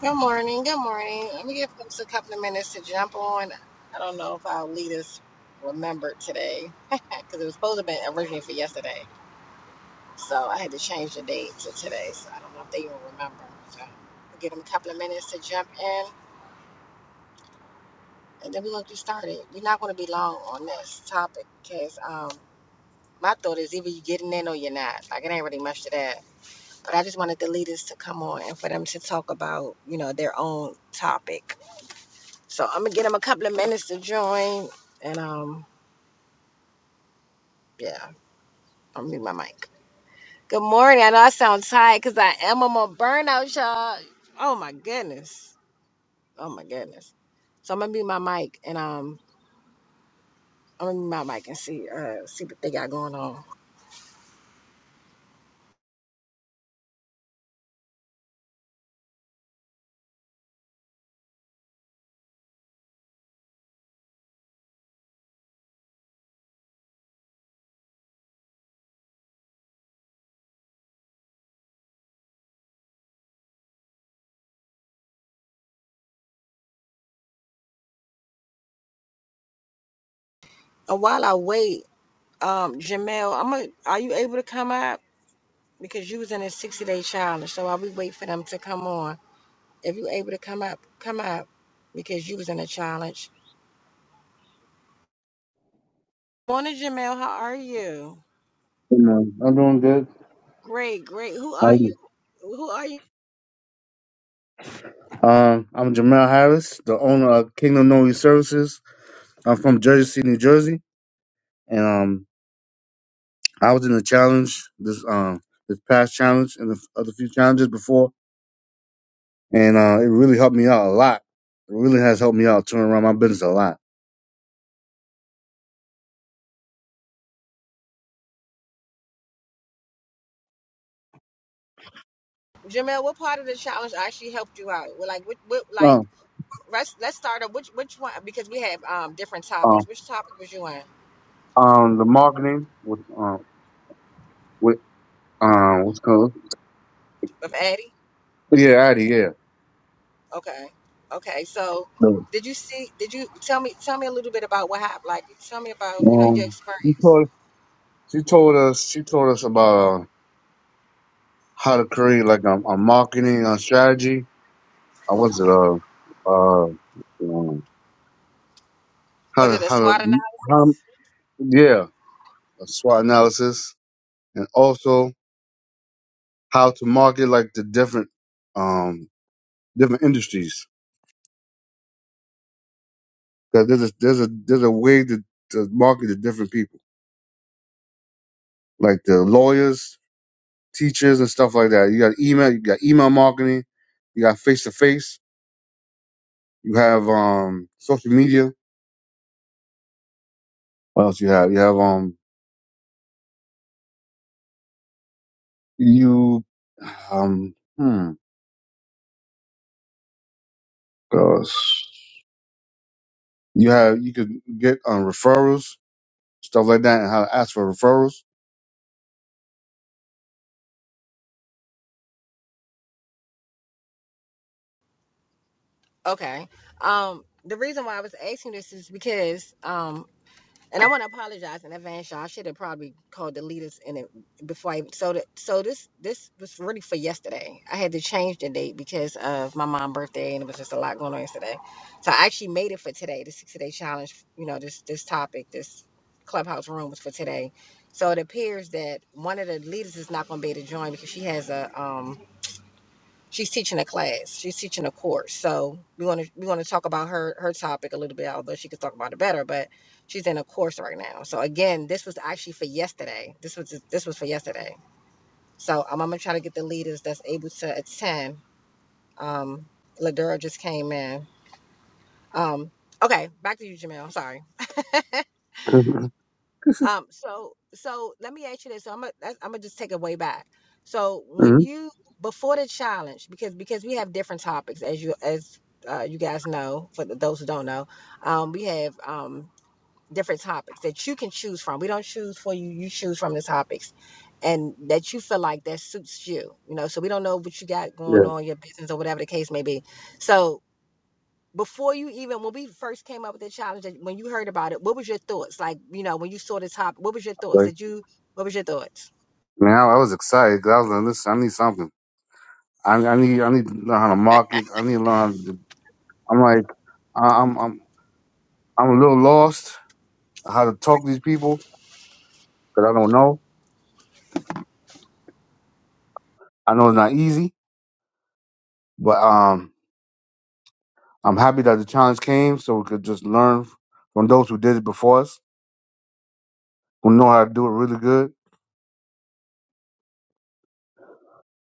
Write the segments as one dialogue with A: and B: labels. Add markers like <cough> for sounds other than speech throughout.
A: Good morning. Good morning. Let me give folks a couple of minutes to jump on. I don't know if our leaders remembered today <laughs> because it was supposed to have been originally for yesterday. So I had to change the date to today. So I don't know if they even remember. So we'll give them a couple of minutes to jump in and then we're going to get started. We're not going to be long on this topic because um, my thought is either you're getting in or you're not. Like it ain't really much to that. But I just wanted the leaders to come on and for them to talk about, you know, their own topic So I'm gonna get them a couple of minutes to join, and um, yeah, I'm gonna mute my mic. Good morning. I know I sound tired because I am on my burnout, y'all. Oh my goodness. Oh my goodness. So I'm gonna mute my mic, and um, I'm gonna mute my mic and see uh see what they got going on. And while I wait, um, Jamel, I'm gonna, are you able to come up because you was in a 60 day challenge? So while we wait for them to come on, if you able to come up, come up because you was in a challenge. Morning, Jamel. How are you?
B: Good morning. I'm doing good.
A: Great, great. Who
B: How are
A: are you?
B: you?
A: Who are you?
B: Um, I'm Jamel Harris, the owner of Kingdom Noise Services. I'm from Jersey City, New Jersey, and um, I was in the challenge this um this past challenge and the f- other few challenges before, and uh, it really helped me out a lot. It really has helped me out turn around my business a lot.
A: Jamel, what part of the challenge actually helped you out? Well, Like, what, what, like,
B: Oh,
A: let's let's start up. Which, which one? Because we have um different
B: um,
A: topics. Which topic was you in?
B: um the marketing with um with um what's it called
A: With Addie?
B: yeah Addie yeah.
A: Okay, okay. So,
B: The-
A: did you see? Did you tell me? Tell me a little bit about what happened. Like, tell me about you know your
B: Um, she
A: experience.
B: told she told us she told us about um, how to create like a, a marketing a strategy. I was it. uh uh um, how
A: Was
B: to
A: it a
B: how
A: SWOT
B: to
A: analysis?
B: how yeah a SWOT analysis and also how to market like the different um different industries because there's a there's a there's a way to, to market to different people like the lawyers, teachers and stuff like that. You got email, you got email marketing, you got face to face, you have um social media. What else you have? You have um You, um, hmm, gosh. You have, you could get um, referrals, stuff like that, and how to ask for referrals.
A: Okay. Um, the reason why I was asking this is because um And I want to apologize in advance, y'all. I should have probably called the leaders in it before I. So that so this this was really for yesterday. I had to change the date because of my mom's birthday, and it was just a lot going on yesterday. So I actually made it for today. The sixty day challenge, you know, this this topic, this clubhouse room was for today. So it appears that one of the leaders is not going to be able to join because she has a um she's teaching a class she's teaching a course so we want to we want to talk about her her topic a little bit although she could talk about it better but she's in a course right now so again this was actually for yesterday this was this was for yesterday so um, i'm gonna try to get the leaders that's able to attend um ladura just came in um okay back to you jamel sorry <laughs>
B: hmm
A: Um, so so let me ask you this. So I'm gonna I'm gonna just take it way back. So
B: hmm
A: when you before the challenge, because because we have different topics as you as uh, you guys know, for th- those who don't know, um, we have um, different topics that you can choose from. We don't choose for you; you choose from the topics, and that you feel like that suits you. You know, so we don't know what you got going
B: Yeah.
A: on, your business or whatever the case may be. So before you even when we first came up with the challenge when you heard about it what was your thoughts like you know when you saw the top what was your thoughts
B: Like,
A: did you what was your thoughts
B: now I was excited because I was like, listen, I need something. I, I need, I need to learn how to market. I need to learn how to, I'm like, I- I'm, I'm, I'm a little lost how to talk to these people because I don't know. I know it's not easy, but, um, I'm happy that the challenge came so we could just learn from those who did it before us, who know how to do it really good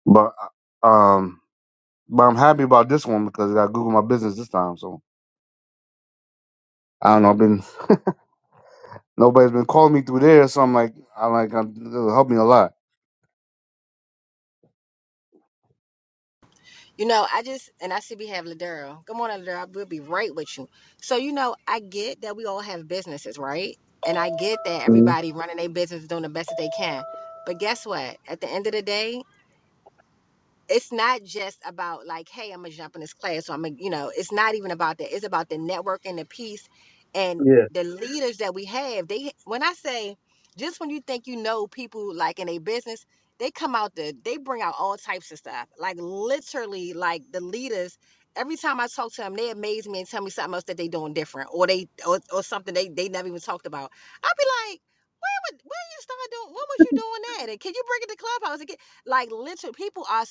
B: But um, but I'm happy about this one because I Google my business this time. So I don't know. I've been nobody's been calling me through there, so I'm like, I like I'm, it'll help me a lot.
A: you know i just and i see we have Ladera. good morning Ladera, we'll be right with you so you know i get that we all have businesses right and i get that
B: Mhm.
A: everybody running their business doing the best that they can but guess what at the end of the day it's not just about like, hey, I'm gonna jump in this class, or I'm gonna, you know, it's not even about that. It's about the network and the piece and
B: Yeah,
A: the leaders that we have. They when I say just when you think you know people like in a business, they come out the they bring out all types of stuff. Like literally, like the leaders. Every time I talk to them, they amaze me and tell me something else that they doing different, or they or, or something they they never even talked about. I'll be like, when, when you start doing, when was you doing that? And can you bring it to clubhouse? And get, like literally, people are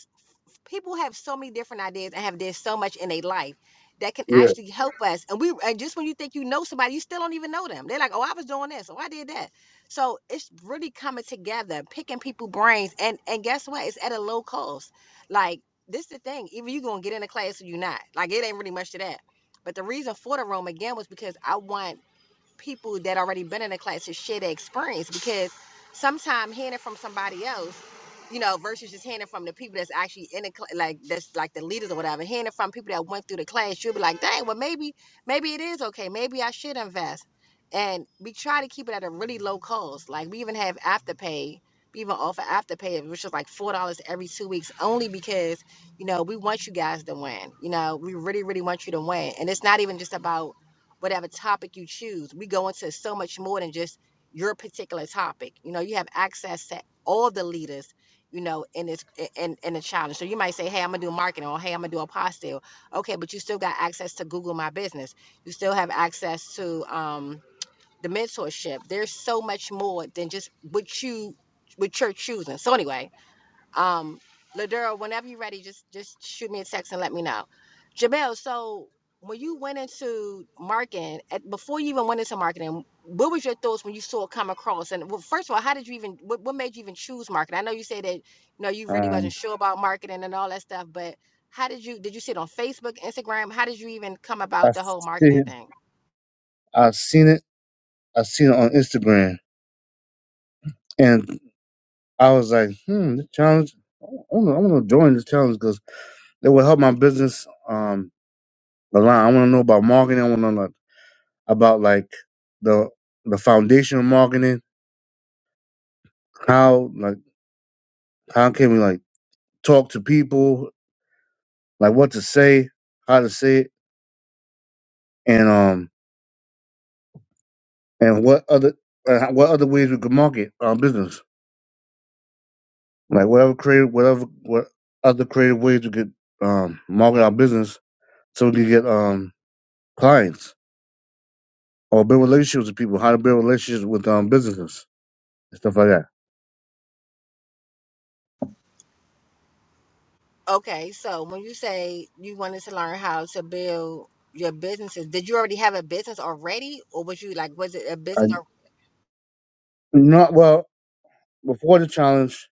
A: people have so many different ideas and have done so much in their life that can
B: yeah.
A: actually help us. And we and just when you think you know somebody, you still don't even know them. They're like, oh, I was doing this, oh, I did that. So it's really coming together, picking people brains, and and guess what? It's at a low cost. Like this is the thing. Either you gonna get in a class or you not. Like it ain't really much to that. But the reason for the room again was because I want people that already been in the class to share their experience because sometimes hearing it from somebody else, you know, versus just hearing it from the people that's actually in the class, like that's like the leaders or whatever. Hearing it from people that went through the class, you'll be like, dang, well maybe maybe it is okay. Maybe I should invest. And we try to keep it at a really low cost. Like we even have afterpay. We even offer afterpay, which is like four dollars every two weeks, only because you know we want you guys to win. You know, we really really want you to win. And it's not even just about whatever topic you choose. We go into so much more than just your particular topic. You know, you have access to all the leaders, you know, in this in in the challenge. So you might say, "Hey, I'm gonna do marketing," or "Hey, I'm gonna do apostille." Okay, but you still got access to Google My Business. You still have access to um, the mentorship. There's so much more than just what you what you're choosing. So anyway, um, Ladero, whenever you're ready, just just shoot me a text and let me know. Jamel, so when you went into marketing, at, before you even went into marketing, what was your thoughts when you saw it come across? And well, first of all, how did you even what, what made you even choose marketing? I know you say that you know you really wasn't
B: Um,
A: sure about marketing and all that stuff, but how did you did you see it on Facebook, Instagram? How did you even come
B: I
A: about the whole
B: see,
A: marketing
B: it.
A: thing?
B: I've seen it. I've seen it on Instagram, and I was like, hmm, this challenge. I'm gonna, I'm to join this challenge because it will help my business um a lot. I want to know about marketing. I want to know like, about like the the foundation of marketing. How like how can we like talk to people, like what to say, how to say it, and um and what other uh, what other ways we could market our business, like whatever creative whatever what other creative ways we could um market our business so we could get um clients or build relationships with people, how to build relationships with um businesses and stuff like that.
A: Okay, so when you say you wanted to learn how to build your businesses, did you already have a business already, or was you like, was it a
B: I
A: business
B: not well before the challenge.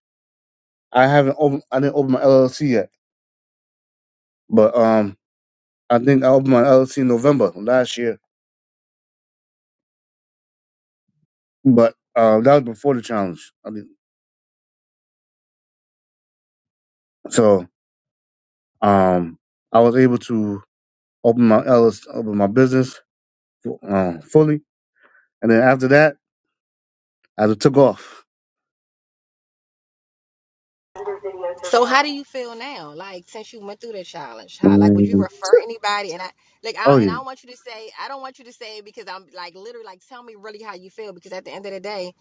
B: I haven't opened. I didn't open my LLC yet, but um, I think I opened my LLC in November last year. But uh, that was before the challenge. I mean. So um, I was able to open my Ellis, open my business um, fully, and then after that, I just took off.
A: So how do you feel now? Like since you went through the challenge, how like would you
B: Mm.
A: refer anybody? And I like
B: Oh
A: I and I
B: yeah,
A: don't want you to say I don't want you to say it because I'm like literally like tell me really how you feel because at the end of the day,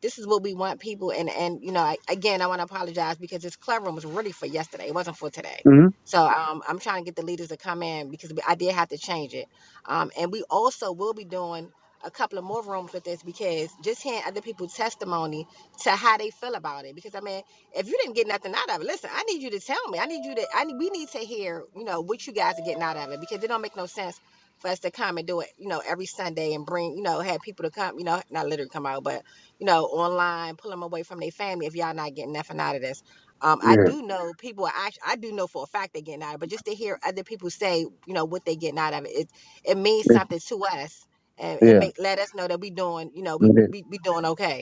A: this is what we want people and and you know I, again I want to apologize because this club room was really for yesterday it wasn't for today.
B: hmm
A: So um, I'm trying to get the leaders to come in because we, I did have to change it. Um, and we also will be doing a couple of more rooms with this because just hearing other people's testimony to how they feel about it because I mean if you didn't get nothing out of it, listen, I need you to tell me. I need you to. I need, we need to hear, you know, what you guys are getting out of it because it don't make no sense for us to come and do it, you know, every Sunday and bring, you know, have people to come, you know, not literally come out, but you know, online, pull them away from their family if y'all not getting nothing out of this. Um, I
B: yeah,
A: do know people are actually, I do know for a fact they're getting out of it, but just to hear other people say, you know, what they getting out of it, it, it means
B: It-
A: something to us and it
B: yeah.
A: make let us know that we doing, you know, we
B: it did.
A: we, we doing okay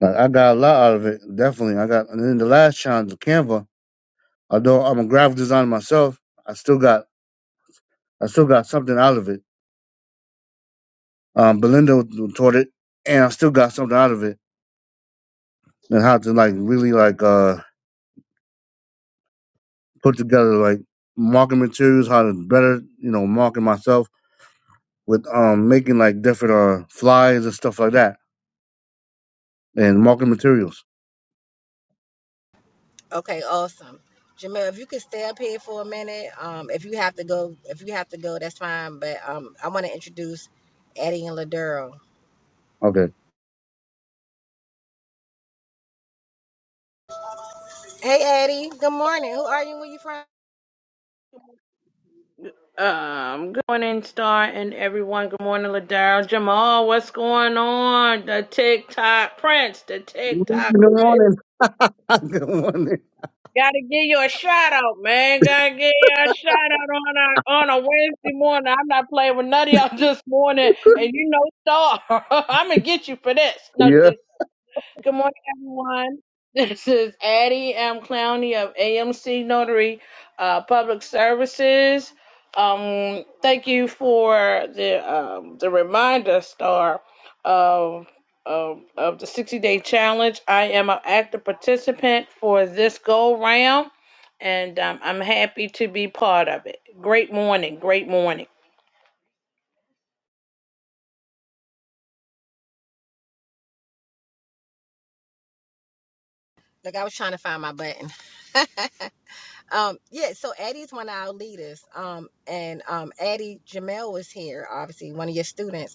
B: Like, I got a lot out of it. Definitely, I got. And then the last challenge, Canva. Although I'm a graphic designer myself, I still got I still got something out of it. Um, Belinda taught it, and I still got something out of it. And how to like really like uh put together like marketing materials, how to better, you know, market myself with um making like different uh flyers and stuff like that and marketing materials.
A: Okay, awesome. Jamel, if you could stay up here for a minute, um, if you have to go, if you have to go, that's fine. But um, I want to introduce Eddie and Laduro.
B: Okay.
A: Hey, Eddie. Good morning. Who are you? Where you from?
C: Um, good morning, Star and everyone. Good morning, Ladaro. Jamal, what's going on? The TikTok Prince, the
B: Good
C: TikTok.
B: morning. <laughs> Good morning.
C: Gotta give you a shout out, man. Gotta give you a shout out on a on a Wednesday morning. I'm not playing with none of y'all <laughs> this morning, and you know Star. <laughs> I'ma get you for this. No,
B: Yeah.
C: Good morning, everyone. <laughs> This is Addie M. Clowney of AMC Notary uh, Public Services. Um, thank you for the um, the reminder, Star, of of, of the 60 day challenge. I am an active participant for this go round, and um, I'm happy to be part of it. Great morning, great morning.
A: Like I was trying to find my button. <laughs> um, yeah. So Eddie's one of our leaders. Um, and um, Eddie Jamel was here, obviously one of your students.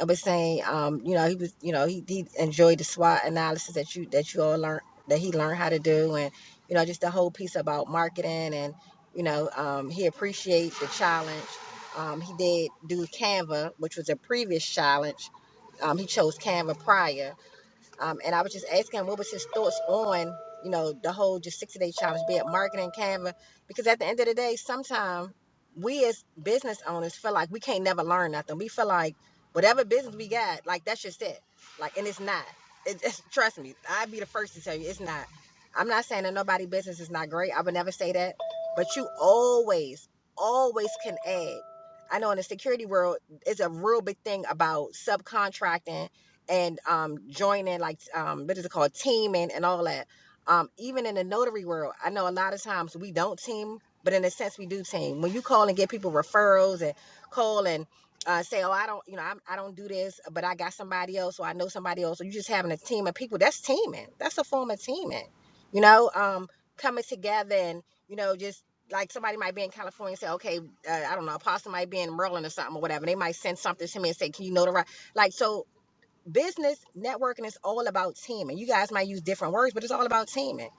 A: I was saying, um, you know, he was, you know, he, he enjoyed the SWOT analysis that you that you all learned that he learned how to do, and you know, just the whole piece about marketing, and you know, um, he appreciates the challenge. Um, he did do Canva, which was a previous challenge. Um, he chose Canva prior, um, and I was just asking him what was his thoughts on, you know, the whole just 60 day challenge, be it marketing, Canva, because at the end of the day, sometimes we as business owners feel like we can't never learn nothing. We feel like whatever business we got, like that's just it. Like, and it's not. It, it's, trust me, I'd be the first to tell you it's not. I'm not saying that nobody business is not great. I would never say that. But you always, always can add. I know in the security world, it's a real big thing about subcontracting and um joining like um what is it called teaming and all that um even in the notary world i know a lot of times we don't team but in a sense we do team when you call and get people referrals and call and uh, say oh i don't you know I'm, i i do not do this but i got somebody else or i know somebody else or you just having a team of people that's teaming that's a form of teaming you know um coming together and you know just like somebody might be in california and say okay uh, i don't know apostle might be in maryland or something or whatever they might send something to me and say can you notarize like so business networking is all about teaming. You guys might use different words, but it's all about teaming.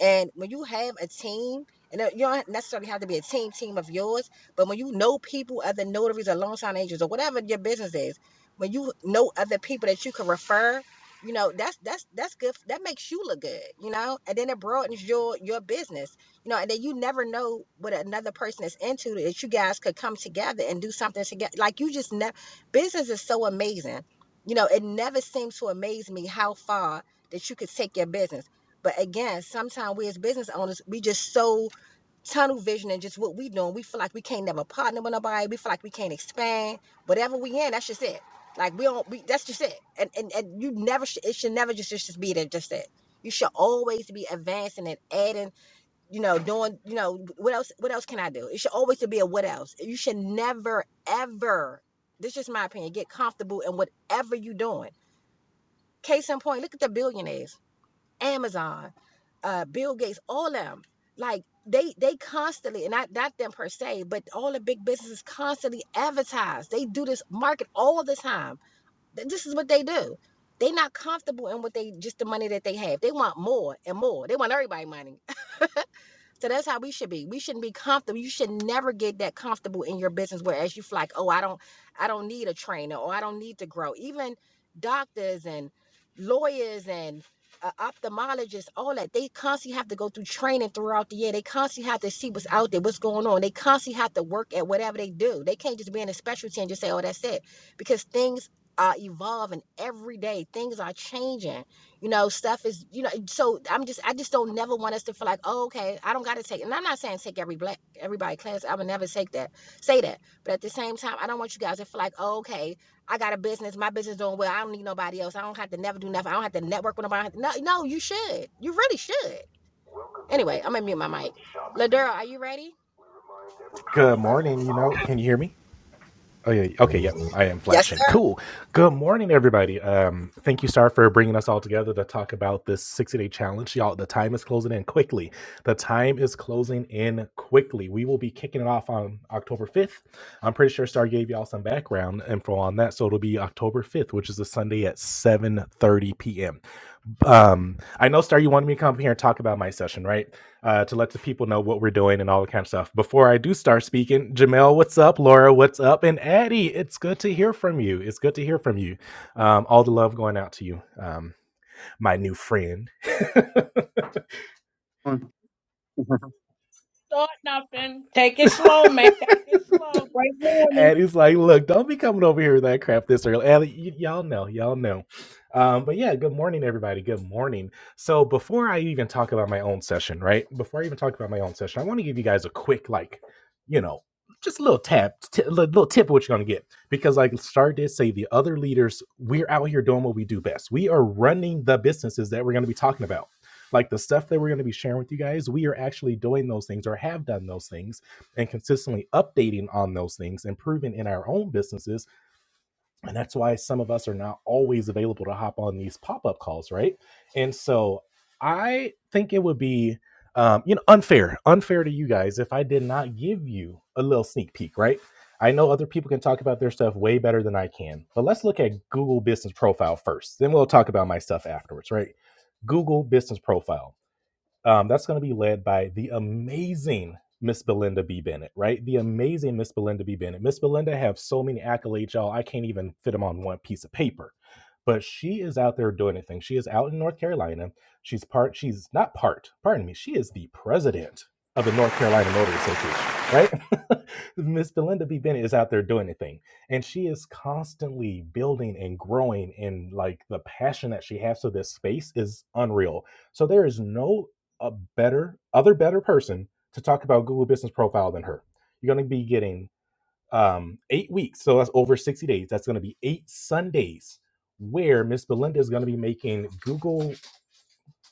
A: And when you have a team, and you don't necessarily have to be a team team of yours, but when you know people, other notaries or loan sign agents or whatever your business is, when you know other people that you can refer, you know that's that's that's good. That makes you look good, you know. And then it broadens your your business, you know. And then you never know what another person is into that you guys could come together and do something together. Like you just never. Business is so amazing you know, it never seems to amaze me how far that you could take your business. But again, sometimes we as business owners, we just so tunnel vision and just what we doing. We feel like we can't never partner with nobody. We feel like we can't expand. Whatever we in, that's just it. Like we don't, we, that's just it. And and, and you never, sh- it should never just, just be that, just it. You should always be advancing and adding, you know, doing, you know, what else, what else can I do? It should always be a what else. You should never, ever, this is my opinion, get comfortable in whatever you're doing Case in point, look at the billionaires, Amazon, uh, Bill Gates, all of them. Like they they constantly, and not not them per se, but all the big businesses constantly advertise. They do this market all the time. This is what they do. They are not comfortable in what they just the money that they have. They want more and more. They want everybody money. So that's how we should be. We shouldn't be comfortable. You should never get that comfortable in your business whereas you feel like, oh, I don't, I don't need a trainer or I don't need to grow. Even doctors and lawyers and uh, ophthalmologists, all that, they constantly have to go through training throughout the year. They constantly have to see what's out there, what's going on. They constantly have to work at whatever they do. They can't just be in a specialty and just say, oh, that's it. Because things are evolving every day. Things are changing you know stuff is you know so i'm just i just don't never want us to feel like oh, okay i don't gotta take and i'm not saying take every black everybody class i would never take that say that but at the same time i don't want you guys to feel like oh, okay i got a business my business is doing well i don't need nobody else i don't have to never do nothing i don't have to network with nobody no no you should you really should anyway i'm gonna mute my mic ladura are you ready
D: Good morning, you know. Can you hear me? Oh yeah. Okay, yep. I am
A: Yes,
D: flashing.
A: sir.
D: Cool. Good morning everybody. Um thank you Star for bringing us all together to talk about this 60-day challenge. Y'all, the time is closing in quickly. The time is closing in quickly. We will be kicking it off on October 5th. I'm pretty sure Star gave y'all some background info on that, so it'll be October 5th, which is a Sunday at 7:30 p.m um i know star you wanted me to come here and talk about my session right uh to let the people know what we're doing and all that kind of stuff before i do start speaking jamel what's up laura what's up and addie it's good to hear from you it's good to hear from you um all the love going out to you um my new friend
C: Start nothing. Take it slow, man. Take it slow. Great
D: <laughs>
C: morning.
D: and it's like, look, don't be coming over here with that crap this early. And y- y'all know, y'all know. Um, but yeah, good morning, everybody. Good morning. So before I even talk about my own session, right? Before I even talk about my own session, I want to give you guys a quick, like, you know, just a little tap, t- a little tip of what you're gonna get. Because like Star did say, the other leaders, we're out here doing what we do best. We are running the businesses that we're gonna be talking about. Like the stuff that we're gonna be sharing with you guys, we are actually doing those things or have done those things and consistently updating on those things, improving in our own businesses. And that's why some of us are not always available to hop on these pop up calls, right? And so I think it would be, um, you know, unfair, unfair to you guys if I did not give you a little sneak peek, right? I know other people can talk about their stuff way better than I can, but let's look at Google Business Profile first. Then we'll talk about my stuff afterwards, right? Google Business Profile um, that's going to be led by the amazing Miss Belinda B. Bennett, right? The amazing Miss Belinda B. Bennett. Miss Belinda have so many accolades, y'all. I can't even fit them on one piece of paper. But she is out there doing a She is out in North Carolina. She's part, she's not part, pardon me, she is the president of the North Carolina Notary Association, right? <laughs> Miss Belinda B. Bennett is out there doing a And she is constantly building and growing. And like the passion that she has for this space is unreal. So there is no a better other better person to talk about Google Business Profile than her. You're going to be getting um, eight weeks, so that's over 60 days. That's going to be eight Sundays where Miss Belinda is going to be making Google.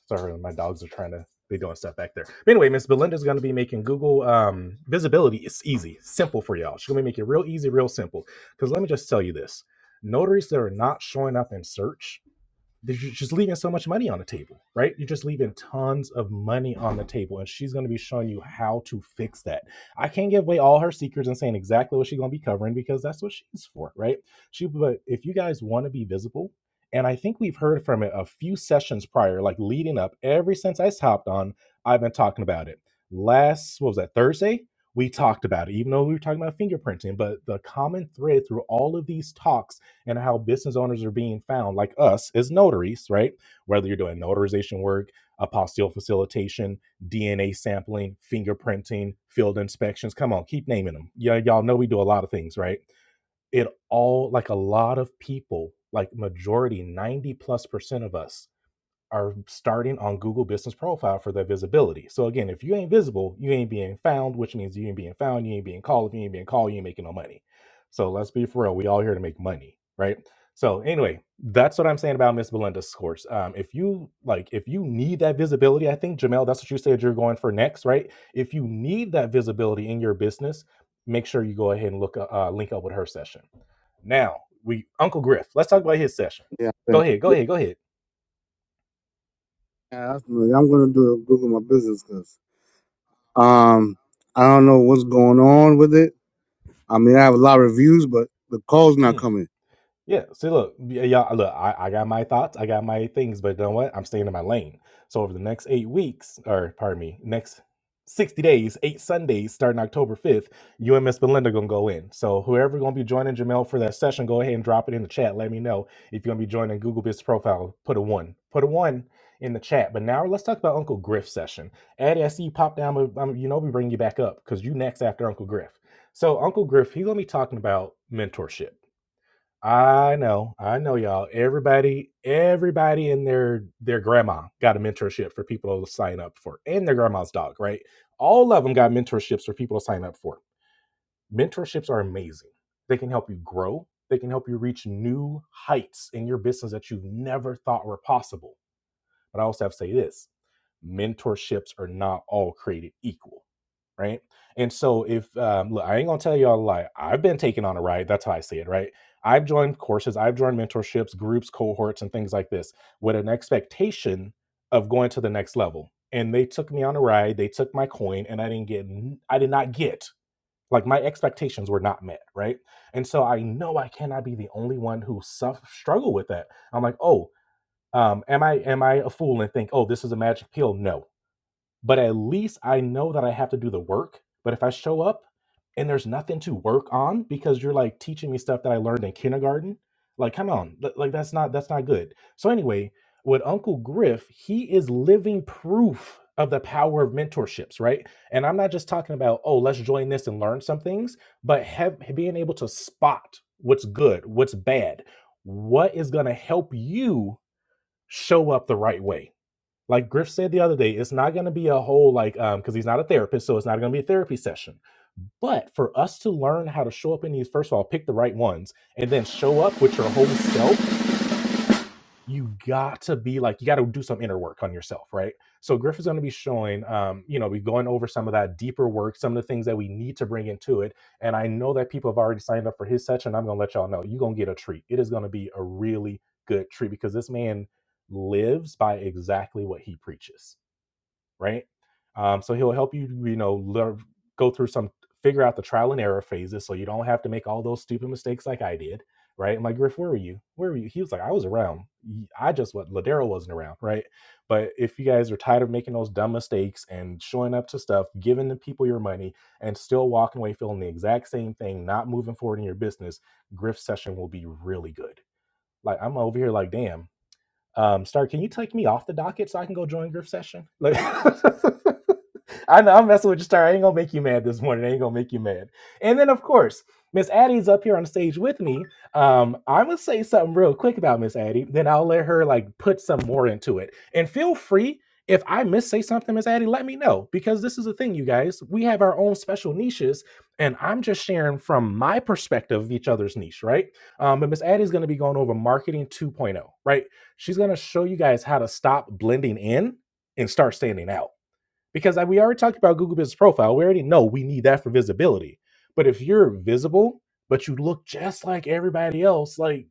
D: Sorry, my dogs are trying to. They're doing stuff back there. But anyway, Miss Belinda is going to be making Google um, visibility. It's easy, simple for y'all. She's going to make it real easy, real simple. Because let me just tell you this: notaries that are not showing up in search you are just leaving so much money on the table, right? You're just leaving tons of money on the table, and she's going to be showing you how to fix that. I can't give away all her secrets and saying exactly what she's going to be covering because that's what she's for, right? She, but if you guys want to be visible, and I think we've heard from it a few sessions prior, like leading up, ever since I hopped on, I've been talking about it. Last, what was that, Thursday? We talked about it, even though we were talking about fingerprinting. But the common thread through all of these talks and how business owners are being found, like us as notaries, right? Whether you're doing notarization work, apostille facilitation, DNA sampling, fingerprinting, field inspections. Come on, keep naming them. Yeah, y'all know we do a lot of things, right? It all, like a lot of people, like majority, 90 plus percent of us are starting on Google Business Profile for their visibility. So again, if you ain't visible, you ain't being found, which means you ain't being found, you ain't being called. If you ain't being called, you ain't making no money. So let's be for real. We all here to make money, right? So anyway, that's what I'm saying about Miss Belinda's course. Um, if you like, if you need that visibility, I think Jamel, that's what you said you're going for next, right? If you need that visibility in your business, make sure you go ahead and look uh, uh, link up with her session. Now we Uncle Griff, let's talk about his session.
B: yeah.
D: Go
B: okay.
D: ahead, go ahead, go ahead.
B: Yeah, that's I'm gonna do Google my business because um I don't know what's going on with it. I mean, I have a lot of reviews, but the call's
D: Mm.
B: not coming.
D: Yeah. See, look, y- y'all, look, I, I got my thoughts, I got my things, but you know what? I'm staying in my lane. So over the next eight weeks, or pardon me, next 60 days, eight Sundays, starting October 5th, you and Miss Belinda gonna go in. So whoever gonna be joining Jamel for that session, go ahead and drop it in the chat. Let me know if you're gonna be joining Google Biz profile. Put a one, put a one in the chat. But now let's talk about Uncle Griff session. Addie, I see you pop down, but um, you know we bring you back up because you next after Uncle Griff. So Uncle Griff, he's gonna be talking about mentorship I know, I know, y'all. Everybody, everybody and their their grandma got a mentorship for people to sign up for, and their grandma's dog, right? All of them got mentorships for people to sign up for. Mentorships are amazing. They can help you grow. They can help you reach new heights in your business that you never thought were possible. But I also have to say this mentorships are not all created equal, right? And so if um, look, I ain't gonna tell y'all a lie. I've been taken on a ride. That's how I see it, right? I've joined courses, I've joined mentorships, groups, cohorts, and things like this with an expectation of going to the next level. And they took me on a ride. They took my coin, and I didn't get. I did not get like my expectations were not met, right? And so I know I cannot be the only one who suff struggle with that. I'm like, oh, um, am I am I a fool and think, oh, this is a magic pill? No. But at least I know that I have to do the work. But if I show up and there's nothing to work on because you're like teaching me stuff that I learned in kindergarten, like come on, th- like that's not that's not good. So anyway, with Uncle Griff, he is living proof of the power of mentorships, right? And I'm not just talking about, oh, let's join this and learn some things, but have, being able to spot what's good, what's bad, what is going to help you show up the right way. Like Griff said the other day, it's not going to be a whole like um because he's not a therapist, so it's not going to be a therapy session. But for us to learn how to show up in these, first of all, pick the right ones, and then show up with your whole self you got to be like you got to do some inner work on yourself right so griff is going to be showing um you know we're going over some of that deeper work some of the things that we need to bring into it and i know that people have already signed up for his session i'm going to let y'all know you're going to get a treat it is going to be a really good treat because this man lives by exactly what he preaches right? Um, so he'll help you, you know, learn, go through some, figure out the trial and error phases, so you don't have to make all those stupid mistakes like I did, right? I'm like, Griff, where were you? Where were you? He was like, I was around. I just what Ladero wasn't around, right? But if you guys are tired of making those dumb mistakes and showing up to stuff, giving the people your money, and still walking away feeling the exact same thing, not moving forward in your business, Griff session will be really good. Like I'm over here, like, damn. Um, Star, can you take me off the docket so I can go join group session? Like, <laughs> I know I'm messing with you, Star. I ain't gonna make you mad this morning. I ain't gonna make you mad. And then, of course, Miss Addie's up here on stage with me. Um, I'm gonna say something real quick about Miss Addie, then I'll let her like put some more into it. And feel free if I miss say something, Miss Addie, let me know because this is the thing, you guys. We have our own special niches, and I'm just sharing from my perspective of each other's niche, right? Um, but Miss Addie's going to be going over marketing 2.0, right? She's going to show you guys how to stop blending in and start standing out. Because like we already talked about Google Business Profile, we already know we need that for visibility. But if you're visible, but you look just like everybody else, like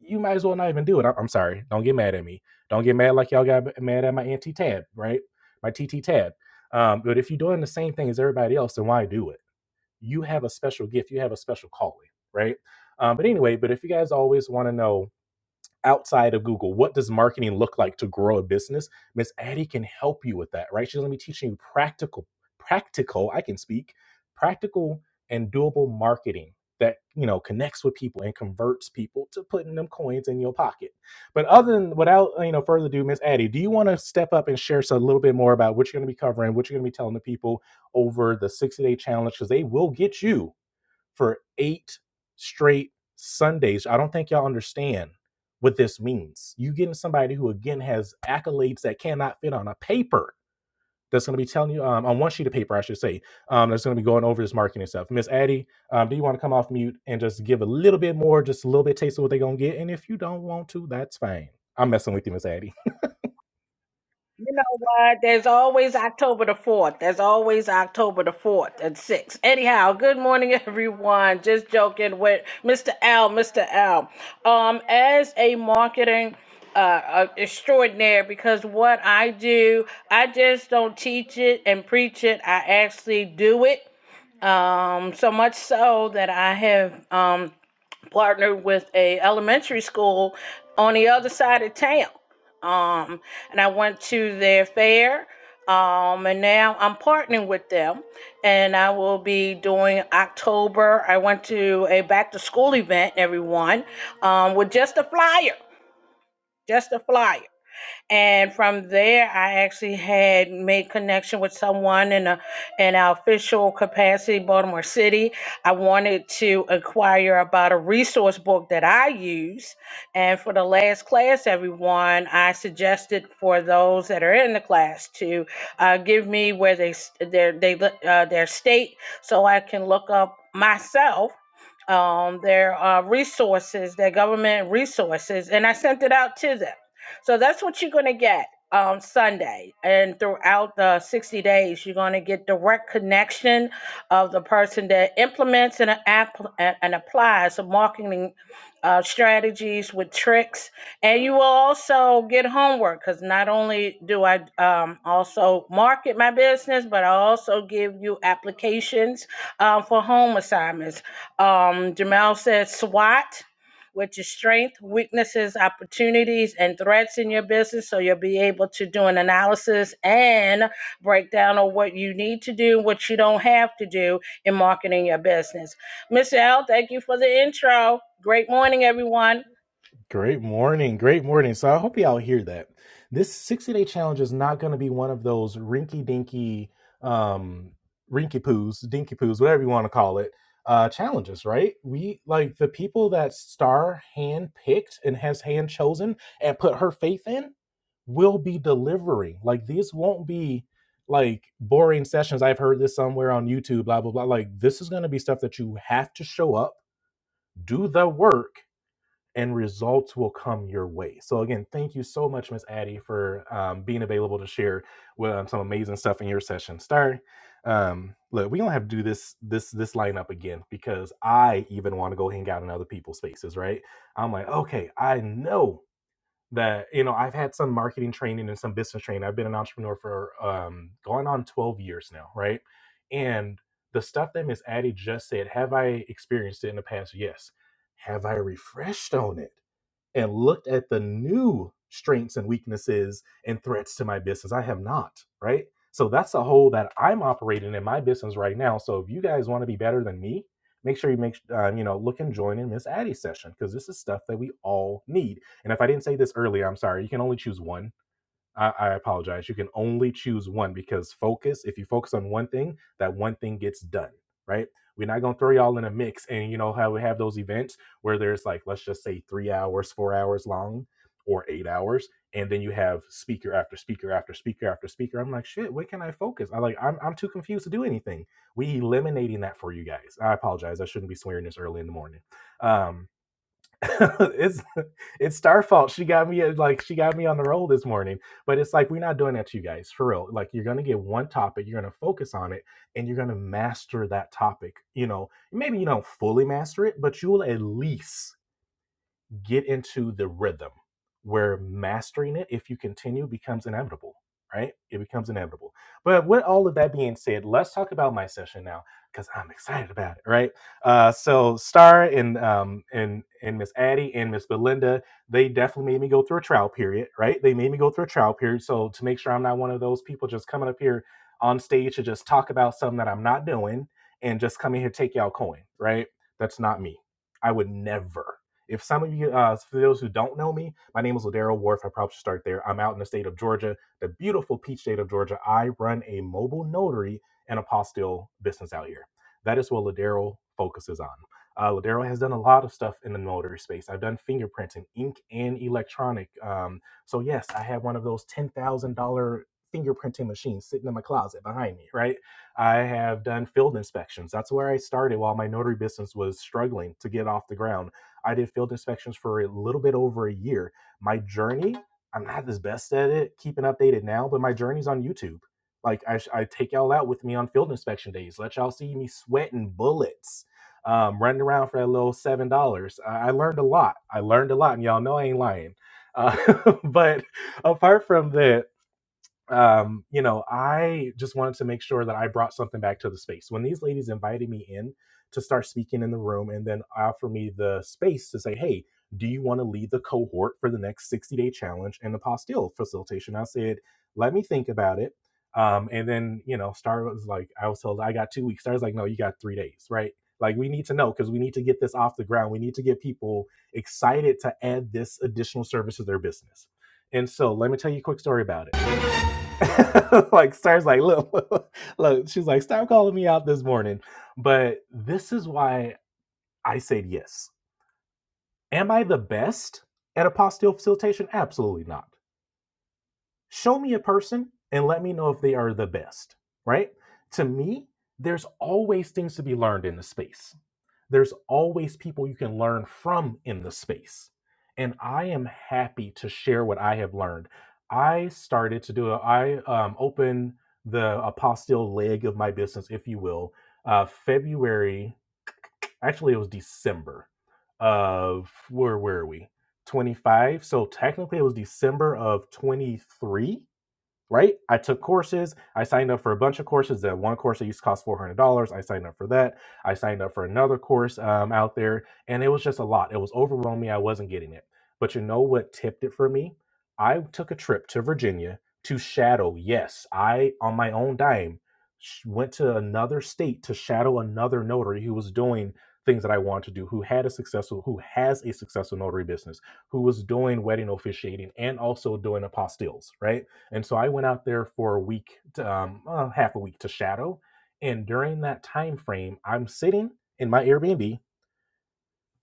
D: you might as well not even do it. I- am sorry. Don't get mad at me. Don't get mad like y'all got mad at my anti tab, right? My TT tab. Um, but if you're doing the same thing as everybody else, then why do it? You have a special gift. You have a special calling, right? Um, but anyway, but if you guys always want to know outside of Google. What does marketing look like to grow a business? Miss Addie can help you with that, right? She's going to be teaching you practical, practical, I can speak, practical and doable marketing that, you know, connects with people and converts people to putting them coins in your pocket. But other than, without, you know, further ado, Miss Addie, do you want to step up and share so- a little bit more about what you're going to be covering, what you're going to be telling the people over the 60 day challenge? Because they will get you for eight straight Sundays. I don't think y'all understand what this means. You getting somebody who again has accolades that cannot fit on a paper that's going to be telling you um, on one sheet of paper, I should say, um, that's going to be going over this marketing stuff. Miss Addie, um, do you want to come off mute and just give a little bit more, just a little bit taste of what they're going to get? And if you don't want to, that's fine. I'm messing with you, Miss Addie.
C: You know what? There's always October the 4th. There's always October the 4th and 6th. Anyhow, good morning, <laughs> everyone. Just joking with Mr. Al, Mr. Al. Um, as a marketing uh, uh, extraordinaire, because what I do, I just don't teach it and preach it. I actually do it. Um, so much so that I have um, partnered with a elementary school on the other side of town. Um, and I went to their fair. Um, and now I'm partnering with them, and I will be doing October. I went to a back to school event, everyone, um, with just a flyer, just a flyer and from there i actually had made connection with someone in a in an official capacity baltimore city i wanted to inquire about a resource book that i use and for the last class everyone i suggested for those that are in the class to uh, give me where they s- their they look- uh, their state so i can look up myself um, their uh, resources, their government resources, and I sent it out to them. So that's what you're going to get on Sunday. And throughout the 60 days, you're going to get direct connection of the person that implements and, uh, app- and applies the marketing uh, strategies with tricks. And you will also get homework because not only do I um, also market my business, but I also give you applications uh, for home assignments. Um, Jamel said SWAT with your strength, weaknesses, opportunities, and threats in your business. So you'll be able to do an analysis and breakdown of what you need to do, what you don't have to do in marketing your business. Miss L, thank you for the intro. Great morning, everyone.
D: Great morning. Great morning. So I hope y'all hear that. This 60 day challenge is not going to be one of those rinky dinky, um, rinky poos, dinky poos, whatever you want to call it, uh, challenges, right? We like the people that Star hand picked and has hand chosen and put her faith in will be delivering. Like these won't be like boring sessions. I've heard this somewhere on YouTube, blah, blah, blah. Like this is going to be stuff that you have to show up, do the work and results will come your way. So again, thank you so much, Miss Addie, for um, being available to share with, um, some amazing stuff in your session. Star, um, look, we gonna have to do this this this lineup again because I even want to go hang out in other people's spaces, right? I'm like, okay, I know that you know I've had some marketing training and some business training. I've been an entrepreneur for um, going on 12 years now, right? And the stuff that Miss Addie just said, have I experienced it in the past? Yes. Have I refreshed on it? and looked at the new strengths and weaknesses and threats to my business. I have not, right? So that's a hole that I'm operating in my business right now. So if you guys want to be better than me, make sure you make um, you know look and join in Miss Addie's session because this is stuff that we all need. And if I didn't say this earlier, I'm sorry. You can only choose one I, I apologize. You can only choose one because focus, if you focus on one thing, that one thing gets done, right? We're not gonna throw y'all in a mix and you know how we have those events where there's like, let's just say three hours, four hours long or eight hours, and then you have speaker after speaker after speaker after speaker. I'm like, shit, where can I focus? I like I'm I'm too confused to do anything. We eliminating that for you guys. I apologize. I shouldn't be swearing this early in the morning. Um <laughs> it's it's star fault. She got me at, like she got me on the roll this morning. But it's like we're not doing that to you guys for real. Like you're gonna get one topic, you're gonna focus on it, and you're gonna master that topic. You know, maybe you don't fully master it, but you'll at least get into the rhythm where mastering it, if you continue, becomes inevitable, right? It becomes inevitable. But with all of that being said, let's talk about my session now because I'm excited about it, right? Uh, so Star and um, and and Miss Addie and Miss Belinda, they definitely made me go through a trial period, right? They made me go through a trial period. So to make sure I'm not one of those people just coming up here on stage to just talk about something that I'm not doing and just coming here to take y'all coin, right? That's not me. I would never. If some of you, uh, for those who don't know me, my name is Ladero Wharf. I probably should start there. I'm out in the state of Georgia, the beautiful peach state of Georgia. I run a mobile notary and apostille business out here. That is what Ladero focuses on. Uh, Ladero has done a lot of stuff in the notary space. I've done fingerprinting, ink, and electronic. Um, so yes, I have one of those ten thousand dollar fingerprinting machines sitting in my closet behind me. Right. I have done field inspections. That's where I started while my notary business was struggling to get off the ground. I did field inspections for a little bit over a year. My journey, I'm not as best at it, keeping updated now, but my journey's on YouTube. Like I, I take y'all out with me on field inspection days. Let y'all see me sweating bullets, um, running around for that little seven dollars. I-, I learned a lot. I learned a lot, and y'all know I ain't lying. Uh, <laughs> but apart from that, um, you know, I just wanted to make sure that I brought something back to the space. When these ladies invited me in to start speaking in the room and then offer me the space to say, hey, do you want to lead the cohort for the next 60 day challenge and the postil facilitation? I said, let me think about it. Um, and then, you know, Star was like, I was told I got two weeks. Star was like, no, you got three days, right? Like, we need to know because we need to get this off the ground. We need to get people excited to add this additional service to their business. And so, let me tell you a quick story about it <laughs> like stars like look <laughs> look she's like stop calling me out this morning but this is why i said yes am i the best at apostille facilitation absolutely not show me a person and let me know if they are the best right to me there's always things to be learned in the space there's always people you can learn from in the space. And I am happy to share what I have learned. I started to do, a, I um, opened the apostille leg of my business, if you will, uh, February, actually, it was December of, where were we? 25. So technically, it was December of 23 right? I took courses. I signed up for a bunch of courses. That one course that used to cost four hundred dollars. I signed up for that. I signed up for another course um, out there, and it was just a lot. It was overwhelming. I wasn't getting it. But you know what tipped it for me? I took a trip to Virginia to shadow. Yes, I on my own dime sh- went to another state to shadow another notary who was doing things that I wanted to do, who had a successful, who has a successful notary business, who was doing wedding officiating and also doing apostilles, right? And so I went out there for a week, to, um, uh, half a week to shadow. And during that time frame, I'm sitting in my Airbnb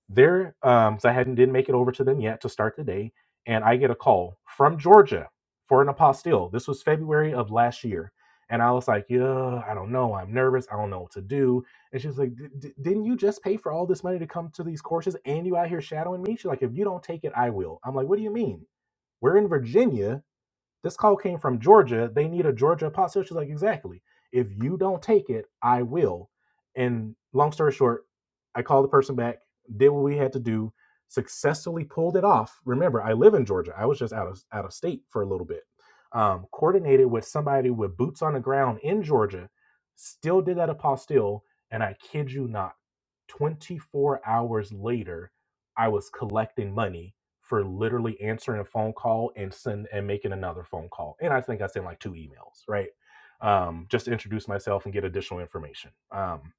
D: there. Um, so I hadn't didn't make it over to them yet to start the day, and I get a call from Georgia for an apostille. This was February of last year, and I was like, yeah, I don't know. I'm nervous. I don't know what to do. And she was like, "D- d- didn't you just pay for all this money to come to these courses, and you out here shadowing me? She's like, if you don't take it, I will. I'm like, what do you mean? We're in Virginia this call came from Georgia. They need a Georgia apostle. She's like, exactly. If you don't take it, I will. And long story short, I called the person back, did what we had to do, successfully pulled it off. Remember, I live in Georgia. I was just out of out of state for a little bit. Um, coordinated with somebody with boots on the ground in Georgia, still did that apostille, and I kid you not, 24 hours later, I was collecting money for literally answering a phone call and send and making another phone call. And I think I sent like two emails, right? Um, just to introduce myself and get additional information. Um,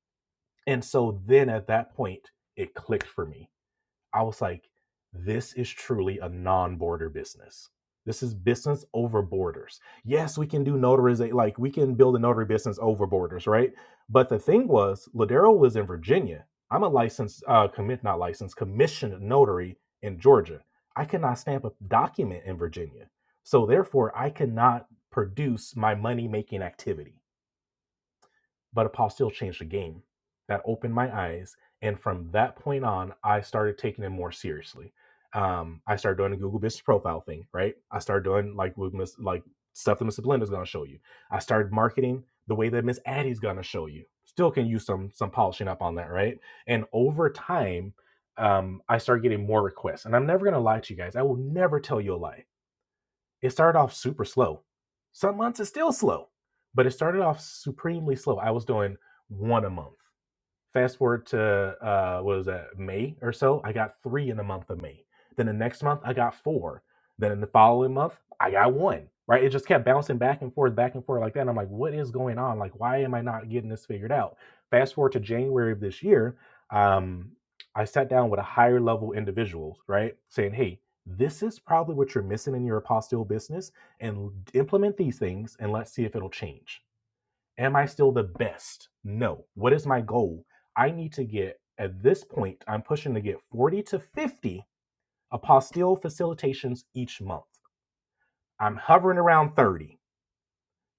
D: and so then at that point, it clicked for me. I was like, this is truly a non border business. This is business over borders. Yes, we can do notarization, like we can build a notary business over borders, right? But the thing was, Ladero was in Virginia. I'm a licensed, uh, commit, not licensed, commissioned notary in Georgia. I cannot stamp a document in Virginia. So therefore, I cannot produce my money making activity. But Apostle changed the game. That opened my eyes. And from that point on, I started taking it more seriously. Um, I started doing the Google business profile thing, right? I started doing like with Miss like stuff that Miss Belinda's gonna show you. I started marketing the way that Miss Addie's gonna show you. Still can use some some polishing up on that, right? And over time, um, I started getting more requests. And I'm never gonna lie to you guys. I will never tell you a lie it started off super slow. Some months it's still slow, but it started off supremely slow. I was doing one a month. Fast forward to uh, what was that May or so? I got three in the month of May. Then the next month I got four. Then in the following month I got one. Right? It just kept bouncing back and forth, back and forth like that. And I'm like, what is going on? Like, why am I not getting this figured out? Fast forward to January of this year, um, I sat down with a higher level individual, right, saying, hey, this is probably what you're missing in your apostille business, and implement these things, and let's see if it'll change Am I still the best? No. What is my goal? I need to get, at this point, I'm pushing to get 40 to 50 apostille facilitations each month. I'm hovering around 30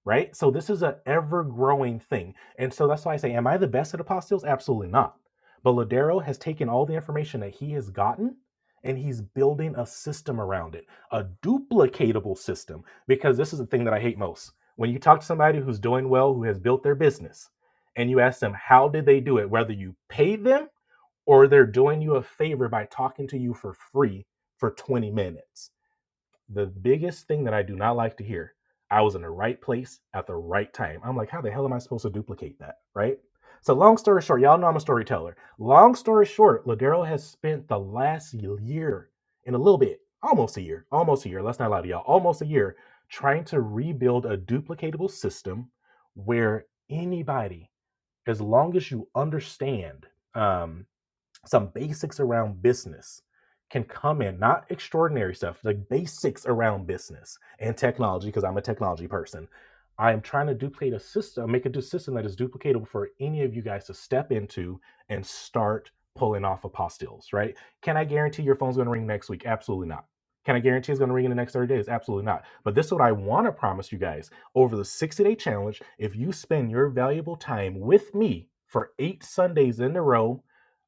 D: right? So this is an ever growing thing. And so that's why I say, am I the best at apostilles? Absolutely not. But Ladero has taken all the information that he has gotten and he's building a system around it, a duplicatable system, because this is the thing that I hate most. When you talk to somebody who's doing well, who has built their business, and you ask them, how did they do it? Whether you pay them or they're doing you a favor by talking to you for free for 20 minutes the biggest thing that I do not like to hear. I was in the right place at the right time. I'm like, how the hell am I supposed to duplicate that? Right? So, long story short, y'all know I'm a storyteller. Long story short, Ladero has spent the last year and a little bit, almost a year, almost a year, let's not lie to y'all, almost a year, trying to rebuild a duplicatable system where anybody, as long as you understand, um, some basics around business can come in, not extraordinary stuff, like basics around business and technology, because I'm a technology person. I am trying to duplicate a system, make a du- system that is duplicatable for any of you guys to step into and start pulling off apostilles, right? Can I guarantee your phone's going to ring next week? Absolutely not. Can I guarantee it's going to ring in the next 30 days? Absolutely not. But this is what I want to promise you guys over the 60 day challenge. If you spend your valuable time with me for eight Sundays in a row,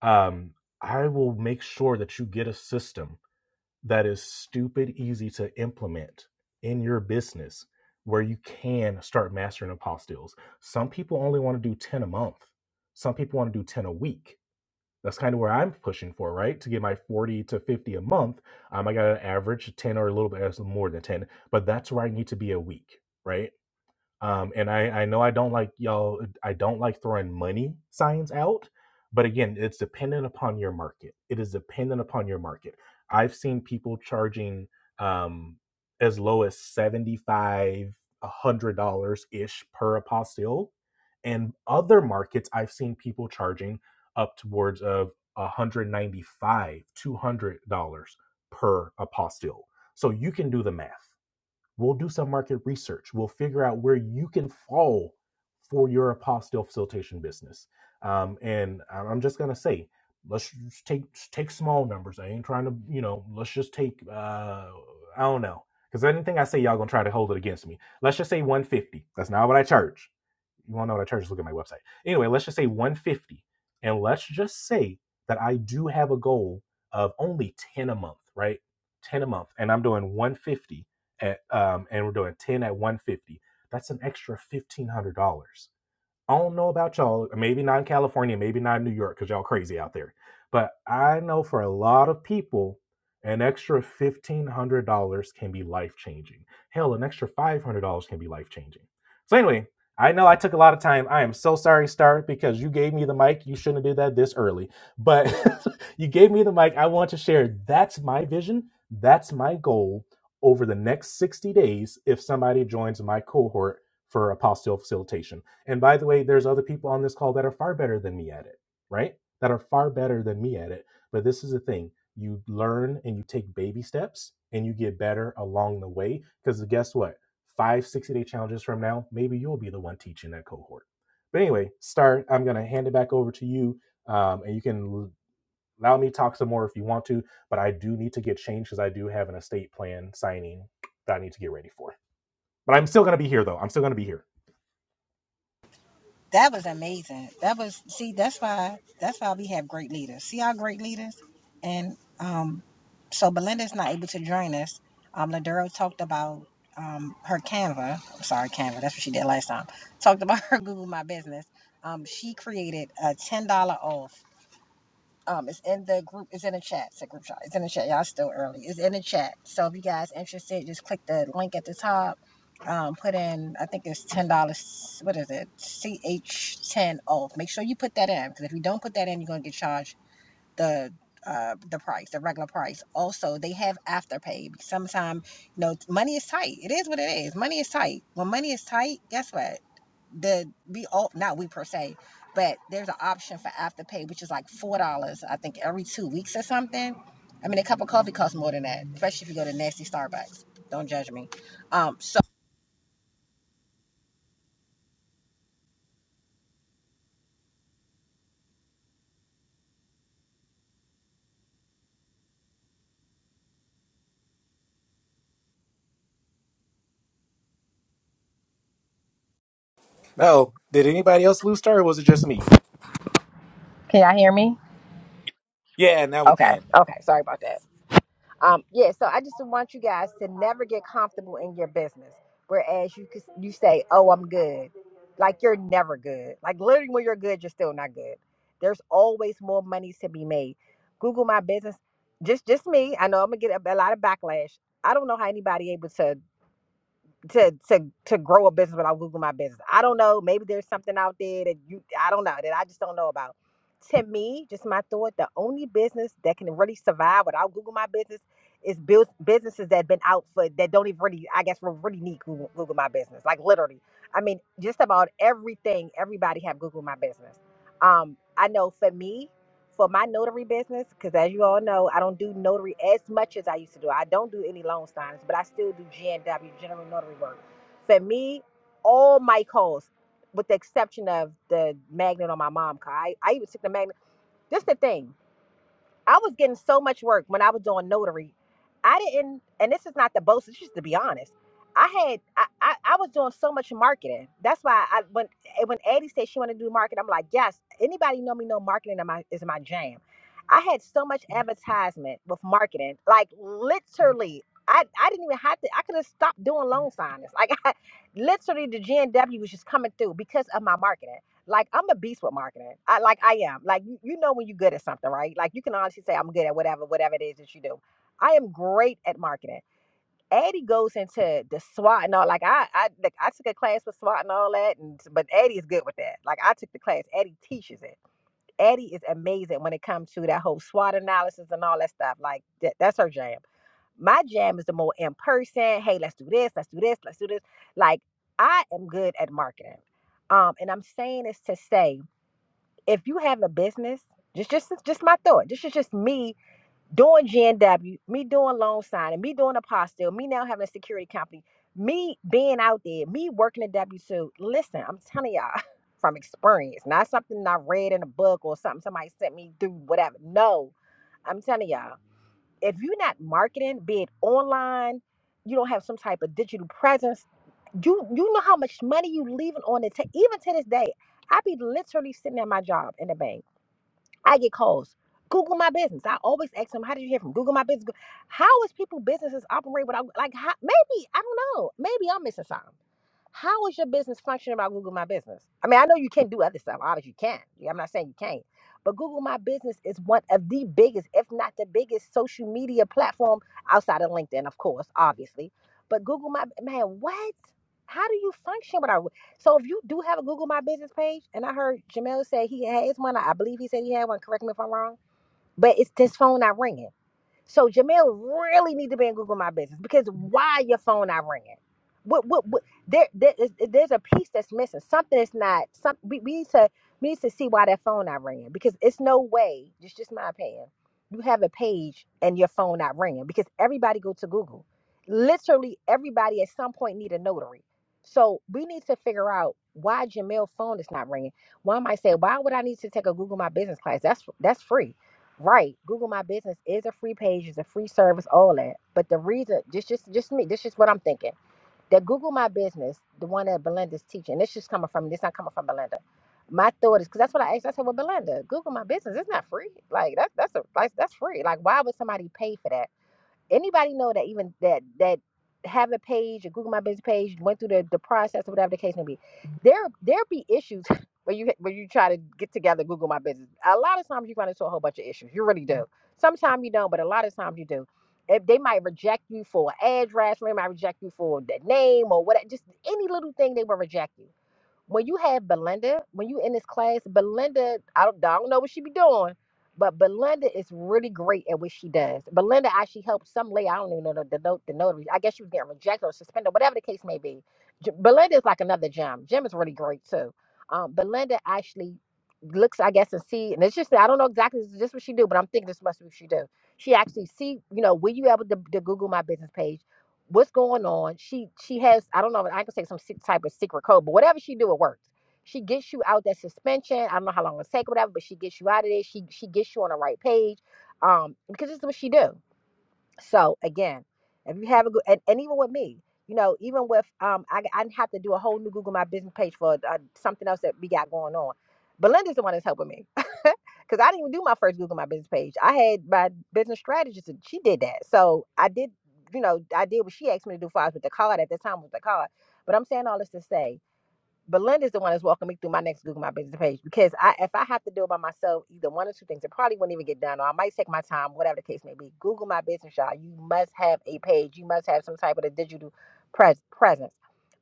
D: um, I will make sure that you get a system that is stupid easy to implement in your business where you can start mastering apostilles. Some people only want to do 10 a month, some people want to do 10 a week. That's kind of where I'm pushing for, right? To get my 40 to 50 a month, um, I got an average 10 or a little bit uh, more than 10, but that's where I need to be a week, right? Um, and I, I know I don't like y'all, I don't like throwing money signs out, but again, it's dependent upon your market. It is dependent upon your market. I've seen people charging um, as low as $75, $100 ish per apostille. And other markets, I've seen people charging up towards of $195, $200 per apostille. So you can do the math We'll do some market research. We'll figure out where you can fall for your apostle facilitation business. Um, and I- am just gonna say, let's take take small numbers. I ain't trying to, you know, let's just take uh, I don't know, because anything I say, y'all gonna try to hold it against me. Let's just say 150. That's not what I charge you want to know what I charge? Just look at my website. Anyway, let's just say 150, and let's just say that I do have a goal of only 10 a month, right? 10 a month, and I'm doing 150 at, um, and we're doing 10 at 150. That's an extra $1,500 I don't know about y'all, maybe not in California, maybe not in New York, because y'all crazy out there. But I know for a lot of people, an extra $1,500 can be life changing. Hell, an extra $500 can be life changing. So, anyway, I know I took a lot of time. I am so sorry, Star, because you gave me the mic. You shouldn't have did that this early, but <laughs> you gave me the mic. I want to share that's my vision, that's my goal over the next 60 days if somebody joins my cohort for apostille facilitation and by the way, there's other people on this call that are far better than me at it, right? That are far better than me at it. But this is the thing you learn and you take baby steps and you get better along the way. Because guess what? Five, day challenges from now, maybe you'll be the one teaching that cohort. But anyway, Star, I'm going to hand it back over to you. Um, and you can allow me to talk some more if you want to. But I do need to get changed because I do have an estate plan signing that I need to get ready for. But I'm still going to be here, though. I'm still going to be here.
A: That was amazing. That was see. That's why. That's why we have great leaders. See our great leaders, and um, so Belinda's not able to join us. Um, Ladero talked about um, her Canva. I'm sorry, Canva. That's what she did last time. Talked about <laughs> her Google My Business. Um, she created a ten dollar off. Um, it's in the group. It's in the chat. It's a group chat. It's in the chat. Y'all still early. It's in the chat. So if you guys interested, just click the link at the top. Um, put in. I think it's ten dollars. What is it? CH ten off. Make sure you put that in because if you don't put that in, you're gonna get charged the uh, the price, the regular price. Also, they have afterpay. Sometimes, you know, money is tight. It is what it is. Money is tight. When money is tight, guess what? The we all not we per se, but there's an option for afterpay, which is like four dollars, I think, every two weeks or something. I mean, a cup of coffee costs more than that, especially if you go to nasty Starbucks. Don't judge me. Um, so
D: Oh, did anybody else lose star or was it just me? Yeah, now we
A: okay,
D: can.
A: okay, sorry about that. Um, yeah, so I just want you guys to never get comfortable in your business. Whereas you could- you say, "Oh, I'm good," like you're never good. Like literally, when you're good, you're still not good. There's always more money to be made. Google my business. Just just me. I know I'm gonna get a, a lot of backlash. I don't know how anybody able to to to to grow a business without Google My Business. I don't know. Maybe there's something out there that you I don't know that I just don't know about. To me, just my thought, the only business that can really survive without Google My Business is build businesses that have been out for that don't even really I guess will really need Google, Google My Business. Like literally, I mean, just about everything everybody have Google My Business. Um, I know for me for my notary business, because as you all know, I don't do notary as much as I used to do. I don't do any loan signings, but I still do GNW, general notary work. For me, all my calls, with the exception of the magnet on my mom car, I, I even took the magnet. This the thing. I was getting so much work when I was doing notary. I didn't, and this is not the boast. It's just to be honest. I had, I, I, I was doing so much marketing. That's why I when eh, when Addie said she wanted to do marketing, I'm like, yes. Anybody know me? Know marketing is my is my jam. I had so much advertisement with marketing, like literally. I, I didn't even have to. I could have stopped doing loan signings. Like <laughs> I, literally, the GNW was just coming through because of my marketing. Like I'm a beast with marketing. I like I am. Like you, you know when you're good at something, right? Like you can honestly say I'm good at whatever, whatever it is that you do. I am great at marketing. Addie goes into the SWOT and all. Like I, I, like I took a class with SWOT and all that, and but Addie is good with that. Like I took the class. Addie teaches it. Addie is amazing when it comes to that whole SWOT analysis and all that stuff. Like that, that's her jam. My jam is the more in person. Hey, let's do this. Let's do this. Let's do this. Like I am good at marketing. Um, and I'm saying this to say if you have a business, just just just my thought. This is just me doing GNW, me doing loan signing, me doing apostle, me now having a security company, me being out there, me working a W two. Listen, I'm telling y'all <laughs> from experience, not something I read in a book or something somebody sent me through whatever. No, I'm telling y'all, if you're not marketing, be it online, you don't have some type of digital presence. You you know how much money you leaving on the table. Even to this day, I be literally sitting at my job in the bank I get calls. Google my business. I always ask them, "How did you hear from Google my business?" Go- How is people businesses operate without like? How, maybe I don't know. Maybe I'm missing something. How is your business functioning about Google My Business? I mean, I know you can do other stuff. Obviously, you can. Yeah, I'm not saying you can't. But Google My Business is one of the biggest, if not the biggest, social media platform outside of LinkedIn, of course, obviously. But Google My man, what? How do you function without? So if you do have a Google My Business page, and I heard Jamel say he has one, I believe he said he had one. Correct me if I'm wrong, but it's this phone not ringing. So Jamel really need to be in Google My Business because why your phone not ringing? What what what? There, there is, there's a piece that's missing. Something is not. Some we, we need to we need to see why that phone not ringing because it's no way. It's just my opinion. You have a page and your phone not ringing because everybody go to Google. Literally everybody at some point need a notary. So we need to figure out why Jamel phone is not ringing. One might say, why would I need to take a Google My Business class? That's that's free Right. Google My Business is a free page, is a free service, all that. But the reason, just just just me, this is what I'm thinking. That Google My Business, the one that Belinda's teaching, this just coming from this not coming from Belinda. My thought is because that's what I asked. I said, Well, Belinda, Google My Business, it's not free. Like that's that's a like that's free. Like why would somebody pay for that? Anybody know that even that that have a page, a Google My Business page, went through the, the process or whatever the case may be. There there be issues <laughs> where you where you try to get together Google My Business. A lot of times you run into a whole bunch of issues. You really do. Sometimes you don't, but a lot of times you do. If they might reject you for an address, or they might reject you for the name or what. Just any little thing they will reject you when you have Belinda, when you in this class, Belinda, I don't, I don't know what she be doing, but Belinda is really great at what she does. Belinda actually helped some lady. I don't even know the the, note- the notary. I guess she was getting rejected or suspended, whatever the case may be. J- Belinda is like another gem. Jim is really great too. Um, Belinda actually looks, I guess, and see, and it's just I don't know exactly this is just what she do, but I'm thinking this must be what she do. She actually see, you know, were you able to, to Google my business page? what's going on. She she has I don't know I can say some sick type of secret code, but whatever she do, it works. She gets you out that suspension. I don't know how long it'll take, or whatever, but she gets you out of there. She she gets you on the right page, um, because this is what she do. So again, if you have a good, and, and even with me, you know, even with um, I I didn't have to do a whole new Google My Business page for uh, something else that we got going on. Belinda's the one that's helping me <laughs> because I didn't even do my first Google My Business page. I had my business strategist, and she did that. So I did, you know, I did what she asked me to do for us with the card at the time with the card. But I'm saying all this to say but Linda's the one that's walking me through my next Google My Business page because I, if I have to do it by myself, either one or two things, it probably wouldn't even get done, or I might take my time, whatever the case may be. Google My Business, y'all. You must have a page. You must have some type of a digital pres- presence.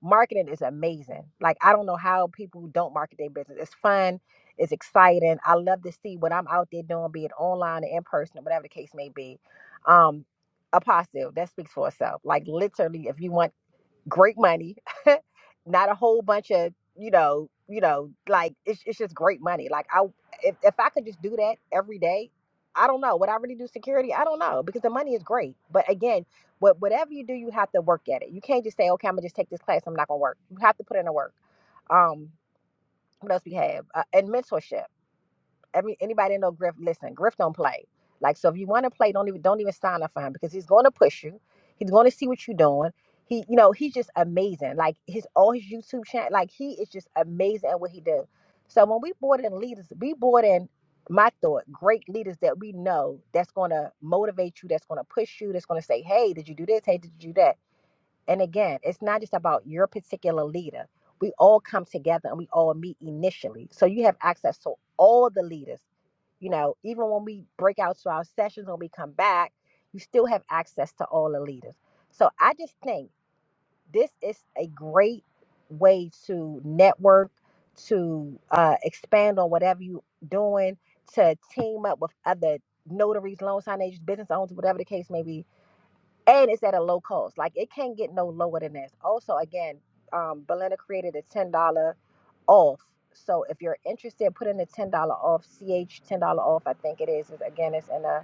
A: Marketing is amazing. Like I don't know how people don't market their business. It's fun. It's exciting. I love to see what I'm out there doing, be it online or in person, or whatever the case may be. Um, apostle that speaks for itself. Like literally, if you want great money, <laughs> not a whole bunch of you know, you know, like it's it's just great money. Like I, if if I could just do that every day, I don't know. Would I really do security? I don't know because the money is great. But again, what whatever you do, you have to work at it. You can't just say, okay, I'm gonna just take this class. I'm not gonna work. You have to put in the work. Um, what else we have? Uh, and mentorship. Every anybody that know Griff, listen, Griff don't play. Like so, if you want to play, don't even don't even sign up for him because he's going to push you. He's going to see what you're doing. He, you know, he's just amazing. Like his all his YouTube channel, like he is just amazing at what he does. So when we brought in leaders, we brought in my thought, great leaders that we know that's going to motivate you, that's going to push you, that's going to say, hey, did you do this? Hey, did you do that? And again, it's not just about your particular leader. We all come together and we all meet initially. So you have access to all the leaders. You know, even when we break out to our sessions, when we come back, you still have access to all the leaders. So I just think this is a great way to network, to uh, expand on whatever you're doing, to team up with other notaries, loan sign agents, business owners, whatever the case may be and it's at a low cost. Like it can't get no lower than this. Also, again, um, Belinda created a ten dollar off. So if you're interested, put in the ten dollar off. Ch ten dollar off. I think it is. It's, again, it's in a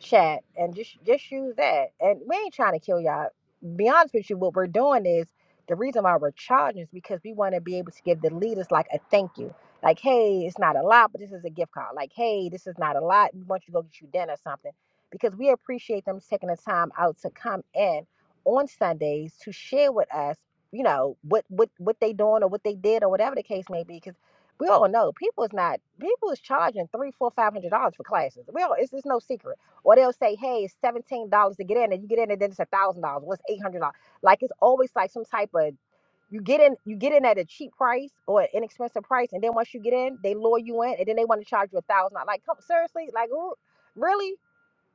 A: chat and just just use that. And we ain't trying to kill y'all. Be honest with you, what we're doing is the reason why we're charging is because we want to be able to give the leaders like a thank you. Like, hey, it's not a lot, but this is a gift card. Like, hey, this is not a lot. We want you to go get you dinner or something. Because we appreciate them taking the time out to come in on Sundays to share with us, you know, what what what they doing or what they did or whatever the case may be. Because we all know people is not people is charging three, four, five hundred dollars for classes. We all it's, it's no secret or they'll say, hey, it's seventeen dollars to get in, and you get in, and then it's a thousand dollars. What's eight hundred dollars? Like it's always like some type of you get in, you get in at a cheap price or an inexpensive price, and then once you get in, they lure you in, and then they want to charge you a thousand. dollars. Like, come seriously, like ooh, really?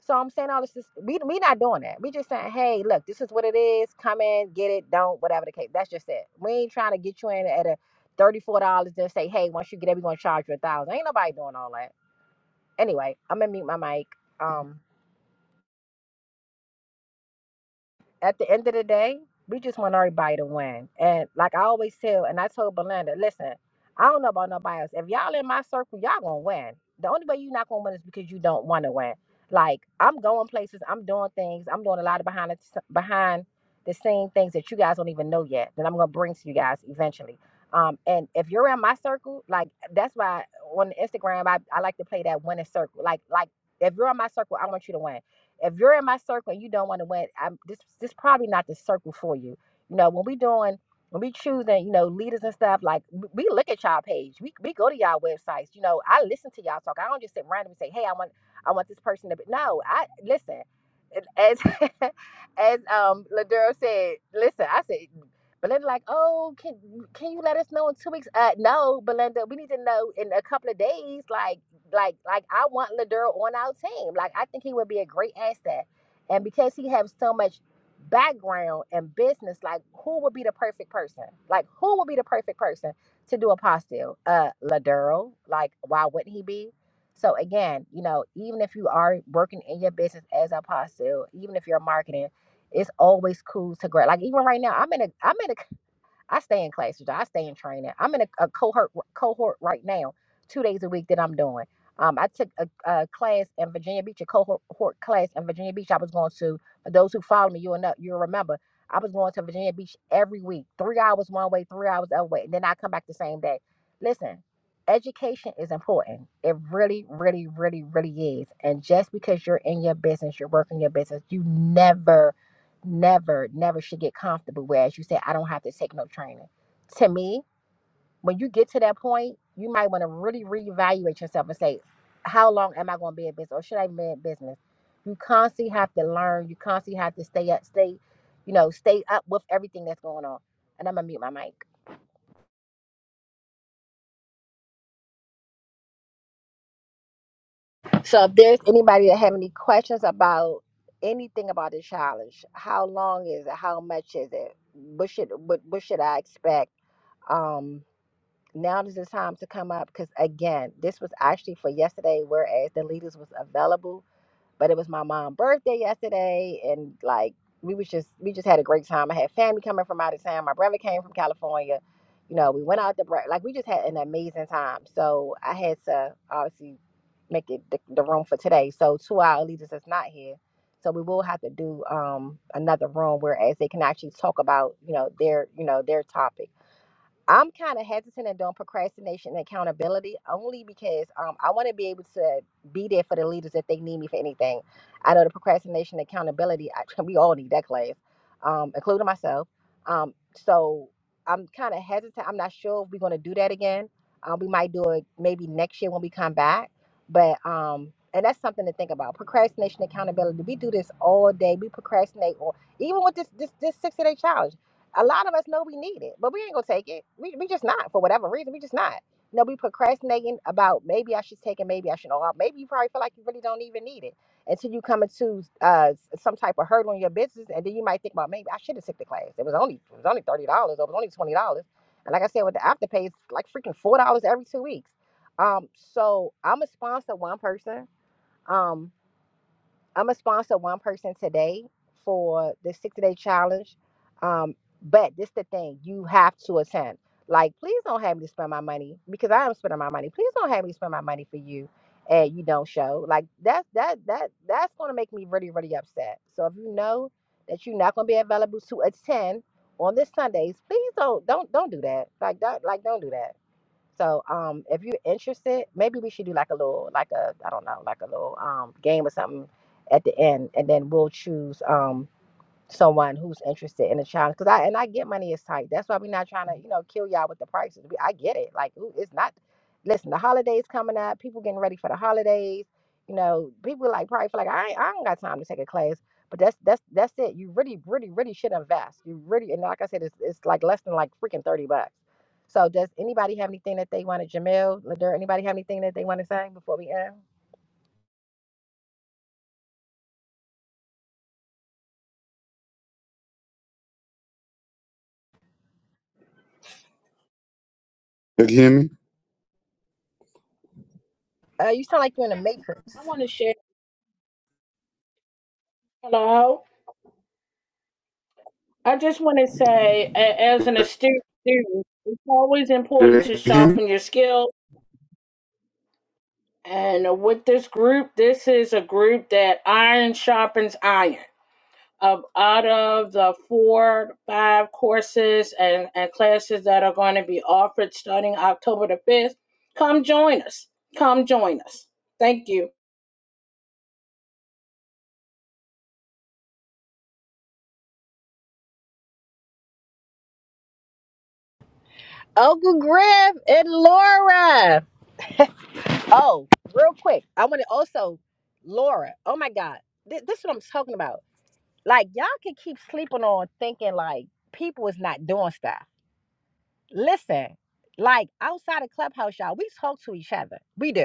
A: So I'm saying all this is we we not doing that. We just saying, hey, look, this is what it is. Come in, get it, don't, whatever the case. That's just it. We ain't trying to get you in at a thirty-four dollars, then say, hey, once you get in, we gonna charge you a thousand. Ain't nobody doing all that. Anyway, I'm gonna mute my mic. Um. at the end of the day, we just want everybody to win. And like I always tell, and I told Belinda, listen, I don't know about nobody else. If y'all in my circle, y'all gonna win. The only way you're not gonna win is because you don't want to win. Like I'm going places, I'm doing things, I'm doing a lot of behind the behind the scene things that you guys don't even know yet. That I'm gonna bring to you guys eventually. Um, and if you're in my circle, like that's why on Instagram I, I like to play that winning circle. Like like if you're in my circle, I want you to win. If you're in my circle and you don't want to win, I'm this this probably not the circle for you. You know, when we doing when we choosing, you know, leaders and stuff, like we we look at y'all page. We, we go to y'all websites. You know, I listen to y'all talk. I don't just sit randomly say, hey, I want I want this person to be no, I listen. As <laughs> as um Ladero said, listen, I said Belinda, like, oh, can can you let us know in two weeks? Uh, no, Belinda, we need to know in a couple of days. Like, like like I want Ladero on our team. Like I think he would be a great asset. And because he has so much background and business, like who would be the perfect person? Like who would be the perfect person to do a apostille? Uh Ladero. Like why wouldn't he be? So again, you know, even if you are working in your business as a apostille, even if you're marketing, it's always cool to grab. Like even right now, I'm in a I'm in a I stay in classes. I stay in training. I'm in a, a cohort cohort right now, two days a week that I'm doing. Um, I took a, a class in Virginia Beach, a cohort cohort class in Virginia Beach. I was going to. For those who follow me, you'll know, you'll remember. I was going to Virginia Beach every week, three hours one way, three hours the other way, and then I come back the same day. Listen, education is important. It really, really, really, really is. And just because you're in your business, you're working your business, you never never, never should get comfortable where, as you said, I don't have to take no training. To me, when you get to that point, you might want to really reevaluate yourself and say, how long am I going to be in business or should I be in business? You constantly have to learn. You constantly have to stay up, stay, you know, stay up with everything that's going on. And I'm going to mute my mic. So if there's anybody that have any questions about anything about the challenge, how long is it? How much is it? What should, what, what should I expect? Um, now is the time to come up because again this was actually for yesterday whereas the leaders was available but it was my mom's birthday yesterday and like we was just we just had a great time i had family coming from out of town my brother came from california you know we went out to break like we just had an amazing time so i had to obviously make it the, the room for today so two hour leaders is not here so we will have to do um another room whereas they can actually talk about you know their you know their topic I'm kind of hesitant and doing procrastination and accountability only because um, I want to be able to be there for the leaders if they need me for anything. I know the procrastination and accountability, I, <laughs> we all need that class, um, including myself. Um, so I'm kind of hesitant. I'm not sure if we're going to do that again. Um, we might do it maybe next year when we come back. But, um, and that's something to think about procrastination, accountability. We do this all day. We procrastinate, or even with this, this, this 60 day challenge a lot of us know we need it, but we ain't gonna take it. We we just not for whatever reason. We just not. You know, we procrastinating about maybe I should take it, maybe I should. Or maybe you probably feel like you really don't even need it until you come into uh some type of hurdle in your business, and then you might think about maybe I should have took the class. It was only it was only thirty dollars, or it was only twenty dollars. And like I said, with the afterpay, it's like freaking four dollars every two weeks. Um, so I'm a sponsor one person. Um, I'm gonna sponsor one person today for the 60 day challenge. Um, but this the thing, you have to attend. Like, please don't have me spend my money because I am spending my money. Please don't have me spend my money for you and you don't show. Like that's that that that's gonna make me really, really upset. So if you know that you're not gonna be available to attend on this Sundays, please don't don't don't do that. Like that like don't do that. So um, if you're interested, maybe we should do like a little, like a, I don't know, like a little um, game or something at the end, and then we'll choose. Um, someone who's interested in a challenge because I and I get money is tight. That's why we're not trying to you know kill y'all with the prices. We, I get it. Like ooh, it's not. Listen, the holidays coming up. People getting ready for the holidays. You know, people like probably feel like I ain't- I don't got time to take a class. But that's that's that's it. You really really really should invest. You really and like I said, it's it's like less than like freaking thirty bucks. So does anybody have anything that they want to Jamil, Ladar? Anybody have anything that they want to say before we end?
B: You can
A: Uh, you sound like you're in a matrix.
C: I want to share. Hello. I just want to say, a- as an astute student, it's always important to
B: hear me?
C: sharpen your skills. And with this group, this is a group that iron sharpens iron. um, out of the four, five courses and, and classes that are going to be offered starting October the 5th, come join us. Come join us. Thank you.
A: Uncle Griff and Laura. Oh, real quick, I want to also, Laura. Oh my God, Th- this is what I'm talking about. Like y'all can keep sleeping on thinking like people is not doing stuff. Listen, like outside of clubhouse, y'all, we talk to each other. We do.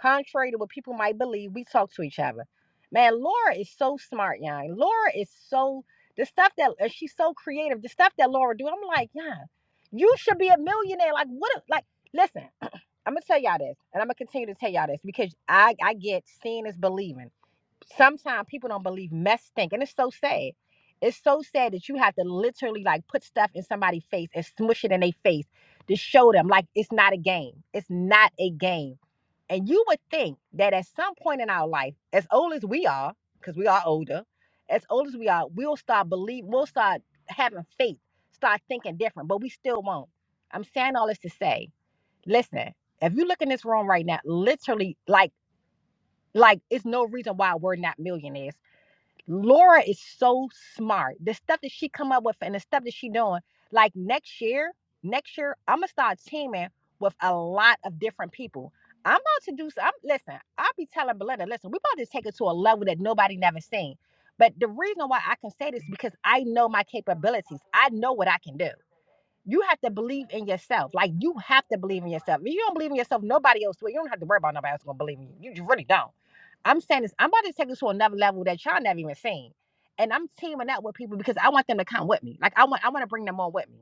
A: Contrary to what people might believe, we talk to each other. Man, Laura is so smart, y'all. Laura is so the stuff that and she's so creative. The stuff that Laura do, I'm like, yeah, you should be a millionaire. Like what? if- Like listen, <clears throat> I'm gonna tell y'all this, and I'm gonna continue to tell y'all this because I I get seeing is believing. Sometimes people don't believe mess think, and it's so sad. It's so sad that you have to literally like put stuff in somebody's face and smush it in their face to show them like it's not a game. It's not a game and you would think that at some point in our life, as old as we are, because we are older, as old as we are, we'll start believe, we'll start having faith, start thinking different, but we still won't. I'm saying all this to say, listen, if you look in this room right now, literally, like, like it's no reason why we're not millionaires Laura is so smart. The stuff that she come up with and the stuff that she doing, like next year, next year I'm gonna start teaming with a lot of different people. I'm about to do. s- I'm listen. I'll be telling Belinda, listen, we about to take it to a level that nobody never seen. But the reason why I can say this is because I know my capabilities. I know what I can do. You have to believe in yourself. Like you have to believe in yourself. If you don't believe in yourself, nobody else will. You don't have to worry about nobody else gonna believe in you. You just really don't. I'm saying this. I'm about to take this to another level that y'all never even seen. And I'm teaming up with people because I want them to come with me. Like I want I want to bring them on with me.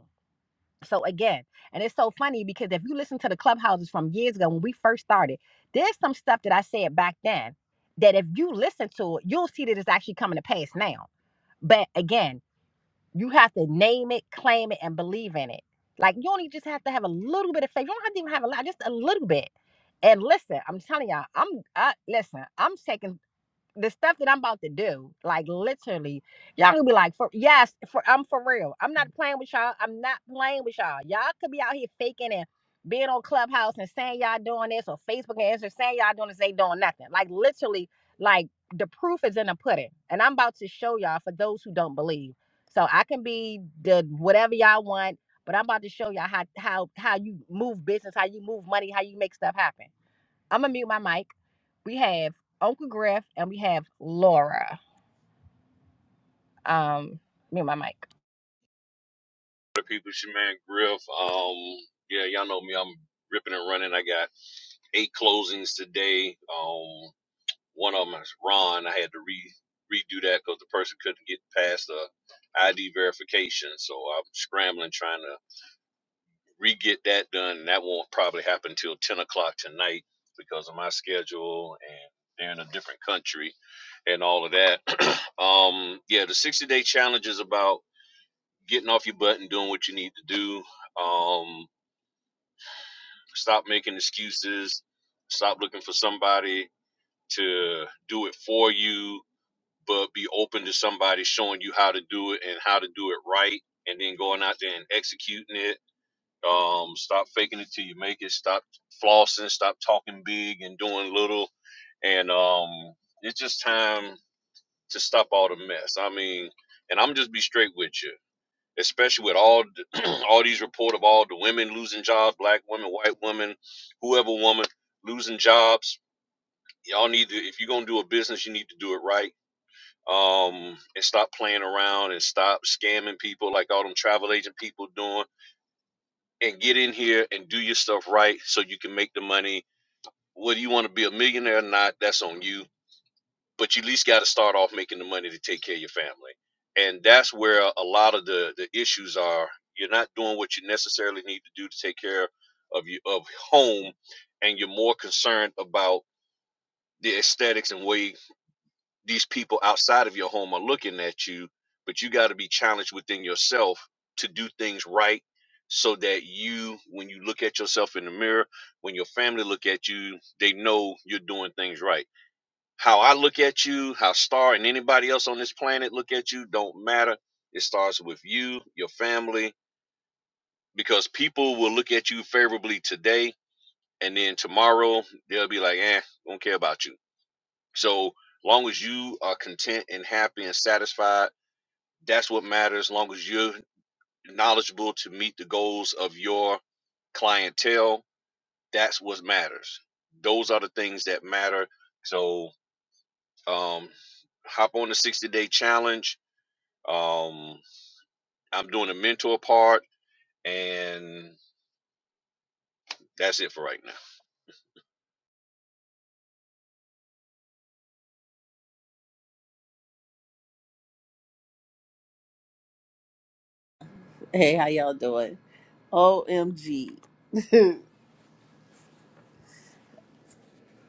A: So again, and it's so funny because if you listen to the clubhouses from years ago when we first started, there's some stuff that I said back then that if you listen to it, you'll see that it's actually coming to pass now. But again, you have to name it, claim it, and believe in it. Like you only just have to have a little bit of faith. You don't have to even have a lot, just a little bit. And listen, I'm telling y'all, I'm I, listen. I'm taking the stuff that I'm about to do, like literally, y'all could be like, for yes, for I'm for real. I'm not playing with y'all. I'm not playing with y'all. Y'all could be out here faking and being on Clubhouse and saying y'all doing this or Facebook and Instagram saying y'all doing this, they doing nothing. Like literally, like the proof is in the pudding. And I'm about to show y'all for those who don't believe. So I can be the whatever y'all want, but I'm about to show y'all how how how you move business, how you move money, how you make stuff happen. I'm gonna mute my mic. We have Uncle Griff and we have Laura. Um, mute my mic.
E: the people, it's your man Griff. Um, yeah, y'all know me. I'm ripping and running. I got eight closings today. Um, one of them is Ron. I had to re redo that because the person couldn't get past the ID verification. So I'm scrambling trying to re get that done. And that won't probably happen till 10 o'clock tonight because of my schedule and they're in a different country and all of that. <clears throat> um, yeah, the 60 day challenge is about getting off your butt and doing what you need to do. Um, Stop making excuses. Stop looking for somebody to do it for you, but be open to somebody showing you how to do it and how to do it right, and then going out there and executing it. Um, stop faking it till you make it. Stop flossing. Stop talking big and doing little. And um, it's just time to stop all the mess. I mean, and I'm just be straight with you especially with all <clears throat> all these report of all the women losing jobs, black women, white women, whoever woman losing jobs. Y'all need to if you're gonna do a business, you need to do it right. Um, and stop playing around and stop scamming people like all them travel agent people doing. And get in here and do your stuff right so you can make the money. Whether you want to be a millionaire or not, that's on you. but you at least got to start off making the money to take care of your family and that's where a lot of the the issues are you're not doing what you necessarily need to do to take care of your of home and you're more concerned about the aesthetics and way these people outside of your home are looking at you but you got to be challenged within yourself to do things right so that you when you look at yourself in the mirror when your family look at you they know you're doing things right how I look at you, how Star and anybody else on this planet look at you don't matter. It starts with you, your family, because people will look at you favorably today and then tomorrow they'll be like, eh, don't care about you. So long as you are content and happy and satisfied, that's what matters. Long as you're knowledgeable to meet the goals of your clientele, that's what matters. Those are the things that matter. So um, hop on the 60 day challenge Um, I'm doing the mentor part, and that's it for right now.
F: Hey, how y'all doing? OMG.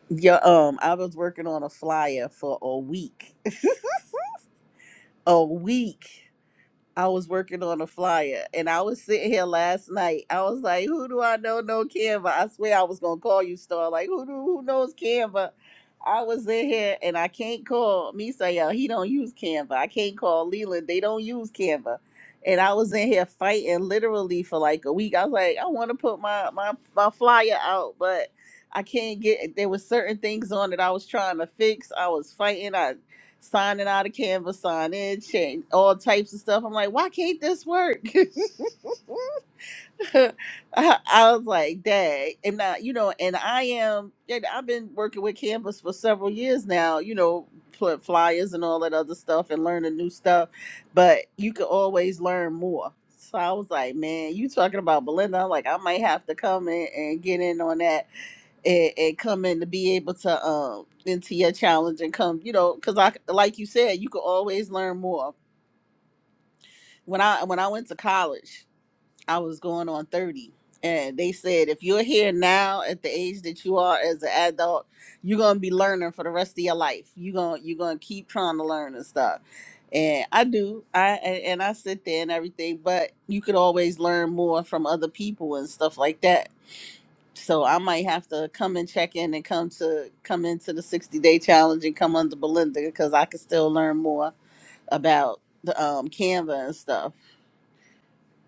F: Yo, um, I was working on a flyer for a week. <laughs> A week. I was working on a flyer and I was sitting here last night. I was like, who do I know No Canva? I swear I was gonna call you Star. Like, who do who knows Canva? I was in here and I can't call Misael. He don't use Canva. I can't call Leland. They don't use Canva. And I was in here fighting literally for like a week. I was like, I wanna put my my, my flyer out, but I can't get there was certain things on it I was trying to fix. I was fighting. I signing out of Canvas, signing change all types of stuff. I'm like, why can't this work? <laughs> I, I was like, dang. And now, you know, and I am, and I've been working with Canvas for several years now, you know, put flyers and all that other stuff and learning new stuff, but you can always learn more. So I was like, man, you talking about Belinda? I'm like, I might have to come in and get in on that and, and come in to be able to um into your challenge and come you know because i like you said you could always learn more when i when i went to college i was going on 30 and they said if you're here now at the age that you are as an adult you're gonna be learning for the rest of your life you gonna you're gonna keep trying to learn and stuff and i do i and and i sit there and everything but you could always learn more from other people and stuff like that so I might have to come and check in and come to come into the 60 day challenge and come under Belinda because I can still learn more about the um Canva and stuff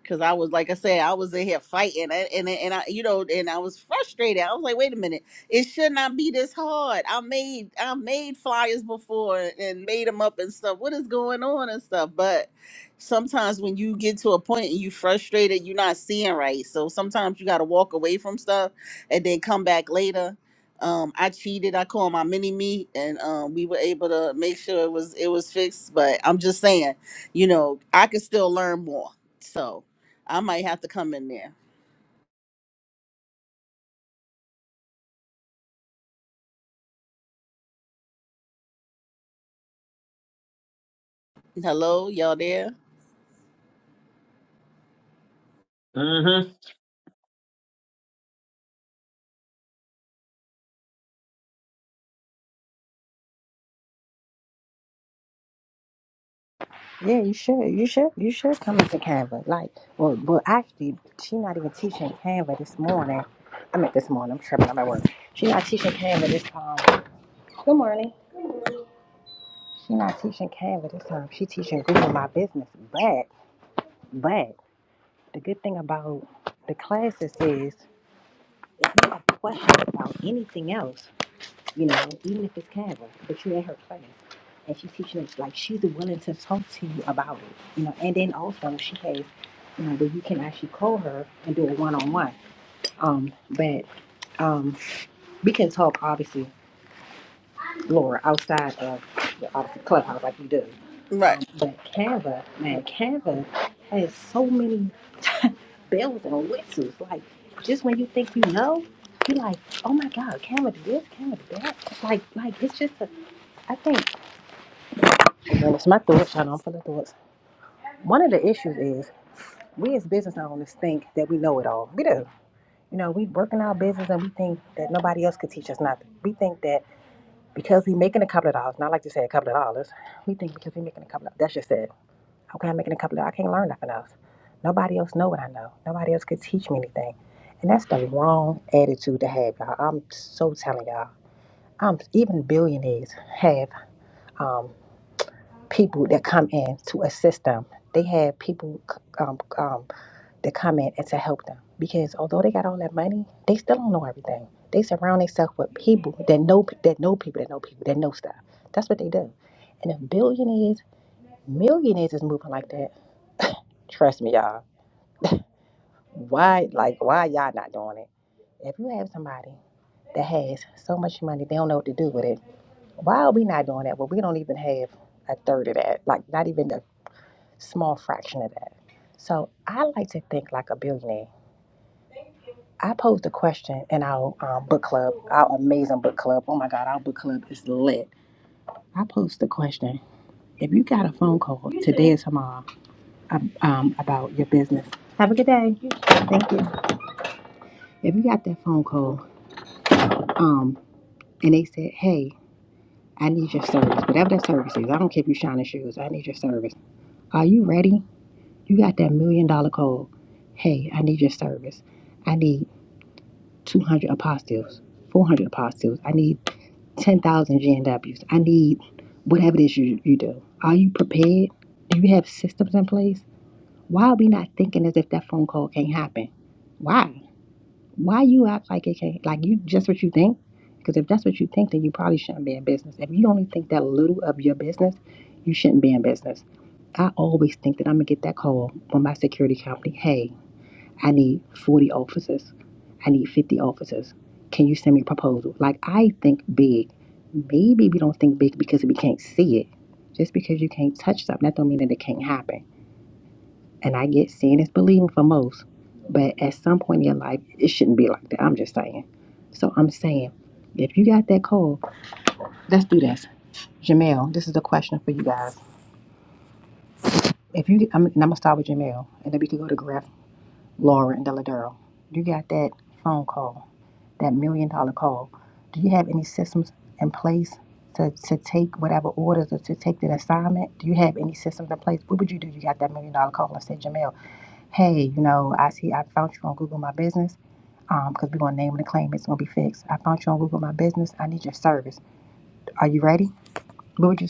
F: because I was like I said, I was in here fighting, and and and I, you know, and I was frustrated. I was like, wait a minute, it should not be this hard. I made I made flyers before and made them up and stuff. What is going on and stuff? But sometimes when you get to a point and you frustrated, you're not seeing right. So sometimes you got to walk away from stuff and then come back later. Um, I cheated. I called my mini me, and um, we were able to make sure it was it was fixed. But I'm just saying, you know, I could still learn more. So I might have to come in there. Hello, y'all there?
A: Yeah, you should. You should. You should come into Canva. Like, well, well, actually, she not even teaching Canva this morning. I mean, this morning. I'm tripping. I'm at work. She not teaching Canva this time. Good morning. She not teaching Canva this time. She teaching Google My Business. But, but the good thing about the classes is if you have questions about anything else, you know, even if it's Canva, but you in her class. and she's teaching us like she's willing to talk to you about it, you know. And then also she has, you know, that you can actually call her and do a one-on-one. Um, but um, we can talk obviously, Laura, outside of the auto-
F: Right.
A: um, but but but has so many bells and whistles. Like just when you think you know, you're like, oh my God, can we do this? Can we do that? Like like it's just a, I think. Well, it's my thoughts. Hold on, for the thoughts. One of the issues is we as business owners think that we know it all. We do You know, we working our business and we think that nobody else could teach us nothing. We think that because we making a couple of dollars, and I like to say a couple of dollars, we think because we making a couple of that's just it. Okay, I'm making a couple of dollars. I can't learn nothing else. Nobody else know what I know. Nobody else could teach me anything. And that's the wrong attitude to have, y'all. I'm so telling y'all. Um, even billionaires have um, people that come in to assist them. They have people um, um, to come in and to help them because although they got all that money, they still don't know everything. They surround themselves with people that know that know people that know people that know stuff. That's what they do. And if billionaires, millionaires is moving like that, trust me, y'all. Why, like, why y'all not doing it? If you have somebody that has so much money, they don't know what to do with it. Why are we not doing that? Well, we don't even have a third of that. Like, not even a small fraction of that. So I like to think like a billionaire. I posed a question in our um, book club, our amazing book club. Oh my God, our book club is lit. I posed a question. If you got a phone call today or tomorrow um, um, about your business, if you got that phone call um, and they said, hey, I need your service, whatever that service is, I don't care if you shine shoes, I need your service. Are you ready? You got that million dollar call. Hey, I need your service. I need 200 apostilles, 400 apostilles. I need 10,000 and Ws. I need whatever it is you, you do. Are you prepared? Do you have systems in place? Why are we not thinking as if that phone call can't happen? Why? Why you act like it can't? Like you just what you think? Because if that's what you think, then you probably shouldn't be in business. If you only think that little of your business, you shouldn't be in business. I always think that I'm gonna get that call from my security company. Hey, I need 40 officers. I need 50 officers. Can you send me a proposal? Like, I think big. Maybe we don't think big because we can't see it. Just because you can't touch something, that don't mean that it can't happen. And I get seeing is believing for most. But at some point in your life, it shouldn't be like that. I'm just saying. So I'm saying, if you got that call, let's do this. Jamel, this is a question for you guys. If you're in Deladero, you got that phone call that million dollar call. Do you have any systems in place to, to take whatever orders or to take that assignment? Do you have any systems in place? What would you do? if You got that million dollar call and said, Jamel, hey, you know, I see I found you on Google My Business um, because we're going to name and claim it's going to be fixed. I found you on Google My Business. I need your service. Are you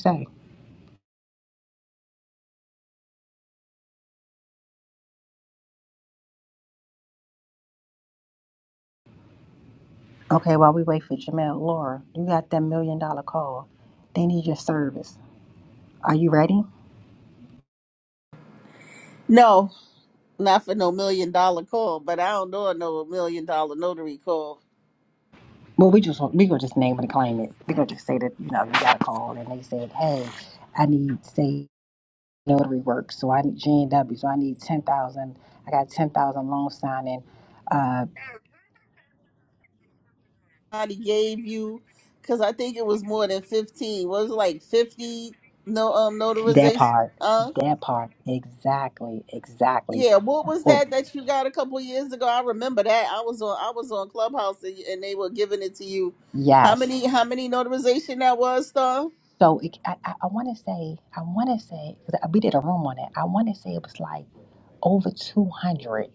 A: say, okay, while we wait for Jamel, Laura, you got that million dollar call. They need your service. Are you ready?
F: No, not for no million dollar call, but I don't know no million dollar notary call.
A: Well, we just we gonna just name and claim it. We gonna just call. Hey, I need say notary work. So I need J and W. So I need ten thousand. I got ten thousand loan signing. Uh,
F: Somebody gave you, because I think it was more than 15. Was it like 50 no um
A: that
F: notarization?
A: part.
F: Huh?
A: That part. Exactly. Exactly.
F: Yeah, what was
A: Oops.
F: that that you got a couple years ago? I remember that. I was on I was on Clubhouse and, and they were giving it to you. How many how many notarization that was, Star?
A: So it, I, I want to say I want to say because we did a room on it. I want to say it was like over two hundred.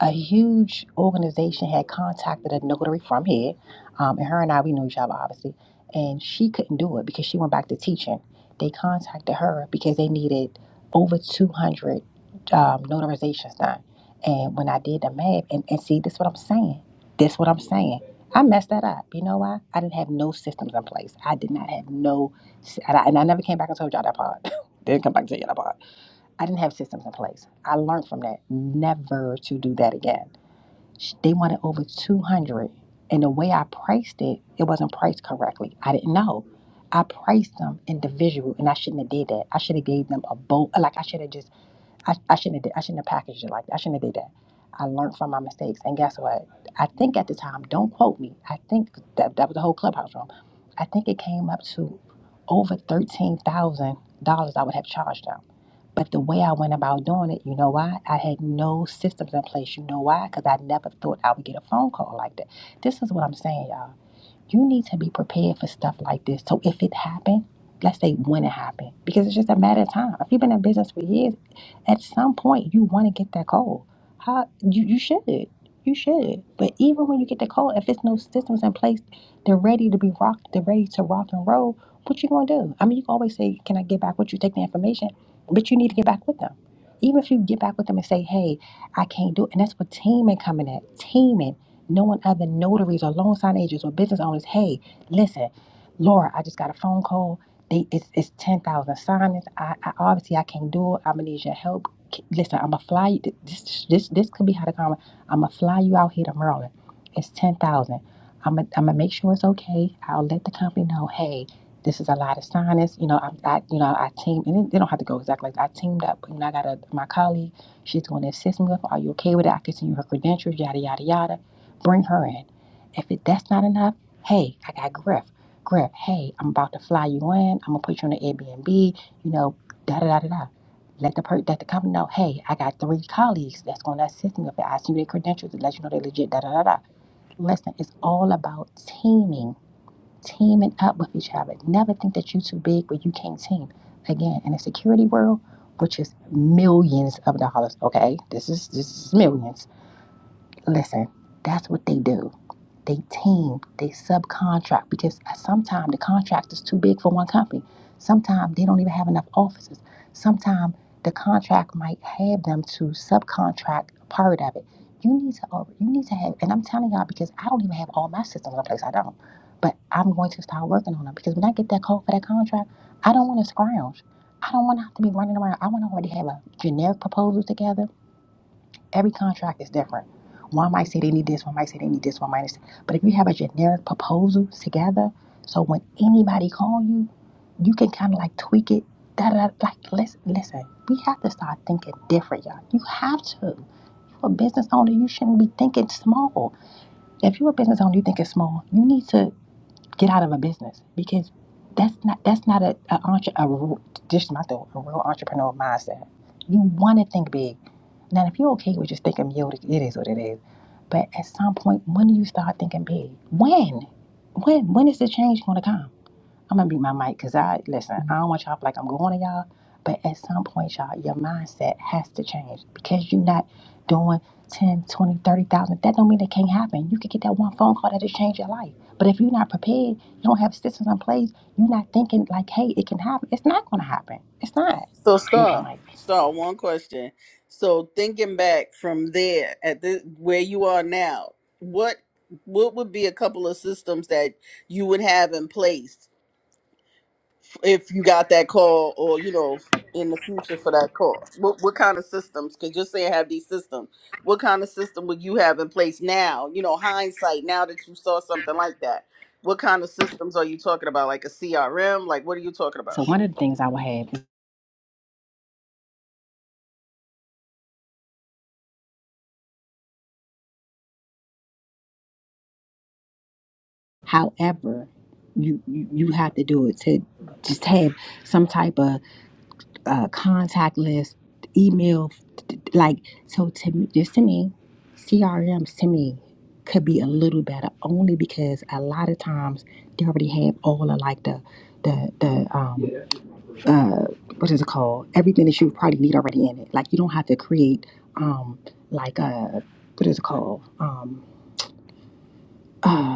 A: a huge organization had contacted a notary from here, um, and her and I we knew each other obviously, and she couldn't do it because she went back to teaching. They contacted her because they needed over two hundred um, notarizations done, and when I did the math, and, and see, this is what I'm saying. This what I'm saying. I messed that up. You know why? I didn't have no systems in place. I did not have no, and I, and I never came back and told y'all that part. <laughs> didn't come back and tell y'all that part. I didn't have systems in place. I learned from that never to do that again Sh- They wanted over 200. And the way I priced it, it wasn't priced correctly. I didn't know. I priced them individual and I shouldn't have did that. I should have gave them a boat. Like I should have just, I, I shouldn't have did, I shouldn't have packaged it like that. I shouldn't have did that. I learned from my mistakes. And guess what? I think at the time, don't quote me. I think that, that was the whole clubhouse room. I think it came up to over $13,000 I would have charged them. But the way I went about doing it, you know why? I had no systems in place. You know why? Because I never thought I would get a phone call like that. This is what I'm saying, y'all. You need to be prepared for stuff like this to happen. Let's say when it happened, because it's just a matter of time. If you've been in business for years, at some point you want to get that call. How you you should, but even Cole, if it's no systems in place, they're ready to be rocked, they're ready to rock and roll. What you gonna do? I mean, you can always say, "Can I get back with you?" Take the information, but you need to get back with them. Even if you get back with them and say, "Hey, I got a team incoming payment, knowing other notaries or loan sign agents or business owners, hey, listen, Laura, I just got a phone call. They, it's it's ten thousand signings. I, I obviously I can't do it. I'm gonna need your help. K- Listen, I'm gonna fly you. th- This this this could be how the comment. I'm gonna fly you out here to Maryland. It's ten thousand. I'm gonna I'm gonna make sure it's okay. I'll let the company know. Hey, this is a lot of signings. You know, I, I you know I team and they they don't have to go exactly like I teamed up. You know, I got a my colleague. She's going to assist me with, are you okay with it? I can send you her credentials, yada, yada, yada. Bring her in. If it, that's not enough, hey, I got Griff. Griff, hey, I'm about to fly you in. I'm going to put you on the Airbnb, you know, da, da, da, da, da. Let the, per- let the company know, hey, I got three colleagues that's going to assist me with it. I send you their credentials to let you know they're legit, da, da, da, da. Listen, it's all about teaming teaming up with each other. Never think that you're too big where you can't team. Again, in a security world, which is millions of dollars, okay? This is this is millions. Listen, that's what they do they team, they subcontract because sometimes the contract is too big for one company. Sometimes they don't even have enough offices. Sometimes the contract might have them to subcontract part of it. You need to you need to have, and I'm telling y'all because I don't even have all my systems in place. I don't, but I'm going to start working on them because when I get that call for that contract, I don't want to scrounge. I don't want to have to be running around. I want to already have a generic proposal together Every contract is different. One might say they need this, one might say they need this, one might. say. But if you have a generic proposal together, so when anybody call you, you can kind of like tweak it. Da, da, da. like listen, listen, we have to start thinking different, y'all. You have to. If You're a business owner, you shouldn't be thinking small. If you're a business owner, you think it's small. You need to get out of a business because that's not that's not a, a, entre- a real- just my thought, a real entrepreneur mindset. You want to think big. Now, if you're okay with just thinking Yoda, it is what it is. But at some point, when do you start thinking big? When? When? When is the change going to come? I'm gonna mute my mic because I listen. I don't want y'all to feel like I'm going to y'all. But at some point, y'all, your mindset has to change because you're not doing 10, 20, 30,000. That don't mean it can't happen. You could get that one phone call that just change your life. But if you're not prepared, you don't have systems in place, you're not thinking like, hey, it can happen. It's not going to happen. It's not.
F: So
A: Mute my
F: Star,
A: mic.
F: Star, one question. So thinking back from there at the where you are now, what what would be a couple of systems that you would have in place if you got that call or you know in the future for that call? What what kind of systems? Because you're saying have these systems. What kind of system would you have in place now? You know, hindsight now that you saw something like that. What kind of systems are you talking about? Like a CRM? Like what are you talking
A: So
F: about?
A: one of the things I will have However, you you you have to do it to just have some type of uh, contact list, email, like so. To me, just to me, CRMs to me could be a little better only because a lot of times they already have all of like the the the um uh what is it called everything that you probably need already in it. Like you don't have to create um like a what is it called um. uh,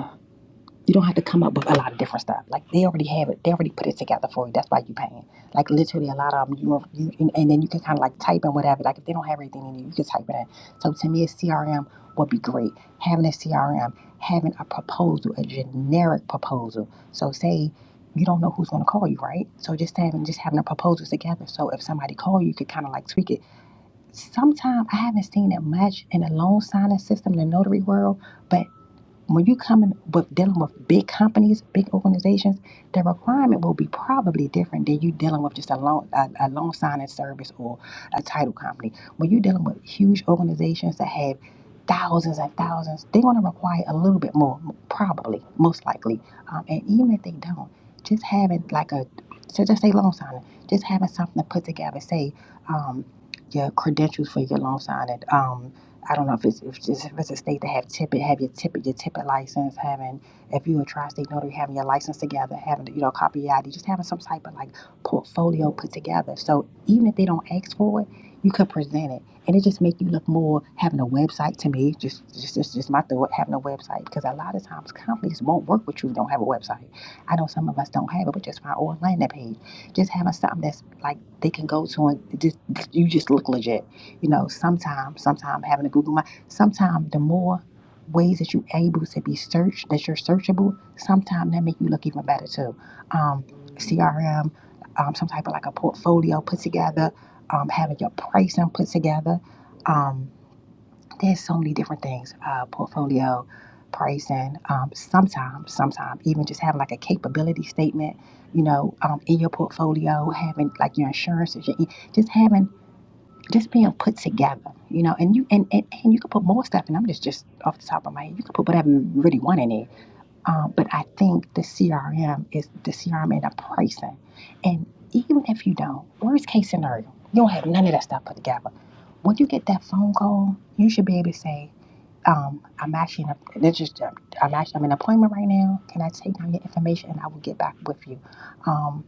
A: You don't have to come up with a lot of different stuff. Like they already have it. They already put it together for you. That's why you are paying. Like literally a lot of them. You, you and, and then you can kind of like type in whatever. Like if they don't have anything in it, you can type it in. So to me, a CRM would be great. Having a CRM, having a proposal, a generic proposal. So say you don't know who's going to call you, right? So just having just having a proposal together. So if somebody calls you, you could kind of like tweak it. Sometimes I haven't seen it much in the loan signing system, the notary world. but when you coming with dealing with big companies, big organizations, the requirement will be probably different than you dealing with just a loan a, a loan signing service or a title company. When you're dealing with huge organizations that have thousands and thousands, they're going to require a little bit more, probably, most likely. Um, and even if they don't, just having like a so just say loan signing, just having something to put together, say um, your credentials for your loan signing. Um, I don't know if it's if it's, if it's a state that have tippet, have your tippet, your tippet license, having if you are a tri-state notary, having your license together, having you know copy your ID, just having some type of like portfolio put together. So even if they don't ask for it, you could present it, and it just make you look more having a website. To me, just just just, just my thought, having a website because a lot of times companies won't work with you if you don't have a website. I know some of us don't have it, but just find or a landing page, just having something that's like they can go to and just you just look legit you know, sometimes, sometimes having a Google my sometimes the more ways that you're able to be searched, that you're searchable, sometimes that make you look even better too. Um, CRM, um, some type of like a portfolio put together, um, having your pricing put together. Um, there's so many different things, uh, portfolio, pricing, um, sometimes, sometimes even just having like a capability statement, you know, um, in your portfolio, having like your insurances, your, just having just being put together, you know, and you and, and, and you could put more stuff, and I'm just just off the top of my head, you could put whatever you really want in it. Um, but I think the CRM is the CRM and the pricing, and even if you don't, worst case scenario, you don't have none of that stuff put together. When you get that phone call, you should be able to say, um, "I'm actually in a, it's just, I'm actually I'm in an appointment right now. Can I take down your information and I will get back with you?" Um,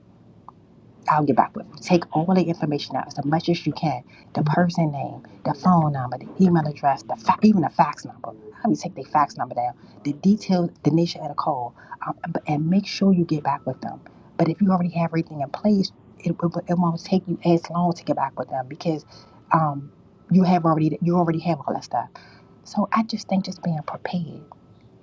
A: I'll get back with them. Take all the information out as much as you can. The person name, the phone number, the email address, the fa- even the fax number. How you take their fax number down? The details, the nature of the call, um, and make sure you get back with them. But if you already have everything in place, it, it, it won't take you as long to get back with them because um, you have already you already have all that stuff. So I just think just being prepared.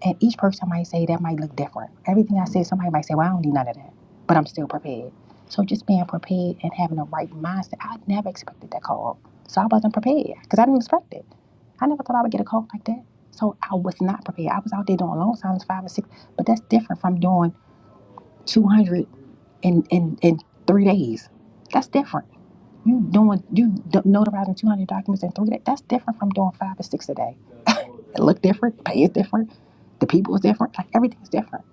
A: And each person might say that might look different. Everything I said, somebody might say, well, I don't need none of that, but I'm still prepared. So just being prepared and having the right mindset, I never expected that call. So I wasn't prepared because I didn't expect it. I never thought I would get a call like that. So I was not prepared. I was out there doing long silence five or six, but that's different from doing 200 in, in, in three days. That's different. You doing you d- notarizing two hundred documents in three days? That's different from doing five or six a day. <laughs> it look different, pay is different, the people is different, like everything's different.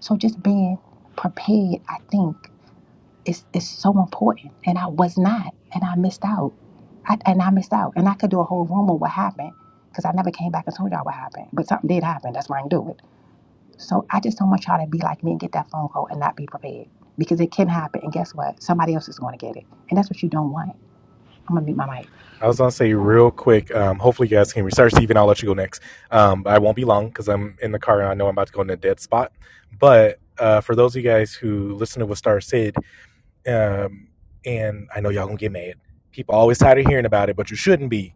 A: So just being prepared, I think, is is so important. And I was not, and I missed out. I, and I missed out, and I could do a whole room on what happened because I never came back and told y'all what happened. But something did happen. That's why I didn't do it. So I just don't want y'all to be like me and get that phone call and not be prepared because it can happen. And guess what? Somebody else is going to get it, and that's what you don't want. I'm gonna mute my mic.
D: I was gonna say real quick. Um, hopefully, you guys can research. Even I'll let you go next. Um, I won't be long because I'm in the car and I know I'm about to go in a dead spot. But uh, for those of you guys who listen to what Star said, um, and I know y'all gonna get mad. People always tired of hearing about it, but you shouldn't be.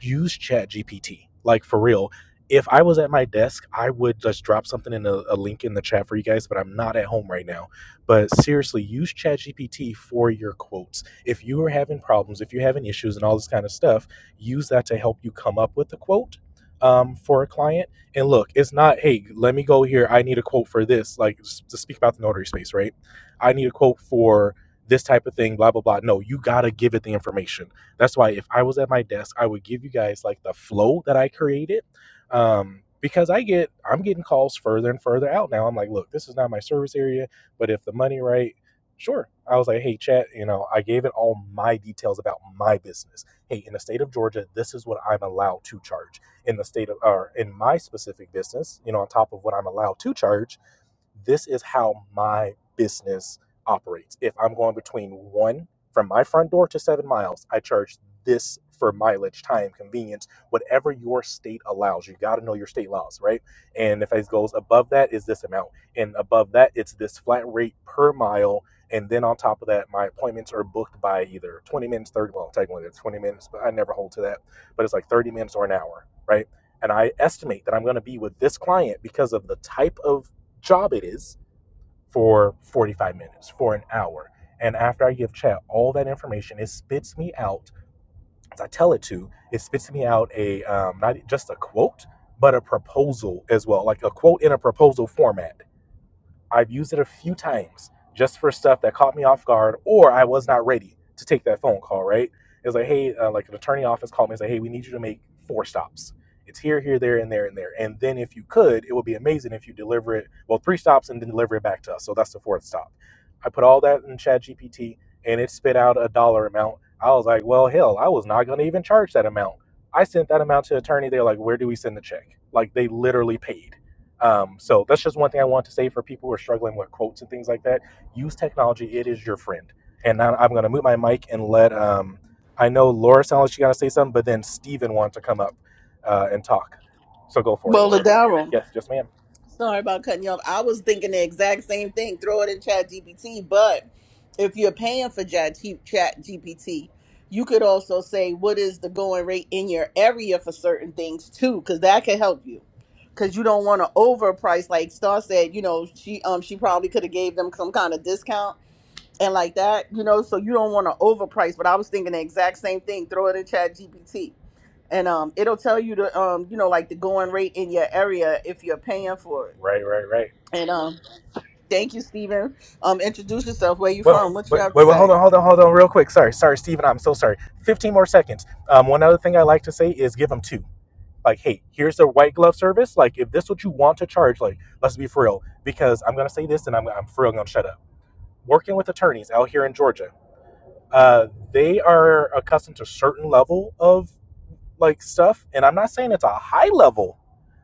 D: use Chat GPT. Like for real. If I was at my desk, I would just drop something in a, a link in the chat for you guys, but I'm not at home right now. But seriously, use Chat GPT for your quotes. If you are having problems, if you're having issues and all this kind of stuff, use that to help you come up with a quote um, for a client. And look, it's not, hey, let me go here. I need a quote for this, like to speak about the notary space, right? I need a quote for this type of thing, blah, blah, blah. No, you got to give it the information that's why if I was at my desk, I would give you guys like the flow that I created. Um, because I get I'm getting calls further and further out now. I'm like, look, this is not my service area, but if the money right, sure. I was like, hey, chat, you know, I gave it all my details about my business. Hey, in the state of Georgia, this is what I'm allowed to charge. In the state of or in my specific business, you know, on top of what I'm allowed to charge this is how my business operates. If I'm going between one from my front door to seven miles, I charge this for mileage, time, convenience, whatever your state allows. You got to know your state laws, right? And if it goes above that, is this amount. And above that, it's this flat rate per mile. And then on top of that, my appointments are booked by either 20 minutes, 30, well, technically it's 20 minutes, but I never hold to that. But it's like 30 minutes or an hour, right? And I estimate that I'm going to be with this client because of the type of job it is for 45 minutes, for an hour. And after I give chat all that information, it spits me out, as I tell it to, it spits me out a, um, not just a quote, but a proposal as well, like a quote in a proposal format I've used it a few times just for stuff that caught me off guard or I was not ready to take that phone call, right? It was like, hey, uh, like an attorney office called me and said, hey, we need you to make four stops. It's here, here, there, and there, and there. And then if you could, it would be amazing if you deliver it, well, three stops and then deliver it back to us. So that's the fourth stop. I put all that in ChatGPT and it spit out a dollar amount. I was like, well, hell, I was not going to even charge that amount. I sent that amount to attorney. They're like, where do we send the check? Like they literally paid. Um, so that's just one thing I want to say for people who are struggling with quotes and things like that. Use technology; it is your friend. And now I'm going to move my mic and let. Um, I know Laura sounds like she got to say something, but then Steven wanted to come up uh, and talk. So go for it,
F: Well,
D: Laura.
F: the
D: Yes, yes, ma'am.
F: Sorry about cutting you off. I was thinking the exact same thing. Throw it in Chat GPT. But if you're paying for Chat GPT, you could also say what is the going rate in your area for certain things too, because that could help you. Because you don't want to overprice. Like Star said, you know, she um she probably could have gave them some kind of discount and like that, you know. So you don't want to overprice. But I was thinking the exact same thing. Throw it in Chat GPT. And um, it'll tell you the um, you know, like the going rate in your area if you're paying for it.
D: Right, right, right.
F: And um, thank you, Stephen. Um, introduce yourself. Where you
D: Well,
F: from? What you
D: wait,
F: have to
D: wait, wait,
F: say?
D: hold on, hold on, hold on, real quick. Sorry, sorry, Steven. I'm so sorry. 15 more seconds. Um, one other thing I like to say is give them two. Like, hey, here's the white glove service. Like, if this what you want to charge, like, let's be for real. Because I'm gonna say this, and I'm, I'm for real gonna shut up working with attorneys out here in Georgia, uh, they are accustomed to a certain level of like stuff and i'm not saying it's a high level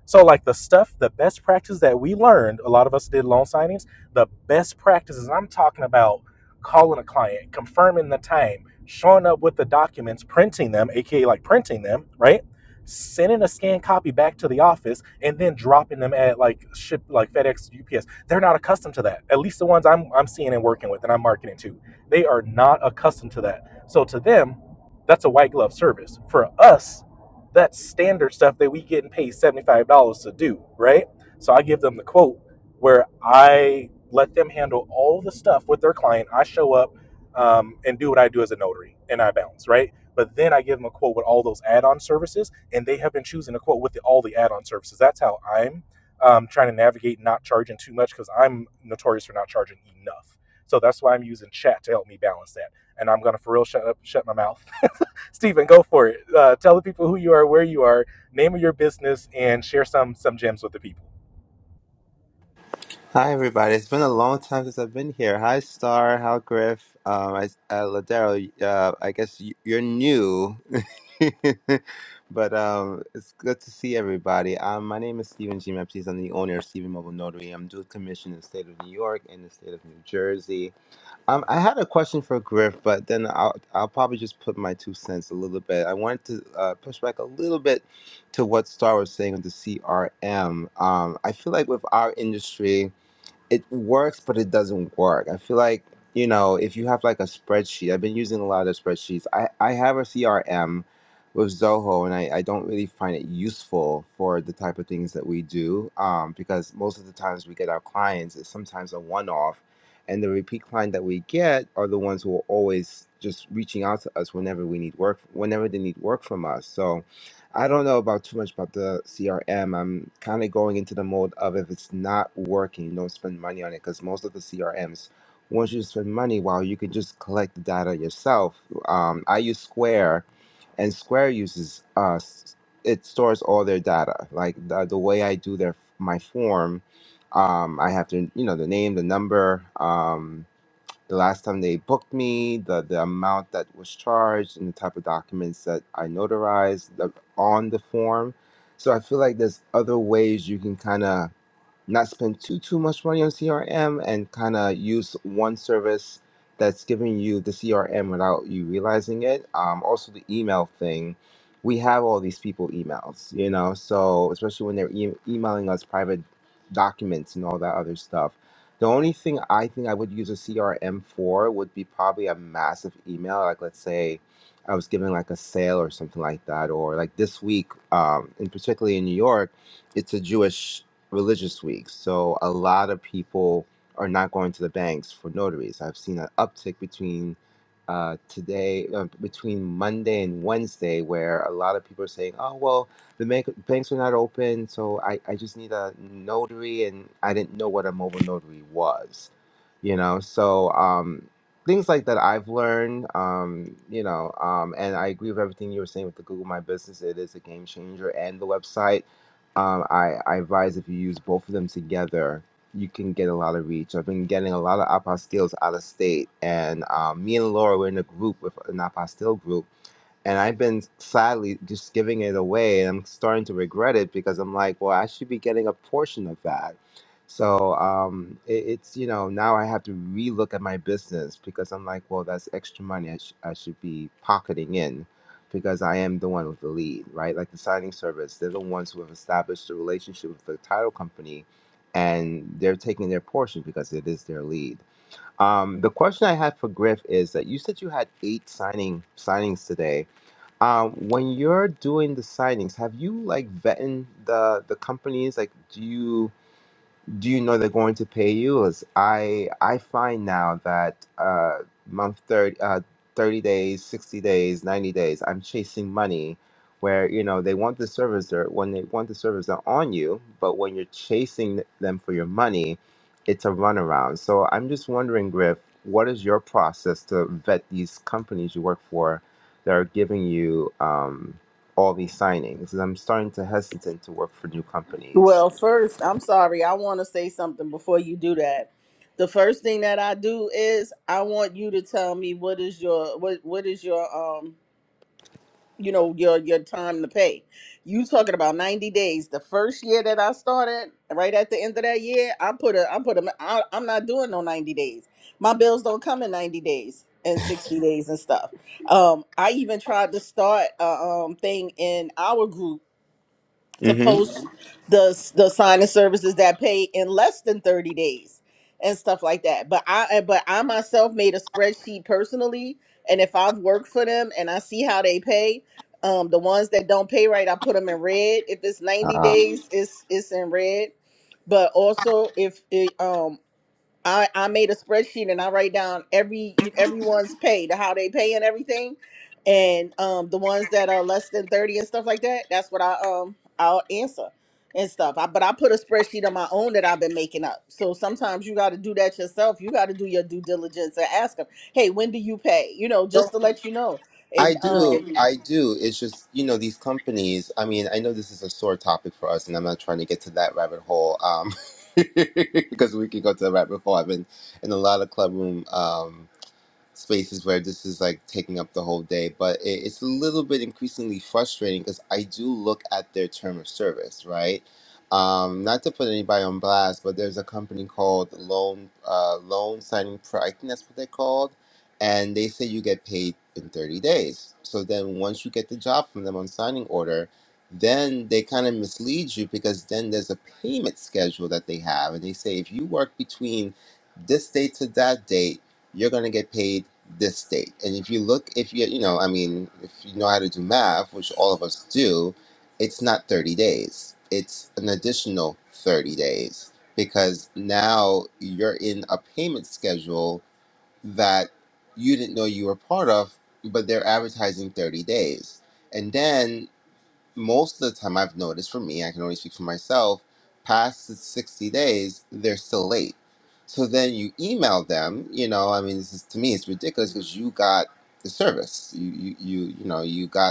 D: so like the stuff the best practice that we learned a lot of us did loan signings the best practices i'm talking about calling a client confirming the time showing up with the documents printing them aka like printing them right sending a scanned copy back to the office and then dropping them at like ship like fedex ups they're not accustomed to that at least the ones i'm, I'm seeing and working with and i'm marketing to they are not accustomed to that so to them that's a white glove service for us that's standard stuff that we getting paid $75 to do, right? So I give them the quote where I let them handle all the stuff with their client. I show up um, and do what I do as a notary and I bounce, right? But then I give them a quote with all those add on services, and they have been choosing a quote with the, all the add on services. That's how I'm um, trying to navigate not charging too much because I'm notorious for not charging enough. So that's why I'm using chat to help me balance that. And I'm going to for real shut up, shut my mouth <laughs> Stephen, go for it. Uh, tell the people who you are, where you are, name of your business, and share some some gems with the people.
G: Hi, everybody. It's been a long time since I've been here. Hi, Star. How, Griff? Um, I, uh, Ladero, uh, I guess y- you're new, <laughs> but um, it's good to see everybody. Um, my name is Stephen G. Mepsis. I'm the owner of Stephen Mobile Notary. I'm dual commissioned in the state of New York and the state of New Jersey. Um, I had a question for Griff, but then I'll, I'll probably just put my two cents a little bit. I wanted to uh, push back a little bit to what Star was saying with the CRM. Um, I feel like with our industry, it works, but it doesn't work. I feel like, you know, if you have like a spreadsheet, I've been using a lot of spreadsheets. I, I have a CRM with Zoho and I, I don't really find it useful for the type of things that we do um, because most of the times we get our clients is sometimes a one off. And the repeat client that we get are the ones who are always just reaching out to us whenever we need work, whenever they need work from us. So, I don't know about too much about the CRM. I'm kind of going into the mode of if it's not working, don't spend money on it because most of the CRMs, once you spend money, well, you can just collect the data yourself. Um, I use Square, and Square uses uh, s- it stores all their data. Like the, the way I do their my form, um, I have to you know the name, the number. Um, the last time they booked me, the, the amount that was charged, and the type of documents that I notarized the, on the form. So I feel like there's other ways you can kind of not spend too too much money on CRM and kind of use one service that's giving you the CRM without you realizing it. Um, also the email thing, we have all these people emails, you know, so especially when they're e- emailing us private documents and all that other stuff. The only thing I think I would use a CRM for would be probably a massive email, like let's say I was giving like a sale or something like that, or like this week, um, and particularly in New York, it's a Jewish religious week. So a lot of people are not going to the banks for notaries. I've seen an uptick between uh, today, uh, between Monday and Wednesday, where a lot of people are saying, oh, well, the bank, banks are not open, so I, I just need a notary, and I didn't know what a mobile notary was, you know? So um, things like that I've learned, um, you know, um, and I agree with everything you were saying with the Google My Business. It is a game changer and the website um, I, I advise if you use both of them together, you can get a lot of reach. I've been getting a lot of apostilles out of state, and um, me and Laura were in a group with an apostille group and I've been sadly just giving it away, and I'm starting to regret it because I'm like, well, I should be getting a portion of that. So um, it, it's you know now I have to relook at my business because I'm like, well, that's extra money I, sh- I should be pocketing in because I am the one with the lead, right? Like the signing service, they're the ones who have established the relationship with the title company, and they're taking their portion because it is their lead. Um, the question I had for Griff is that you said you had eight signing signings today um, when you're doing the signings, have you like vetting the the companies? Like, do you? do you know they're going to pay you? Is I I find now that uh, month thirty uh, thirty days, sixty days, ninety days, I'm chasing money, where you know they want the service. They're when they want the service, they're on you. But when you're chasing them for your money, it's a runaround. So I'm just wondering, Griff, what is your process to vet these companies you work for that are giving you um, all these signings? 'Cause I'm starting to hesitate to work for new companies.
F: Well, first, I'm sorry. I want to say something before you do that. The first thing that I do is I want you to tell me what is your what what is your um you know your your time to pay you talking about 90 days the first year that i started right at the end of that year i put a i put a I, i'm not doing no 90 days my bills don't come in 90 days and 60 days and stuff um i even tried to start a um thing in our group to
G: Mm-hmm.
F: post the the sign and services that pay in less than 30 days and stuff like that but i eh, but i myself made a spreadsheet personally and if i've worked for them and i see how they pay um the ones that don't pay right i put them in red if it's 90
G: Ah.
F: days it's it's in red but also if it, um. I, I made a spreadsheet and I write down every everyone's <laughs> pay, the how they pay and everything, and um the ones that are less than thirty and stuff like that. That's what I um I'll answer and stuff. I, but I put a spreadsheet on my own that I've been making up. So sometimes you got to do that yourself. You got to do your due diligence and ask them, hey, when do you pay? You know, just to let you know.
G: I
F: And um,
G: do.
F: Mhm.
G: I do. It's just, you know, these companies, I mean, I know this is a sore topic for us and I'm not trying to get to that rabbit hole. Um <laughs> because we could go to the rabbit hole. I've been in a lot of club room Um, spaces where this is like taking up the whole day, but it, it's a little bit increasingly frustrating because I do look at their term of service, right? Um, not to put anybody on blast, but there's a company called Loan uh, Loan Signing Pro. I think that's what they're called, and they say you get paid in 30 days. So then once you get the job from them on signing order, then they kind of mislead you because then there's a payment schedule that they have, and they say if you work between this date to that date you're going to get paid this date. And if you look, if you, you know, I mean, if you know how to do math, which all of us do, it's not 30 days, it's an additional 30 days because now you're in a payment schedule that you didn't know you were part of, but they're advertising 30 days. And then most of the time I've noticed for me, I can only speak for myself, past the 60 days, they're still late. So then you email them, you know, I mean, this is, to me, it's ridiculous because you got the service. You, you, you, you know, you got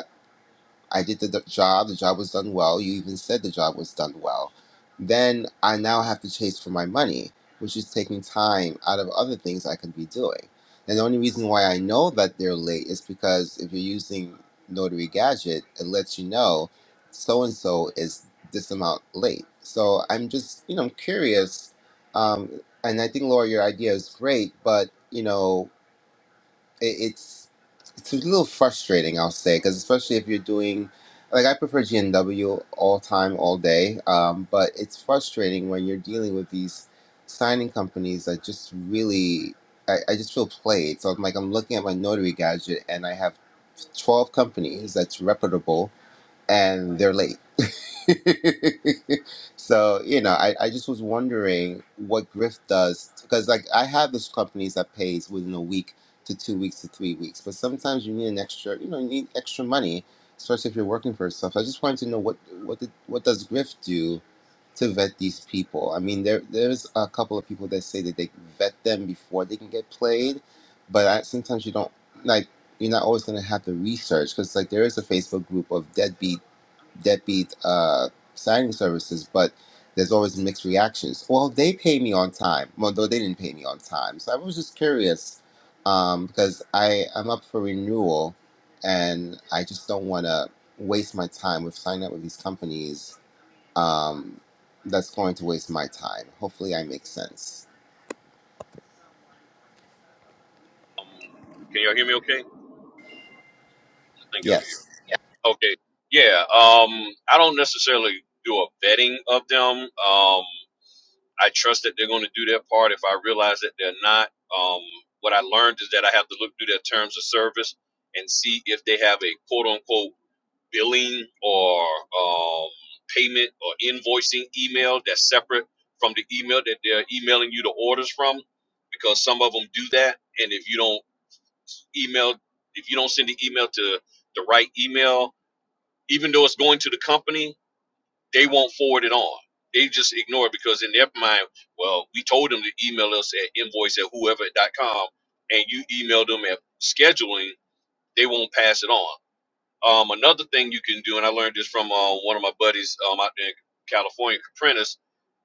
G: I did the d- job. The job was done well. You even said the job was done well. Then I now have to chase for my money, which is taking time out of other things I could be doing. And the only reason why I know that they're late is because if you're using Notary Gadget, it lets you know so and so is this amount late. So I'm just, you know, I'm curious. Um, and I think, Laura, your idea is great, but, you know, it, it's it's a little frustrating, I'll say, because especially if you're doing, like I prefer GNW all time, all day, um, but it's frustrating when you're dealing with these signing companies that just really, I, I just feel played. So I'm like, I'm looking at my notary gadget and I have 12 companies that's reputable and they're late. <laughs> so you know I, I just was wondering what griff does because like i have this companies that pays within a week to two weeks to three weeks but sometimes you need an extra you know you need extra money especially if you're working for yourself i just wanted to know what what did, what does griff do to vet these people i mean there there's a couple of people that say that they vet them before they can get played but I, sometimes you don't like you're not always going to have the research because like there is a facebook group of deadbeat deadbeat uh, signing services, but there's always mixed reactions. Well, they pay me on time, well, though they didn't pay me on time. So I was just curious um, because I I'm up for renewal, and I just don't want to waste my time with signing up with these companies. Um, that's going to waste my time. Hopefully, I make sense.
E: Can y'all hear me? Okay, I think y'all can
G: Yes.
E: hear. me. Yeah. Okay, yeah. Um, I don't necessarily do a vetting of them. Um, I trust that they're going to do their part. If I realize that they're not, um, what I learned is that I have to look through their terms of service and see if they have a quote unquote billing or um, payment or invoicing email that's separate from the email that they're emailing you the orders from because some of them do that and if you don't email if you don't send the email to the right email even though it's going to the company they won't forward it on they just ignore it because in their mind well we told them to email us at invoice at whoever dot com, and you emailed them at scheduling they won't pass it on um, another thing you can do, and I learned this from uh, one of my buddies um, out there in California, Caprinas,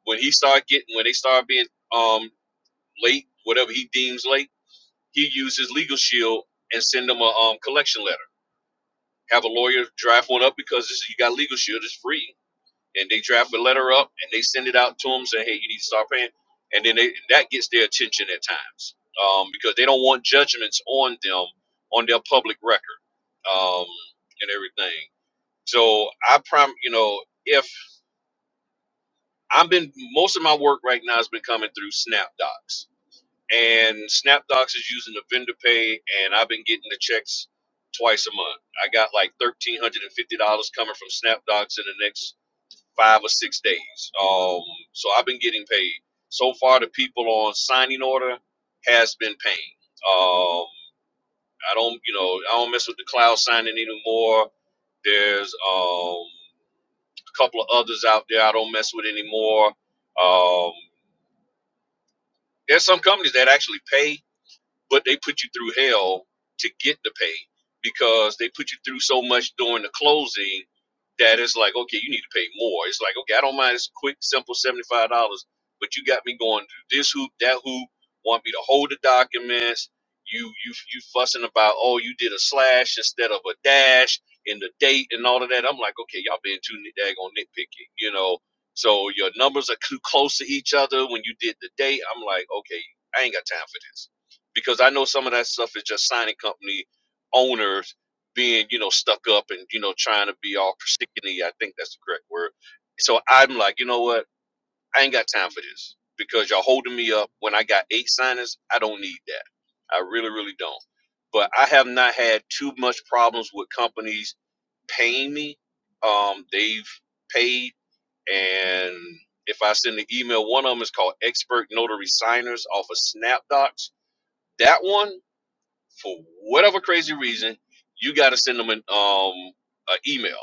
E: when he started getting, when they started being um, late, whatever he deems late, he uses Legal Shield and send them a um, collection letter. Have a lawyer draft one up because this, you got Legal Shield, it's free. And they draft a letter up and they send it out to them saying, hey, you need to start paying. And then they, that gets their attention at times um, because they don't want judgments on them, on their public record um, and everything. So I prom, you know, if I've been most of my work right now has been coming through SnapDocs, and SnapDocs is using the vendor pay, and I've been getting the checks twice a month. I got like thirteen hundred and fifty dollars coming from SnapDocs in the next five or six days. Um, so I've been getting paid so far. The people on signing order has been paying. Um, I don't, you know, I don't mess with the cloud signing anymore. There's um A couple of others out there I don't mess with anymore. Um, there's some companies that actually pay but they put you through hell to get the pay because they put you through so much during the closing that it's like, okay, you need to pay more. It's like, okay, I don't mind this quick, simple $75, but you got me going through this hoop, that hoop, want me to hold the documents. You, you, you fussing about, oh, you did a slash instead of a dash in the date and all of that. I'm like, okay, y'all being too nit, daggone nitpicky, you know? So your numbers are too close to each other. When you did the date, I'm like, okay, I ain't got time for this because I know some of that stuff is just signing company owners being, you know, stuck up and, you know, trying to be all persnickety. I think that's the correct word. So I'm like, you know what? I ain't got time for this because y'all holding me up when I got eight signers. I don't need that. I really, really don't. But I have not had too much problems with companies paying me. Um, they've paid and if I send an email, one of them is called Expert Notary Signers off of SnapDocs that one for whatever crazy reason, you got to send them an um an email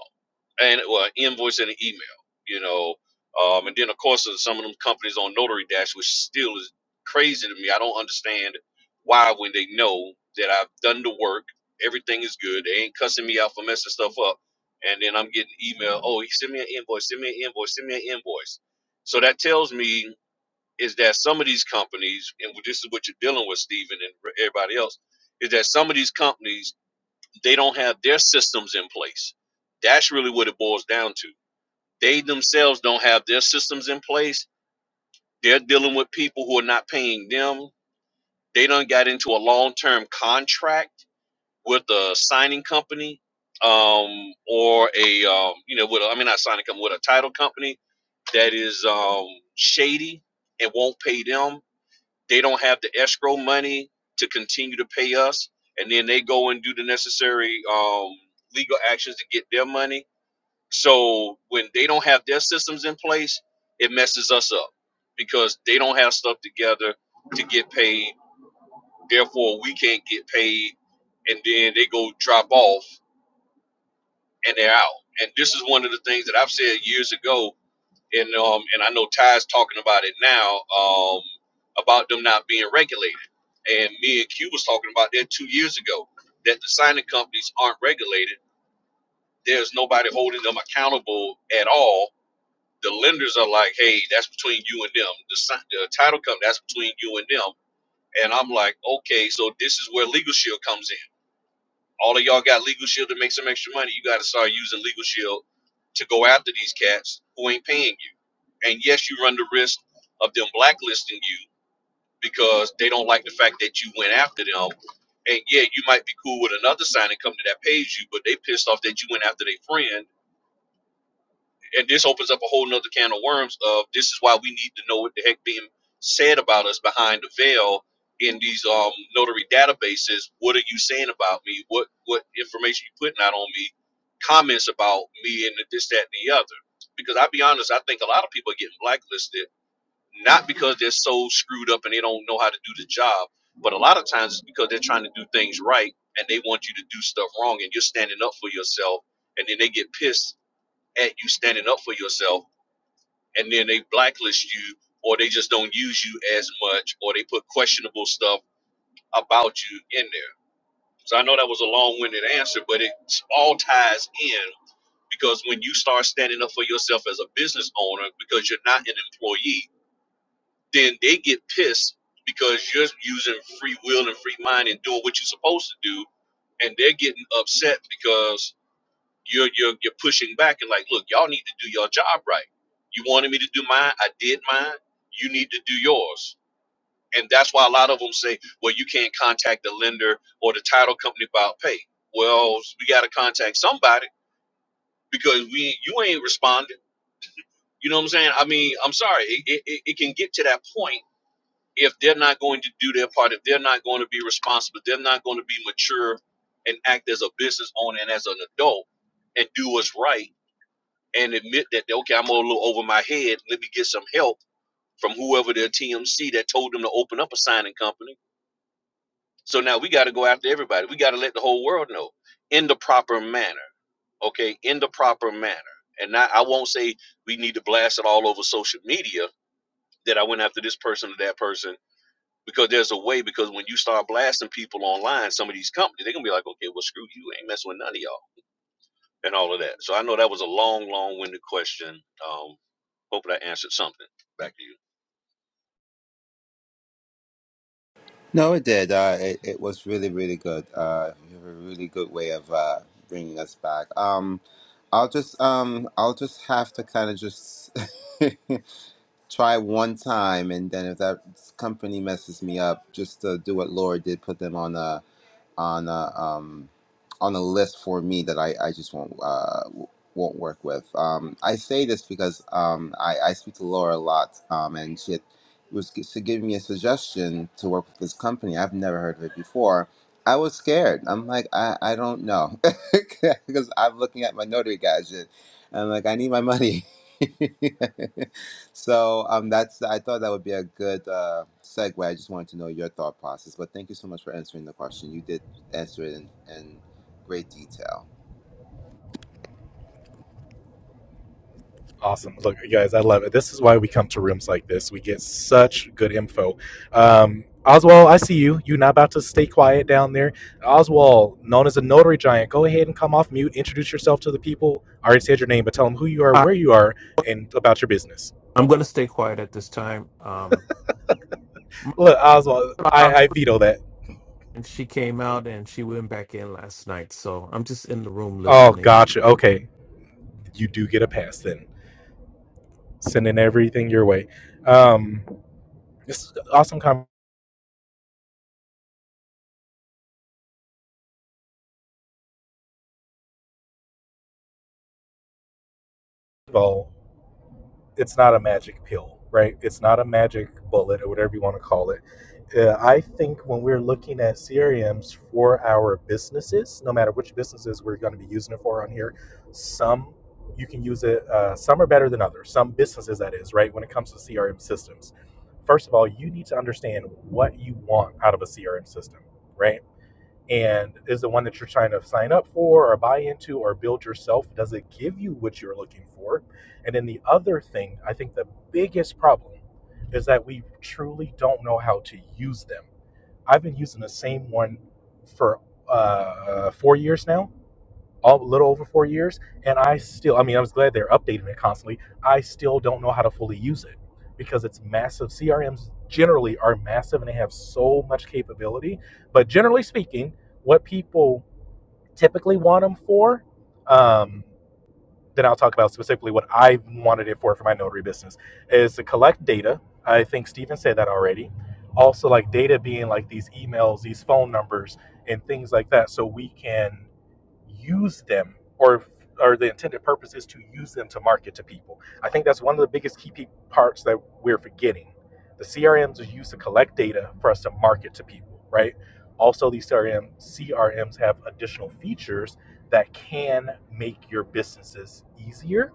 E: and or an invoice and an email, you know. Um, and then of course there's some of them companies on Notary Dash, which still is crazy to me. I don't understand why when they know that I've done the work, everything is good, they ain't cussing me out for messing stuff up, and then I'm getting email. Oh, he sent me an invoice. Send me an invoice. Send me an invoice. So that tells me is that some of these companies, and this is what you're dealing with, Stephen, and everybody else, is that some of these companies they don't have their systems in place. That's really what it boils down to. They themselves don't have their systems in place. They're dealing with people who are not paying them. They done got into a long-term contract with a signing company, um, or a um, you know, with a, I mean, not signing company, with a title company that is um, shady and won't pay them They don't have the escrow money to continue to pay us, and then they go and do the necessary um, legal actions to get their money. So when they don't have their systems in place, it messes us up because they don't have stuff together to get paid. Therefore, we can't get paid, and then they go drop off and they're out. And this is one of the things that I've said years ago and um and I know Ty's talking about it now um about them not being regulated, and me and Q was talking about that two years ago that the signing companies aren't regulated. There's nobody holding them accountable at all. The lenders are like, hey, that's between you and them. The, si- the title company, that's between you and them. And I'm like, okay, so this is where Legal Shield comes in all of y'all got Legal Shield to make some extra money. You got to start using Legal Shield to go after these cats who ain't paying you. And yes, you run the risk of them blacklisting you because they don't like the fact that you went after them. And yeah, you might be cool with another signing company that pays you, but they pissed off that you went after their friend and this opens up a whole nother can of worms of this is why we need to know what the heck being said about us behind the veil in these um notary databases what are you saying about me what what information you putting out on me comments about me and this that and the other because i'll be honest i think a lot of people are getting blacklisted not because they're so screwed up and they don't know how to do the job but a lot of times it's because they're trying to do things right and they want you to do stuff wrong and you're standing up for yourself and then they get pissed at you standing up for yourself and then they blacklist you or they just don't use you as much or they put questionable stuff about you in there. So I know that was a long-winded answer, but it all ties in because when you start standing up for yourself as a business owner because you're not an employee, then they get pissed because you're using free will and free mind and doing what you're supposed to do and they're getting upset because You're you're you're pushing back and like, look, y'all need to do your job right. You wanted me to do mine, I did mine. You need to do yours, and that's why a lot of them say, well, you can't contact the lender or the title company about pay. Well, we got to contact somebody because we you ain't responding. You know what I'm saying? I mean, I'm sorry, it, it, it it can get to that point if they're not going to do their part, if they're not going to be responsible, they're not going to be mature and act as a business owner and as an adult and do what's right and admit that okay, I'm a little over my head. Let me get some help from whoever their TMC that told them to open up a signing company. So now we got to go after everybody. We got to let the whole world know in the proper manner. Okay, in the proper manner. And not, I won't say we need to blast it all over social media that I went after this person or that person because there's a way. Because when you start blasting people online, some of these companies they're gonna be like, okay, well screw you, I ain't messing with none of y'all and all of that. So I know that was a long, long-winded question. Um, Hope that answered something. Back to you.
G: No, it did. Uh, it, it was really, really good. Uh, you have a really good way of uh, bringing us back. Um, I'll just, um, I'll just have to kind of just <laughs> try one time, and then if that company messes me up, just uh, do what Laura did, put them on. a on a um, on a list for me that I, I just won't uh, w- won't work with. Um, I say this because um, I, I speak to Laura a lot, um, and she had, was she gave me a suggestion to work with this company. I've never heard of it before. I was scared. I'm like, I, I don't know <laughs> because I'm looking at my notary gadget. I'm like, I need my money. <laughs> so um, that's I thought that would be a good uh, segue. I just wanted to know your thought process, but thank you so much for answering the question. You did answered in, in great detail.
D: Awesome. Look, you guys, I love it. This is why we come to rooms like this. We get such good info. Um, Oswald, I see you. You're not about to stay quiet down there. Oswald, known as a notary giant, go ahead and come off mute. Introduce yourself to the people. I already said your name, but tell them who you are,
H: I,
D: where you are, and about your business.
H: I'm going to stay quiet at this time. Um,
D: Look, Oswald,
H: Marcella
D: I, I veto that.
H: Hawkins, she came out and she went back in last night, so I'm just in the room
D: Oh,
H: listening.
D: gotcha. Okay. You do get a pass then. sending everything your way. Um, it's awesome convo. It's not a magic pill, right? It's not a magic bullet or whatever you want to call it. Uh, I think when we're looking at CRMs for our businesses, no matter which businesses we're going to be using it for on here, some you can use it. Uh, some are better than others. Some businesses, that is, right? When it comes to CRM systems, first of all, you need to understand what you want out of a CRM system, right? and is the one that you're trying to sign up for or buy into or build yourself does it give you what you're looking for and then the other thing i think the biggest problem is that we truly don't know how to use them i've been using the same one for uh, four years now a little over four years, and I still, I mean, I was glad they're updating it constantly. I still don't know how to fully use it because it's massive. CRMs generally are massive and they have so much capability. But generally speaking, what people typically want them for, um, then I'll talk about specifically what I wanted it for for my notary business, is to collect data. I think Stephen said that already. Also, like data being like these emails, these phone numbers, and things like that, so we can use them or or the intended purpose is to use them to market to people. I think that's one of the biggest key parts that we're forgetting. The CRMs are used to collect data for us to market to people, right? Also, these CRM CRMs have additional features that can make your businesses easier.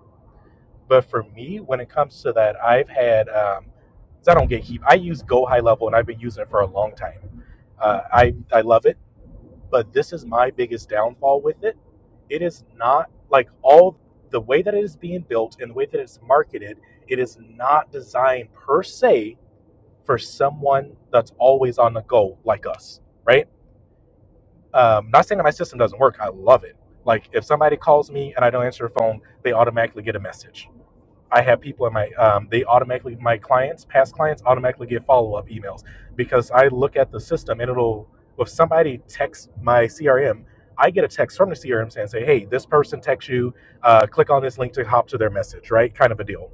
D: But for me, when it comes to that, I've had um, 'cause I don't gatekeep. I use Go High Level, and I've been using it for a long time. Uh, I I love it. But this is my biggest downfall with it. It is not like all the way that it is being built and the way that it's marketed, it is not designed per se for someone that's always on the go like us, right? Um, not saying that my system doesn't work. I love it. Like if somebody calls me and I don't answer the phone, they automatically get a message I have people in my um, they automatically my clients past clients automatically get follow up emails because I look at the system and it'll if somebody texts my CRM I get a text from the CRM saying say hey this person texts you uh, click on this link to hop to their message right kind of a deal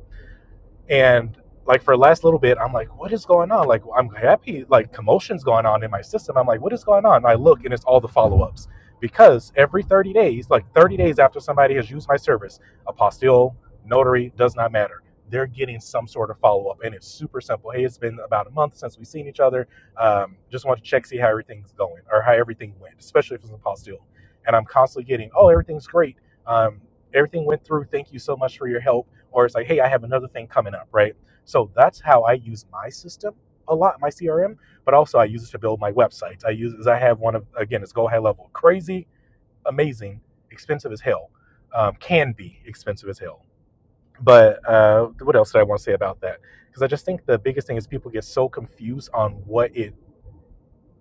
D: and like for the last little bit, I'm like, what is going on? Like I'm happy, like commotion's going on in my system. I'm like, what is going on? And I look and it's all the follow-ups. Because every 30 days, like 30 days after somebody has used my service, apostille, notary, does not matter. They're getting some sort of follow-up. And it's super simple. Hey, it's been about a month since we've seen each other. Um, just want to check, see how everything's going or how everything went, especially if it's an apostille. And I'm constantly getting, oh, everything's great. Um, everything went through. Thank you so much for your help or it's like, hey, I have another thing coming up, right? So that's how I use my system a lot, my CRM, but also I use it to build my websites. I use it as I have one of again, it's go high level, crazy, amazing, expensive as hell, um, can be expensive as hell. But uh, what else did I want to say about that? Because I just think the biggest thing is people get so confused on what it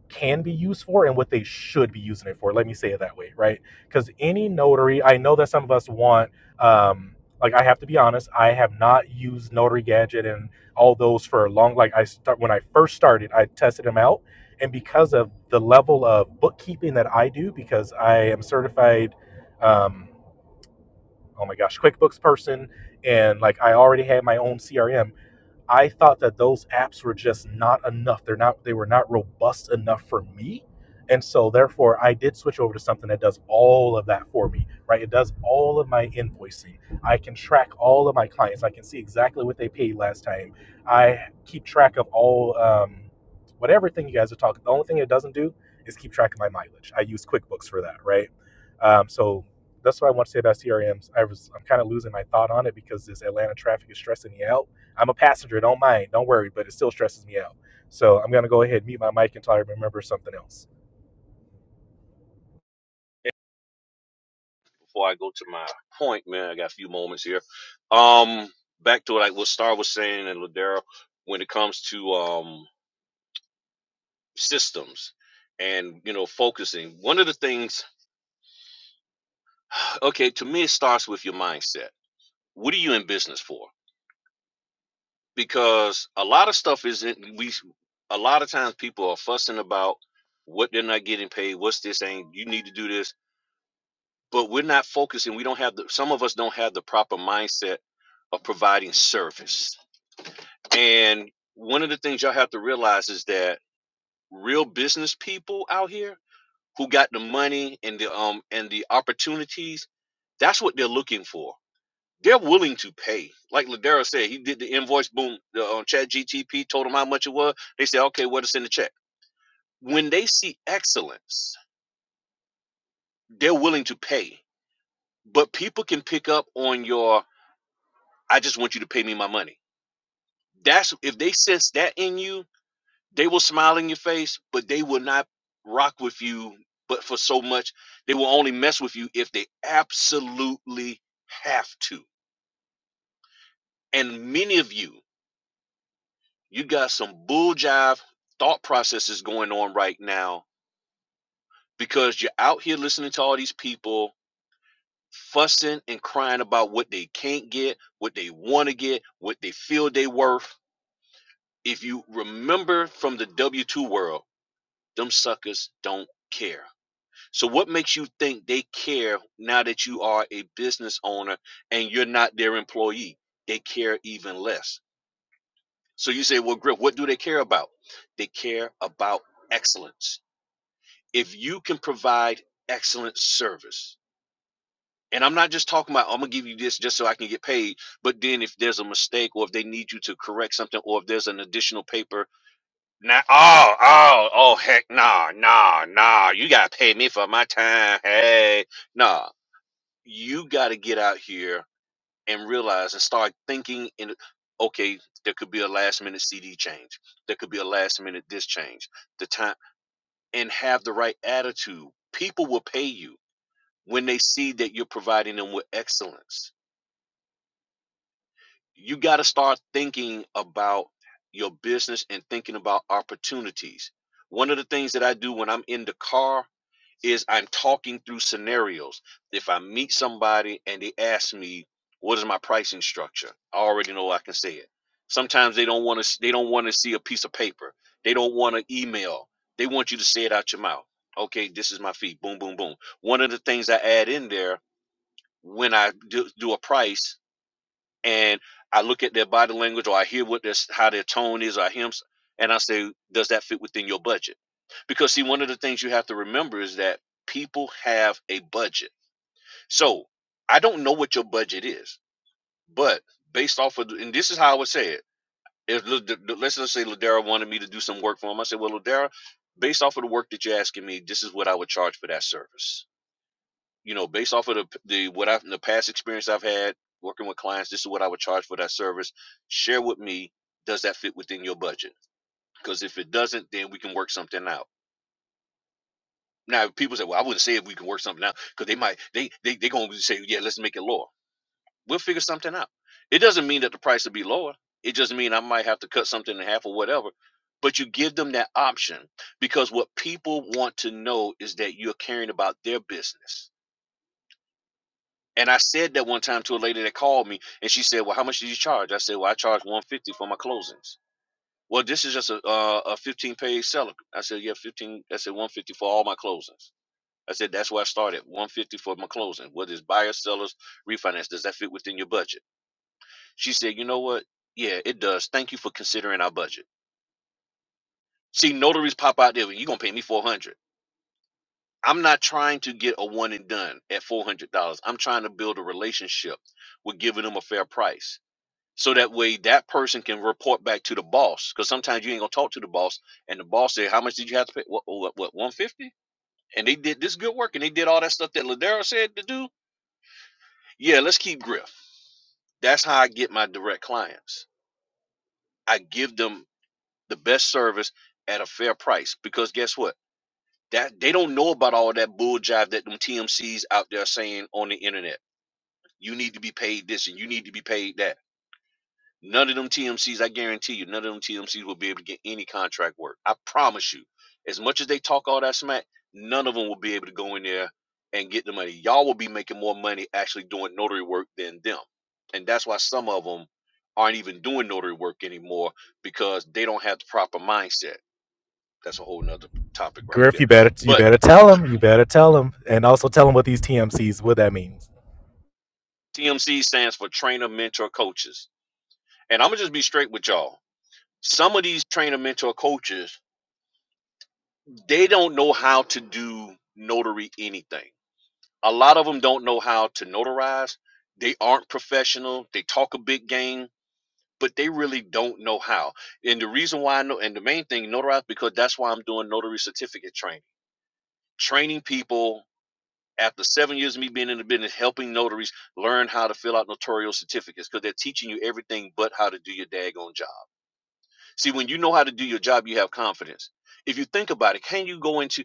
D: can be used for and what they should be using it for. Let me say it that way, right? Because any notary, I know that some of us want, um, like I have to be honest, I have not used Notary Gadget and all those for a long. Like I start when I first started, I tested them out, and because of the level of bookkeeping that I do, because I am certified, um, oh my gosh, QuickBooks person, and like I already had my own CRM I thought that those apps were just not enough. They're not they were not robust enough for me. And so therefore I did switch over to something that does all of that for me, right? It does all of my invoicing. I can track all of my clients. I can see exactly what they paid last time. I keep track of all um what everything you guys are talking. The only thing it doesn't do is keep track of my mileage. I use QuickBooks for that, right? Um, so that's what I want to say about CRMs. I was I'm kind of losing my thought on it because this Atlanta traffic is stressing me out I'm a passenger. Don't mind. Don't worry. But it still stresses me out. So I'm gonna go ahead and mute my mic until I remember something else.
E: Before I go to my point, man, I got a few moments here. Um, back to like what Star was saying and Ladera. when it comes to um systems and you know focusing. One of the things, <sighs> okay, to me it starts with your mindset. What are you in business for? Because a lot of stuff isn't we. A lot of times people are fussing about what they're not getting paid. What's this? Ain't you need to do this? but we're not focusing. We don't have the, some of us don't have the proper mindset of providing service. And one of the things y'all have to realize is that real business people out here who got the money and the um and the opportunities, that's what they're looking for. They're willing to pay. Like Ladera said, he did the invoice boom the, on uh, Chat GTP, told him how much it was. They said, okay, what is in the check? When they see excellence, they're willing to pay. But people can pick up on your I just want you to pay me my money. That's if they sense that in you, they will smile in your face, but they will not rock with you. But for so much, they will only mess with you if they absolutely have to. And many of you, you got some bull jive thought processes going on right now because you're out here listening to all these people fussing and crying about what they can't get, what they want to get, what they feel they worth if you remember from the W 2 world, Them suckers don't care. So what makes you think they care now that you are a business owner and you're not their employee? They care even less. So you say, well, Griff, what do they care about? They care about excellence. If you can provide excellent service, and I'm not just talking about I'm gonna give you this just so I can get paid, but then if there's a mistake or if they need you to correct something or if there's an additional paper Now, oh, oh, oh, heck, nah, nah, nah. You gotta pay me for my time. Hey, nah. You gotta get out here and realize and start thinking. In okay, there could be a last minute CD change. There could be a last minute this change. The time and have the right attitude. People will pay you when they see that you're providing them with excellence. You gotta start thinking about your business and thinking about opportunities. One of the things that I do when I'm in the car is I'm talking through scenarios. If I meet somebody and they ask me, "What is my pricing structure?" I already know I can say it. Sometimes they don't want to. They don't want to see a piece of paper. They don't want to email. They want you to say it out your mouth. Okay, this is my fee. Boom, boom, boom. One of the things I add in there when I do, do a price and I look at their body language or I hear what their how their tone is or hymns, and I say, does that fit within your budget? Because see, one of the things you have to remember is that people have a budget. So I don't know what your budget is, but based off of, and this is how I would say it. If let's just say Ladera wanted me to do some work for him, I said, well, Ladera, based off of the work that you're asking me, this is what I would charge for that service you know, based off of the the what I've the past experience I've had working with clients, this is what I would charge for that service. Share with me, does that fit within your budget? Because if it doesn't, then we can work something out. Now, people say, well, I wouldn't say if we can work something out because they might they they they gonna say, yeah, let's make it lower. We'll figure something out. It doesn't mean that the price will be lower. It just means I might have to cut something in half or whatever. But you give them that option because what people want to know is that you're caring about their business And I said that one time to a lady that called me, and she said, "Well, how much do you charge?" I said, "Well, I charge one hundred fifty dollars for my closings." Well, this is just a uh, a fifteen page seller. I said, "Yeah, fifteen." I said "One one fifty dollars for all my closings." I said, "That's where I started. One hundred fifty dollars for my closing. What is buyers, sellers, refinance? Does that fit within your budget?" She said, "You know what? Yeah, it does. Thank you for considering our budget." See, notaries pop out there. You're gonna pay me four hundred. dollars. I'm not trying to get a one and done at four hundred dollars. I'm trying to build a relationship with giving them a fair price so that way that person can report back to the boss because sometimes you ain't gonna talk to the boss and the boss said how much did you have to pay what what what 150 and they did this good work and they did all that stuff that ladero said to do yeah let's keep griff that's how i get my direct clients i give them the best service at a fair price because guess what that they don't know about all that bull jive that them tmcs out there saying on the internet you need to be paid this and you need to be paid that None of them TMCs, I guarantee you, none of them TMCs will be able to get any contract work. I promise you. As much as they talk all that smack, none of them will be able to go in there and get the money. Y'all will be making more money actually doing notary work than them. And that's why some of them aren't even doing notary work anymore because they don't have the proper mindset. That's a whole nother topic right
D: Griff,
E: there.
D: you better you
E: But
D: better
E: <laughs>
D: tell
E: the
D: him. You better tell him, and also tell him what these TMCs what that means.
E: TMC stands for trainer, mentor, coaches. And I'm going to just be straight with y'all. Some of these trainer, mentor, coaches they don't know how to do notary anything. A lot of them don't know how to notarize. They aren't professional. They talk a big game, but they really don't know how. And the reason why I know, and the main thing, notarize, because that's why I'm doing notary certificate training. Training people after seven years of me being in the business, helping notaries learn how to fill out notarial certificates because they're teaching you everything but how to do your daggone job. See, when you know how to do your job, you have confidence if you think about it, can you go into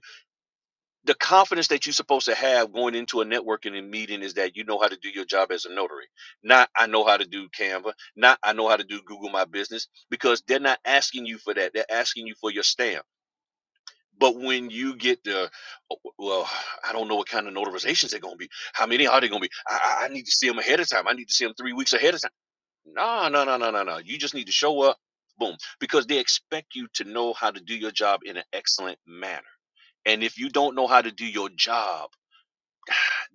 E: the confidence that you're supposed to have going into a networking and meeting is that you know how to do your job as a notary. Not I know how to do Canva, not I know how to do Google My Business, because they're not asking you for that. They're asking you for your stamp. But when you get the, "Oh, well, I don't know what kind of notarizations they're going to be. How many are they going to be? I, I I need to see them ahead of time. I need to see them three weeks ahead of time. No, no, no, no, no, no. You just need to show up, boom, because they expect you to know how to do your job in an excellent manner. And if you don't know how to do your job,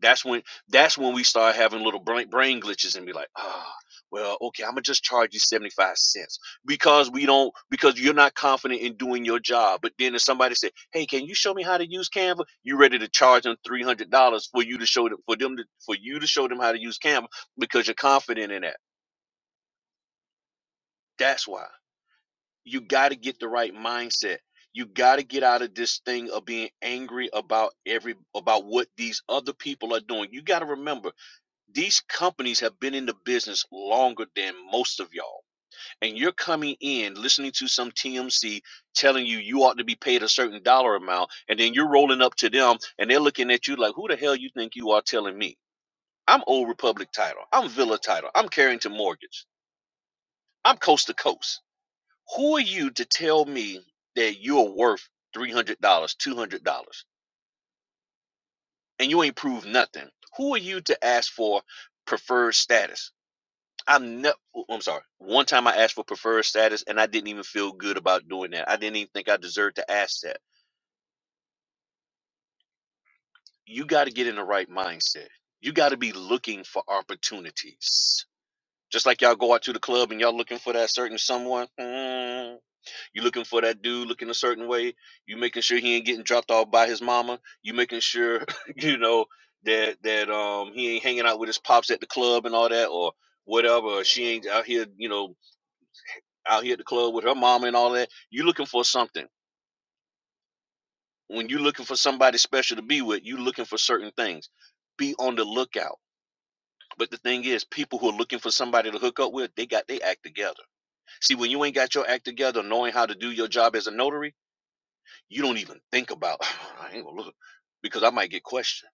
E: that's when that's when we start having little brain, brain glitches and be like ah well okay i'm gonna just charge you 75 cents because we don't because you're not confident in doing your job but then if somebody said hey can you show me how to use canva you ready to charge them $300 for you to show them for them to, for you to show them how to use canva because you're confident in that that's why you got to get the right mindset you got to get out of this thing of being angry about every about what these other people are doing you got to remember These companies have been in the business longer than most of y'all. And you're coming in listening to some TMC telling you you ought to be paid a certain dollar amount. And then you're rolling up to them and they're looking at you like, who the hell you think you are telling me? I'm Old Republic Title. I'm Villa Title. I'm Carrington Mortgage. I'm Coast to Coast. Who are you to tell me that you're worth $300, $200 and you ain't proved nothing? Who are you to ask for preferred status? I'm no, oh, I'm sorry. One time I asked for preferred status and I didn't even feel good about doing that. I didn't even think I deserved to ask that. You got to get in the right mindset. You got to be looking for opportunities. Just like y'all go out to the club and y'all looking for that certain someone. Mm, you looking for that dude looking a certain way. You making sure he ain't getting dropped off by his mama. You making sure, <laughs> you know, that that um he ain't hanging out with his pops at the club and all that or whatever. Or she ain't out here, you know, out here at the club with her mama and all that. you looking for something. When you looking for somebody special to be with, you looking for certain things. Be on the lookout. But the thing is, people who are looking for somebody to hook up with, they got their act together. See, when you ain't got your act together, knowing how to do your job as a notary, you don't even think about, "Oh, I ain't gonna look because I might get questioned.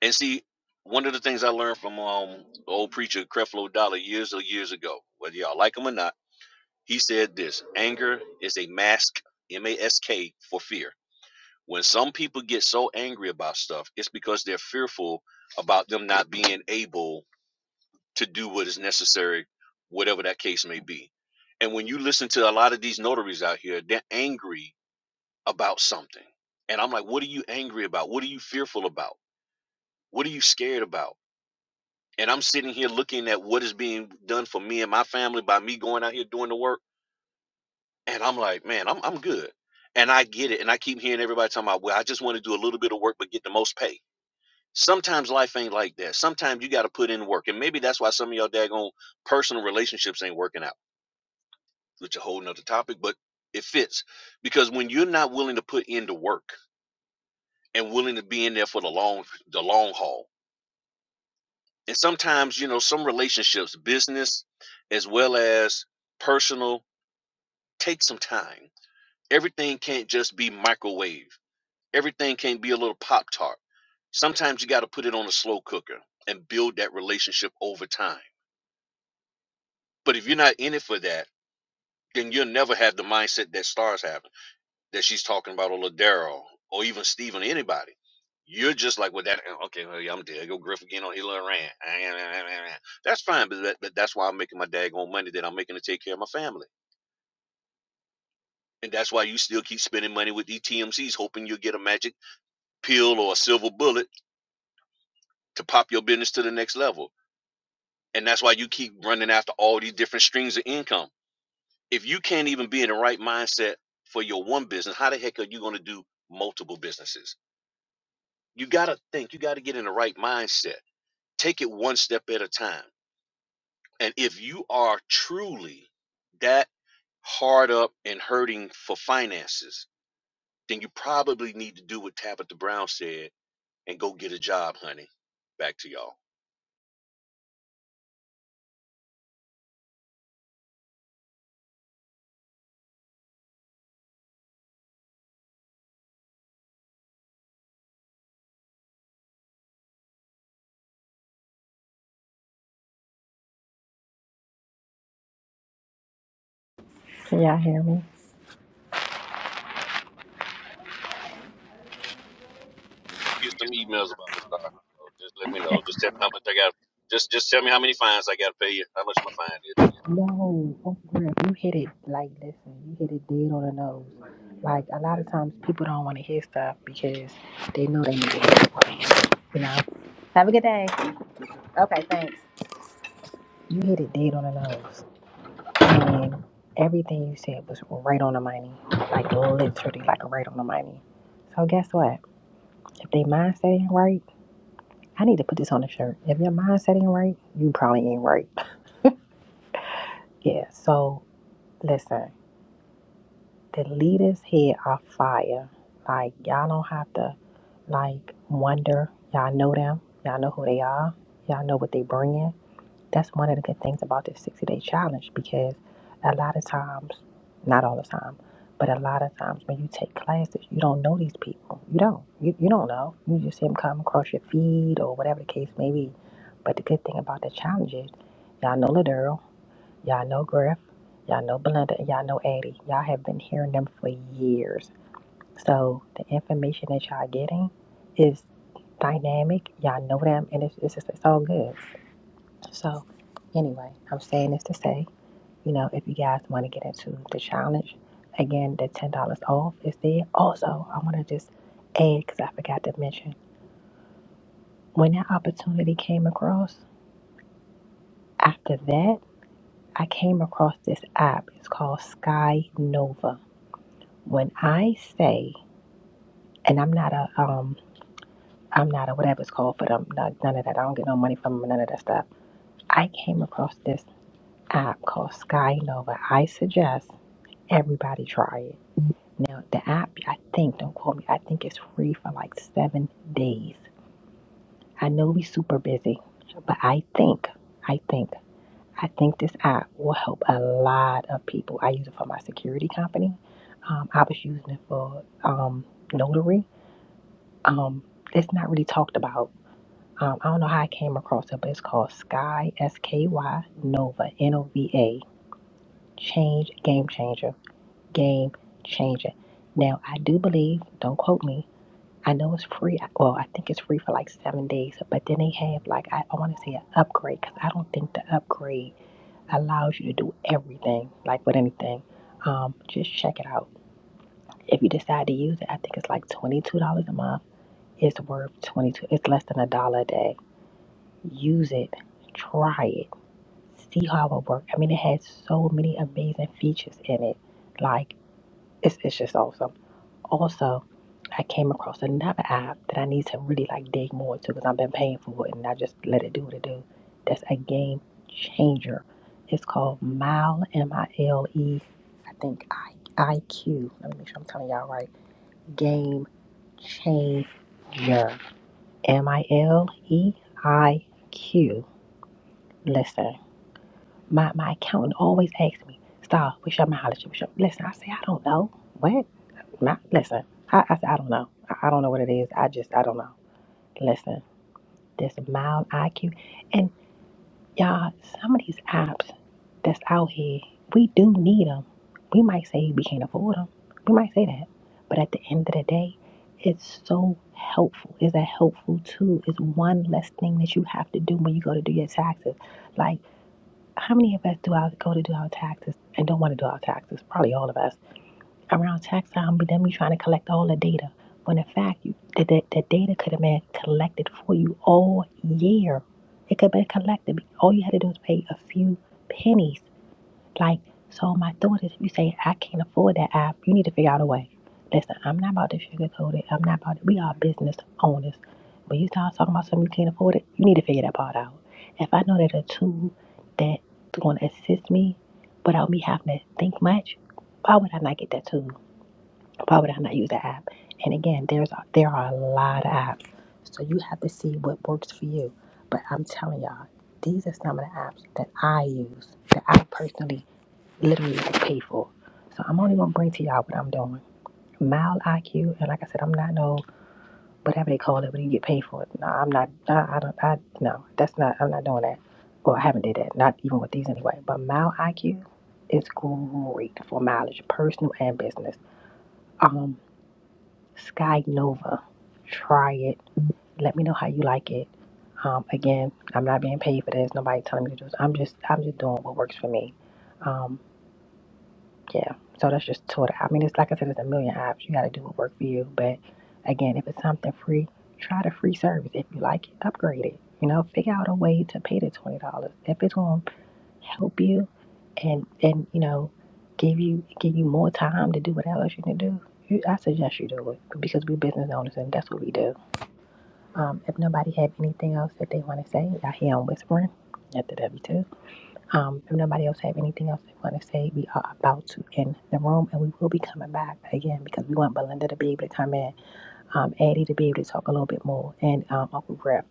E: And see, one of the things I learned from um old preacher Creflo Dollar years or years ago, whether y'all like him or not, he said this anger is a mask, M A S K, for fear. When some people get so angry about stuff, it's because they're fearful about them not being able to do what is necessary, whatever that case may be. And when you listen to a lot of these notaries out here, they're angry about something. And I'm like, what are you angry about? What are you fearful about? What are you scared about? And I'm sitting here looking at what is being done for me and my family by me going out here doing the work. And I'm like, man, I'm I'm good. And I get it. And I keep hearing everybody talking about, well, I just want to do a little bit of work but get the most pay. Sometimes life ain't like that. Sometimes you got to put in work. And maybe that's why some of y'all daggone personal relationships ain't working out, which is a whole nother topic, but it fits. Because when you're not willing to put in the work and willing to be in there for the long the long haul. And sometimes, you know, some relationships, business as well as personal, take some time. Everything can't just be microwave. Everything can't be a little pop tart. Sometimes you got to put it on a slow cooker and build that relationship over time But if you're not in it for that, then you'll never have the mindset that stars have, that she's talking about, or Ladero, or even Steven, anybody. You're just like, well, that, uh, okay, well, yeah, I'm dead. Go Griff again on Hillary Rand. That's fine, but, that, but that's why I'm making my daggone money that I'm making to take care of my family. And that's why you still keep spending money with these TMCs, hoping you'll get a magic pill or a silver bullet to pop your business to the next level. And that's why you keep running after all these different streams of income If you can't even be in the right mindset for your one business, how the heck are you going to do multiple businesses? You got to think, you got to get in the right mindset. Take it one step at a time. And if you are truly that hard up and hurting for finances, then you probably need to do what Tabitha Brown said and go get a job, honey. Back to y'all. Get some emails about me, Star. Just let me know. Just tell me how much I got. Just just tell me how many fines I got to pay you. How much my fine is.
A: No, oh crap, you hit it like listen, you hit it dead on the nose. Like a lot of times people don't want to hear stuff because they know they need to hear it. You know. Have a good day. Okay, thanks. You hit it dead on the nose. And everything you said was right on the money. Like literally like right on the money. So guess what? If they mindset ain't right, I need to put this on a shirt. If your mindset ain't right, you probably ain't right. <laughs> Yeah. So listen. The leaders here are fire. Like y'all don't have to like wonder. Y'all know them. Y'all know who they are. Y'all know what they bring in. That's one of the good things about this 60 day challenge because a lot of times, not all the time, but a lot of times when you take classes, you don't know these people. You don't. You, you don't know. You just see them come across your feed or whatever the case may be. But the good thing about the challenge is y'all know Ladurl. Y'all know Griff, y'all know Belinda, and y'all know Addie. Y'all have been hearing them for years. So the information that y'all getting is dynamic. Y'all know them, and it's, it's just it's all good. So anyway, I'm saying this to say, you know, if you guys want to get into the challenge, again, the ten dollars off is there. Also, I want to just add because I forgot to mention when that opportunity came across. After that, I came across this app. It's called Sky Nova when I say, and I'm not a um, I'm not a whatever it's called for them, not, none of that. I don't get no money from 'em, none of that stuff. I came across this app called Sky Nova. I suggest everybody try it. Now the app, I think, don't quote me. I think it's free for like seven days. I know we super busy, but I think, I think, I think this app will help a lot of people. I use it for my security company. Um, I was using it for um, notary Um, it's not really talked about. Um, I don't know how I came across it, but it's called Sky S K Y Nova N O V A Change Game Changer Game Changer. Now I do believe, don't quote me. I know it's free. Well, I think it's free for like seven days, but then they have like I, I want to say an upgrade because I don't think the upgrade allows you to do everything like with anything. Um, just check it out. If you decide to use it, I think it's like twenty two dollars a month. It's worth twenty two. It's less than a dollar a day Use it, try it, see how it works. I mean, it has so many amazing features in it. Like, it's, it's just awesome. Also, I came across another app that I need to really like dig more into because I've been paying for it and I just let it do what it do. That's a game changer. It's called Mile M I L E. I think I I Q. Let me make sure I'm telling y'all right. Game changer. M I L E I Q. Listen. My my accountant always asks me, Star, what's your mileage? What's your-" Listen, I say I don't know. What? My listen, I, I say I don't know. I, I don't know what it is. I just I don't know. Listen, this mild IQ, and y'all, some of these apps that's out here, we do need them. We might say we can't afford them. We might say that, but at the end of the day, it's so helpful. It's a helpful tool. It's one less thing that you have to do when you go to do your taxes. Like how many of us do our go to do our taxes and don't want to do our taxes? Probably all of us. Around tax time, but then we trying to collect all the data. When in fact, you, the, the, the data could have been collected for you all year. It could have been collected. All you had to do was pay a few pennies like, so my thought is if you say, I can't afford that app, you need to figure out a way. Listen, I'm not about to sugarcoat it. I'm not about to, we are business owners. When you start talking about something you can't afford it, you need to figure that part out. If I know that a tool that's going to assist me without me having to think much, why would I not get that tool? Why would I not use that app? And again, there's there are a lot of apps. So you have to see what works for you. But I'm telling y'all, these are some of the apps that I use, that I personally literally like paid for. So I'm only gonna bring to y'all what I'm doing. Mild IQ, and like I said, I'm not no whatever they call it when you get paid for it. No, I'm not. I, I don't. I no. That's not. I'm not doing that. Well, I haven't did that. Not even with these anyway. But mild IQ is great for mileage, personal and business. Um, Sky Nova, try it. Let me know how you like it. Um, again, I'm not being paid for this. Nobody telling me to do this. I'm just. I'm just doing what works for me. Um, Yeah. So that's just Twitter. I mean, it's like I said, there's a million apps. You got to do what work for you. But again, if it's something free, try the free service. If you like it, upgrade it. You know, figure out a way to pay the twenty dollars if it's going to help you, and and you know, give you give you more time to do whatever else you can do. You, I suggest you do it because we're business owners and that's what we do. Um, if nobody have anything else that they want to say, I hear them whispering at the W two. Um, if nobody else have anything else they want to say, we are about to end the room, and we will be coming back again because we want Belinda to be able to come in, um, Eddie to be able to talk a little bit more, and um, Uncle Griff.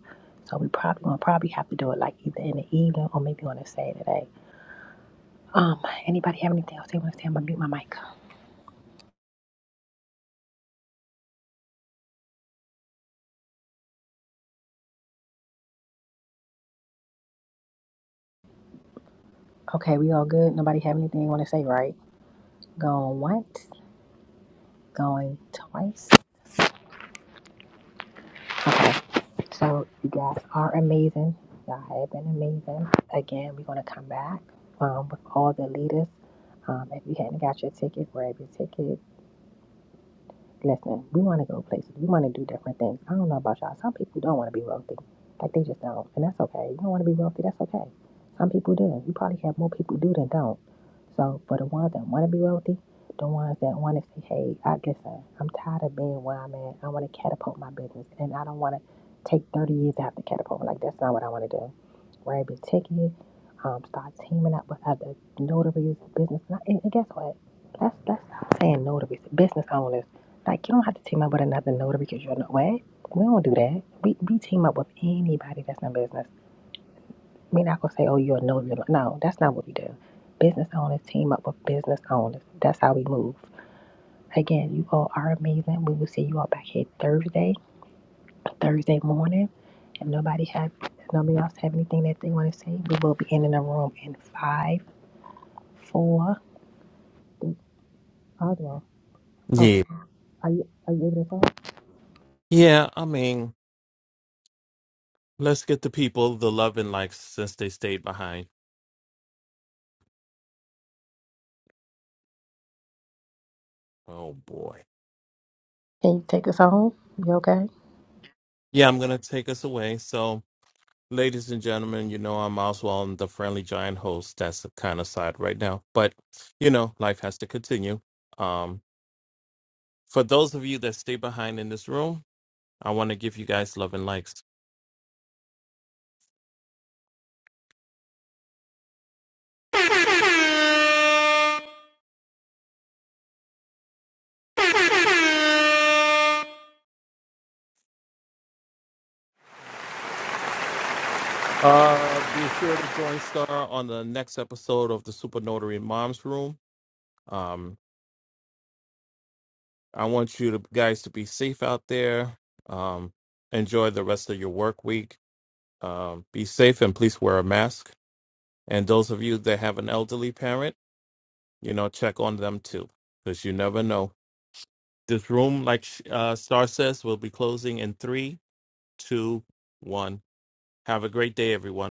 A: So we probably gonna probably have to do it like either in the evening or maybe on a Saturday. Um, anybody have anything else they want to say? I'm gonna mute my mic. Okay, we all good. Nobody have anything they want to say, right? Going once, going twice. Okay. So you guys are amazing. Y'all have been amazing. Again, we're gonna come back um, with all the leaders. Um, if you hadn't got your ticket, grab your ticket. Listen, we want to go places. We want to do different things. I don't know about y'all. Some people don't want to be wealthy. Like they just don't. And that's okay. You don't want to be wealthy. That's okay. Some people do. You probably have more people do than don't. So for the ones that want to be wealthy, the ones that want to say, hey, I listen, I'm tired of being where I'm at. I want to catapult my business. And I don't want to take 30 years to have to catapult. Like that's not what I want to do rabbit ticket, um, start teaming up with other notaries, business. And, and guess what? Let's let's stop saying notaries, business owners. Like you don't have to team up with another notary because you're not way. We don't do that. We we team up with anybody that's in business. We're not gonna say, oh, you're a notary. No, that's not what we do. Business owners team up with business owners. That's how we move. Again, you all are amazing. We will see you all back here Thursday. Thursday morning. If nobody have if nobody else have anything that they want to say, we will be ending the room in five, four. Oswald. Oh,
H: Yeah,
A: are you are you able to talk?
H: yeah. I mean, let's get the people the love and likes since they stayed behind. Oh boy.
A: Can you take us home? You okay?
H: Yeah, I'm gonna take us away. So, ladies and gentlemen, you know I'm Oswald, the friendly giant host. That's the kind of side right now, but you know life has to continue. Um, for those of you that stay behind in this room, I want to give you guys love and likes. Uh, be sure to join Star on the next episode of the Super Notary Mom's Room. Um, I want you to, guys to be safe out there. Um, enjoy the rest of your work week. Um, be safe and please wear a mask. And those of you that have an elderly parent, you know, check on them too, because you never know. This room, like uh, Star says, will be closing in three, two, one. Have a great day, everyone.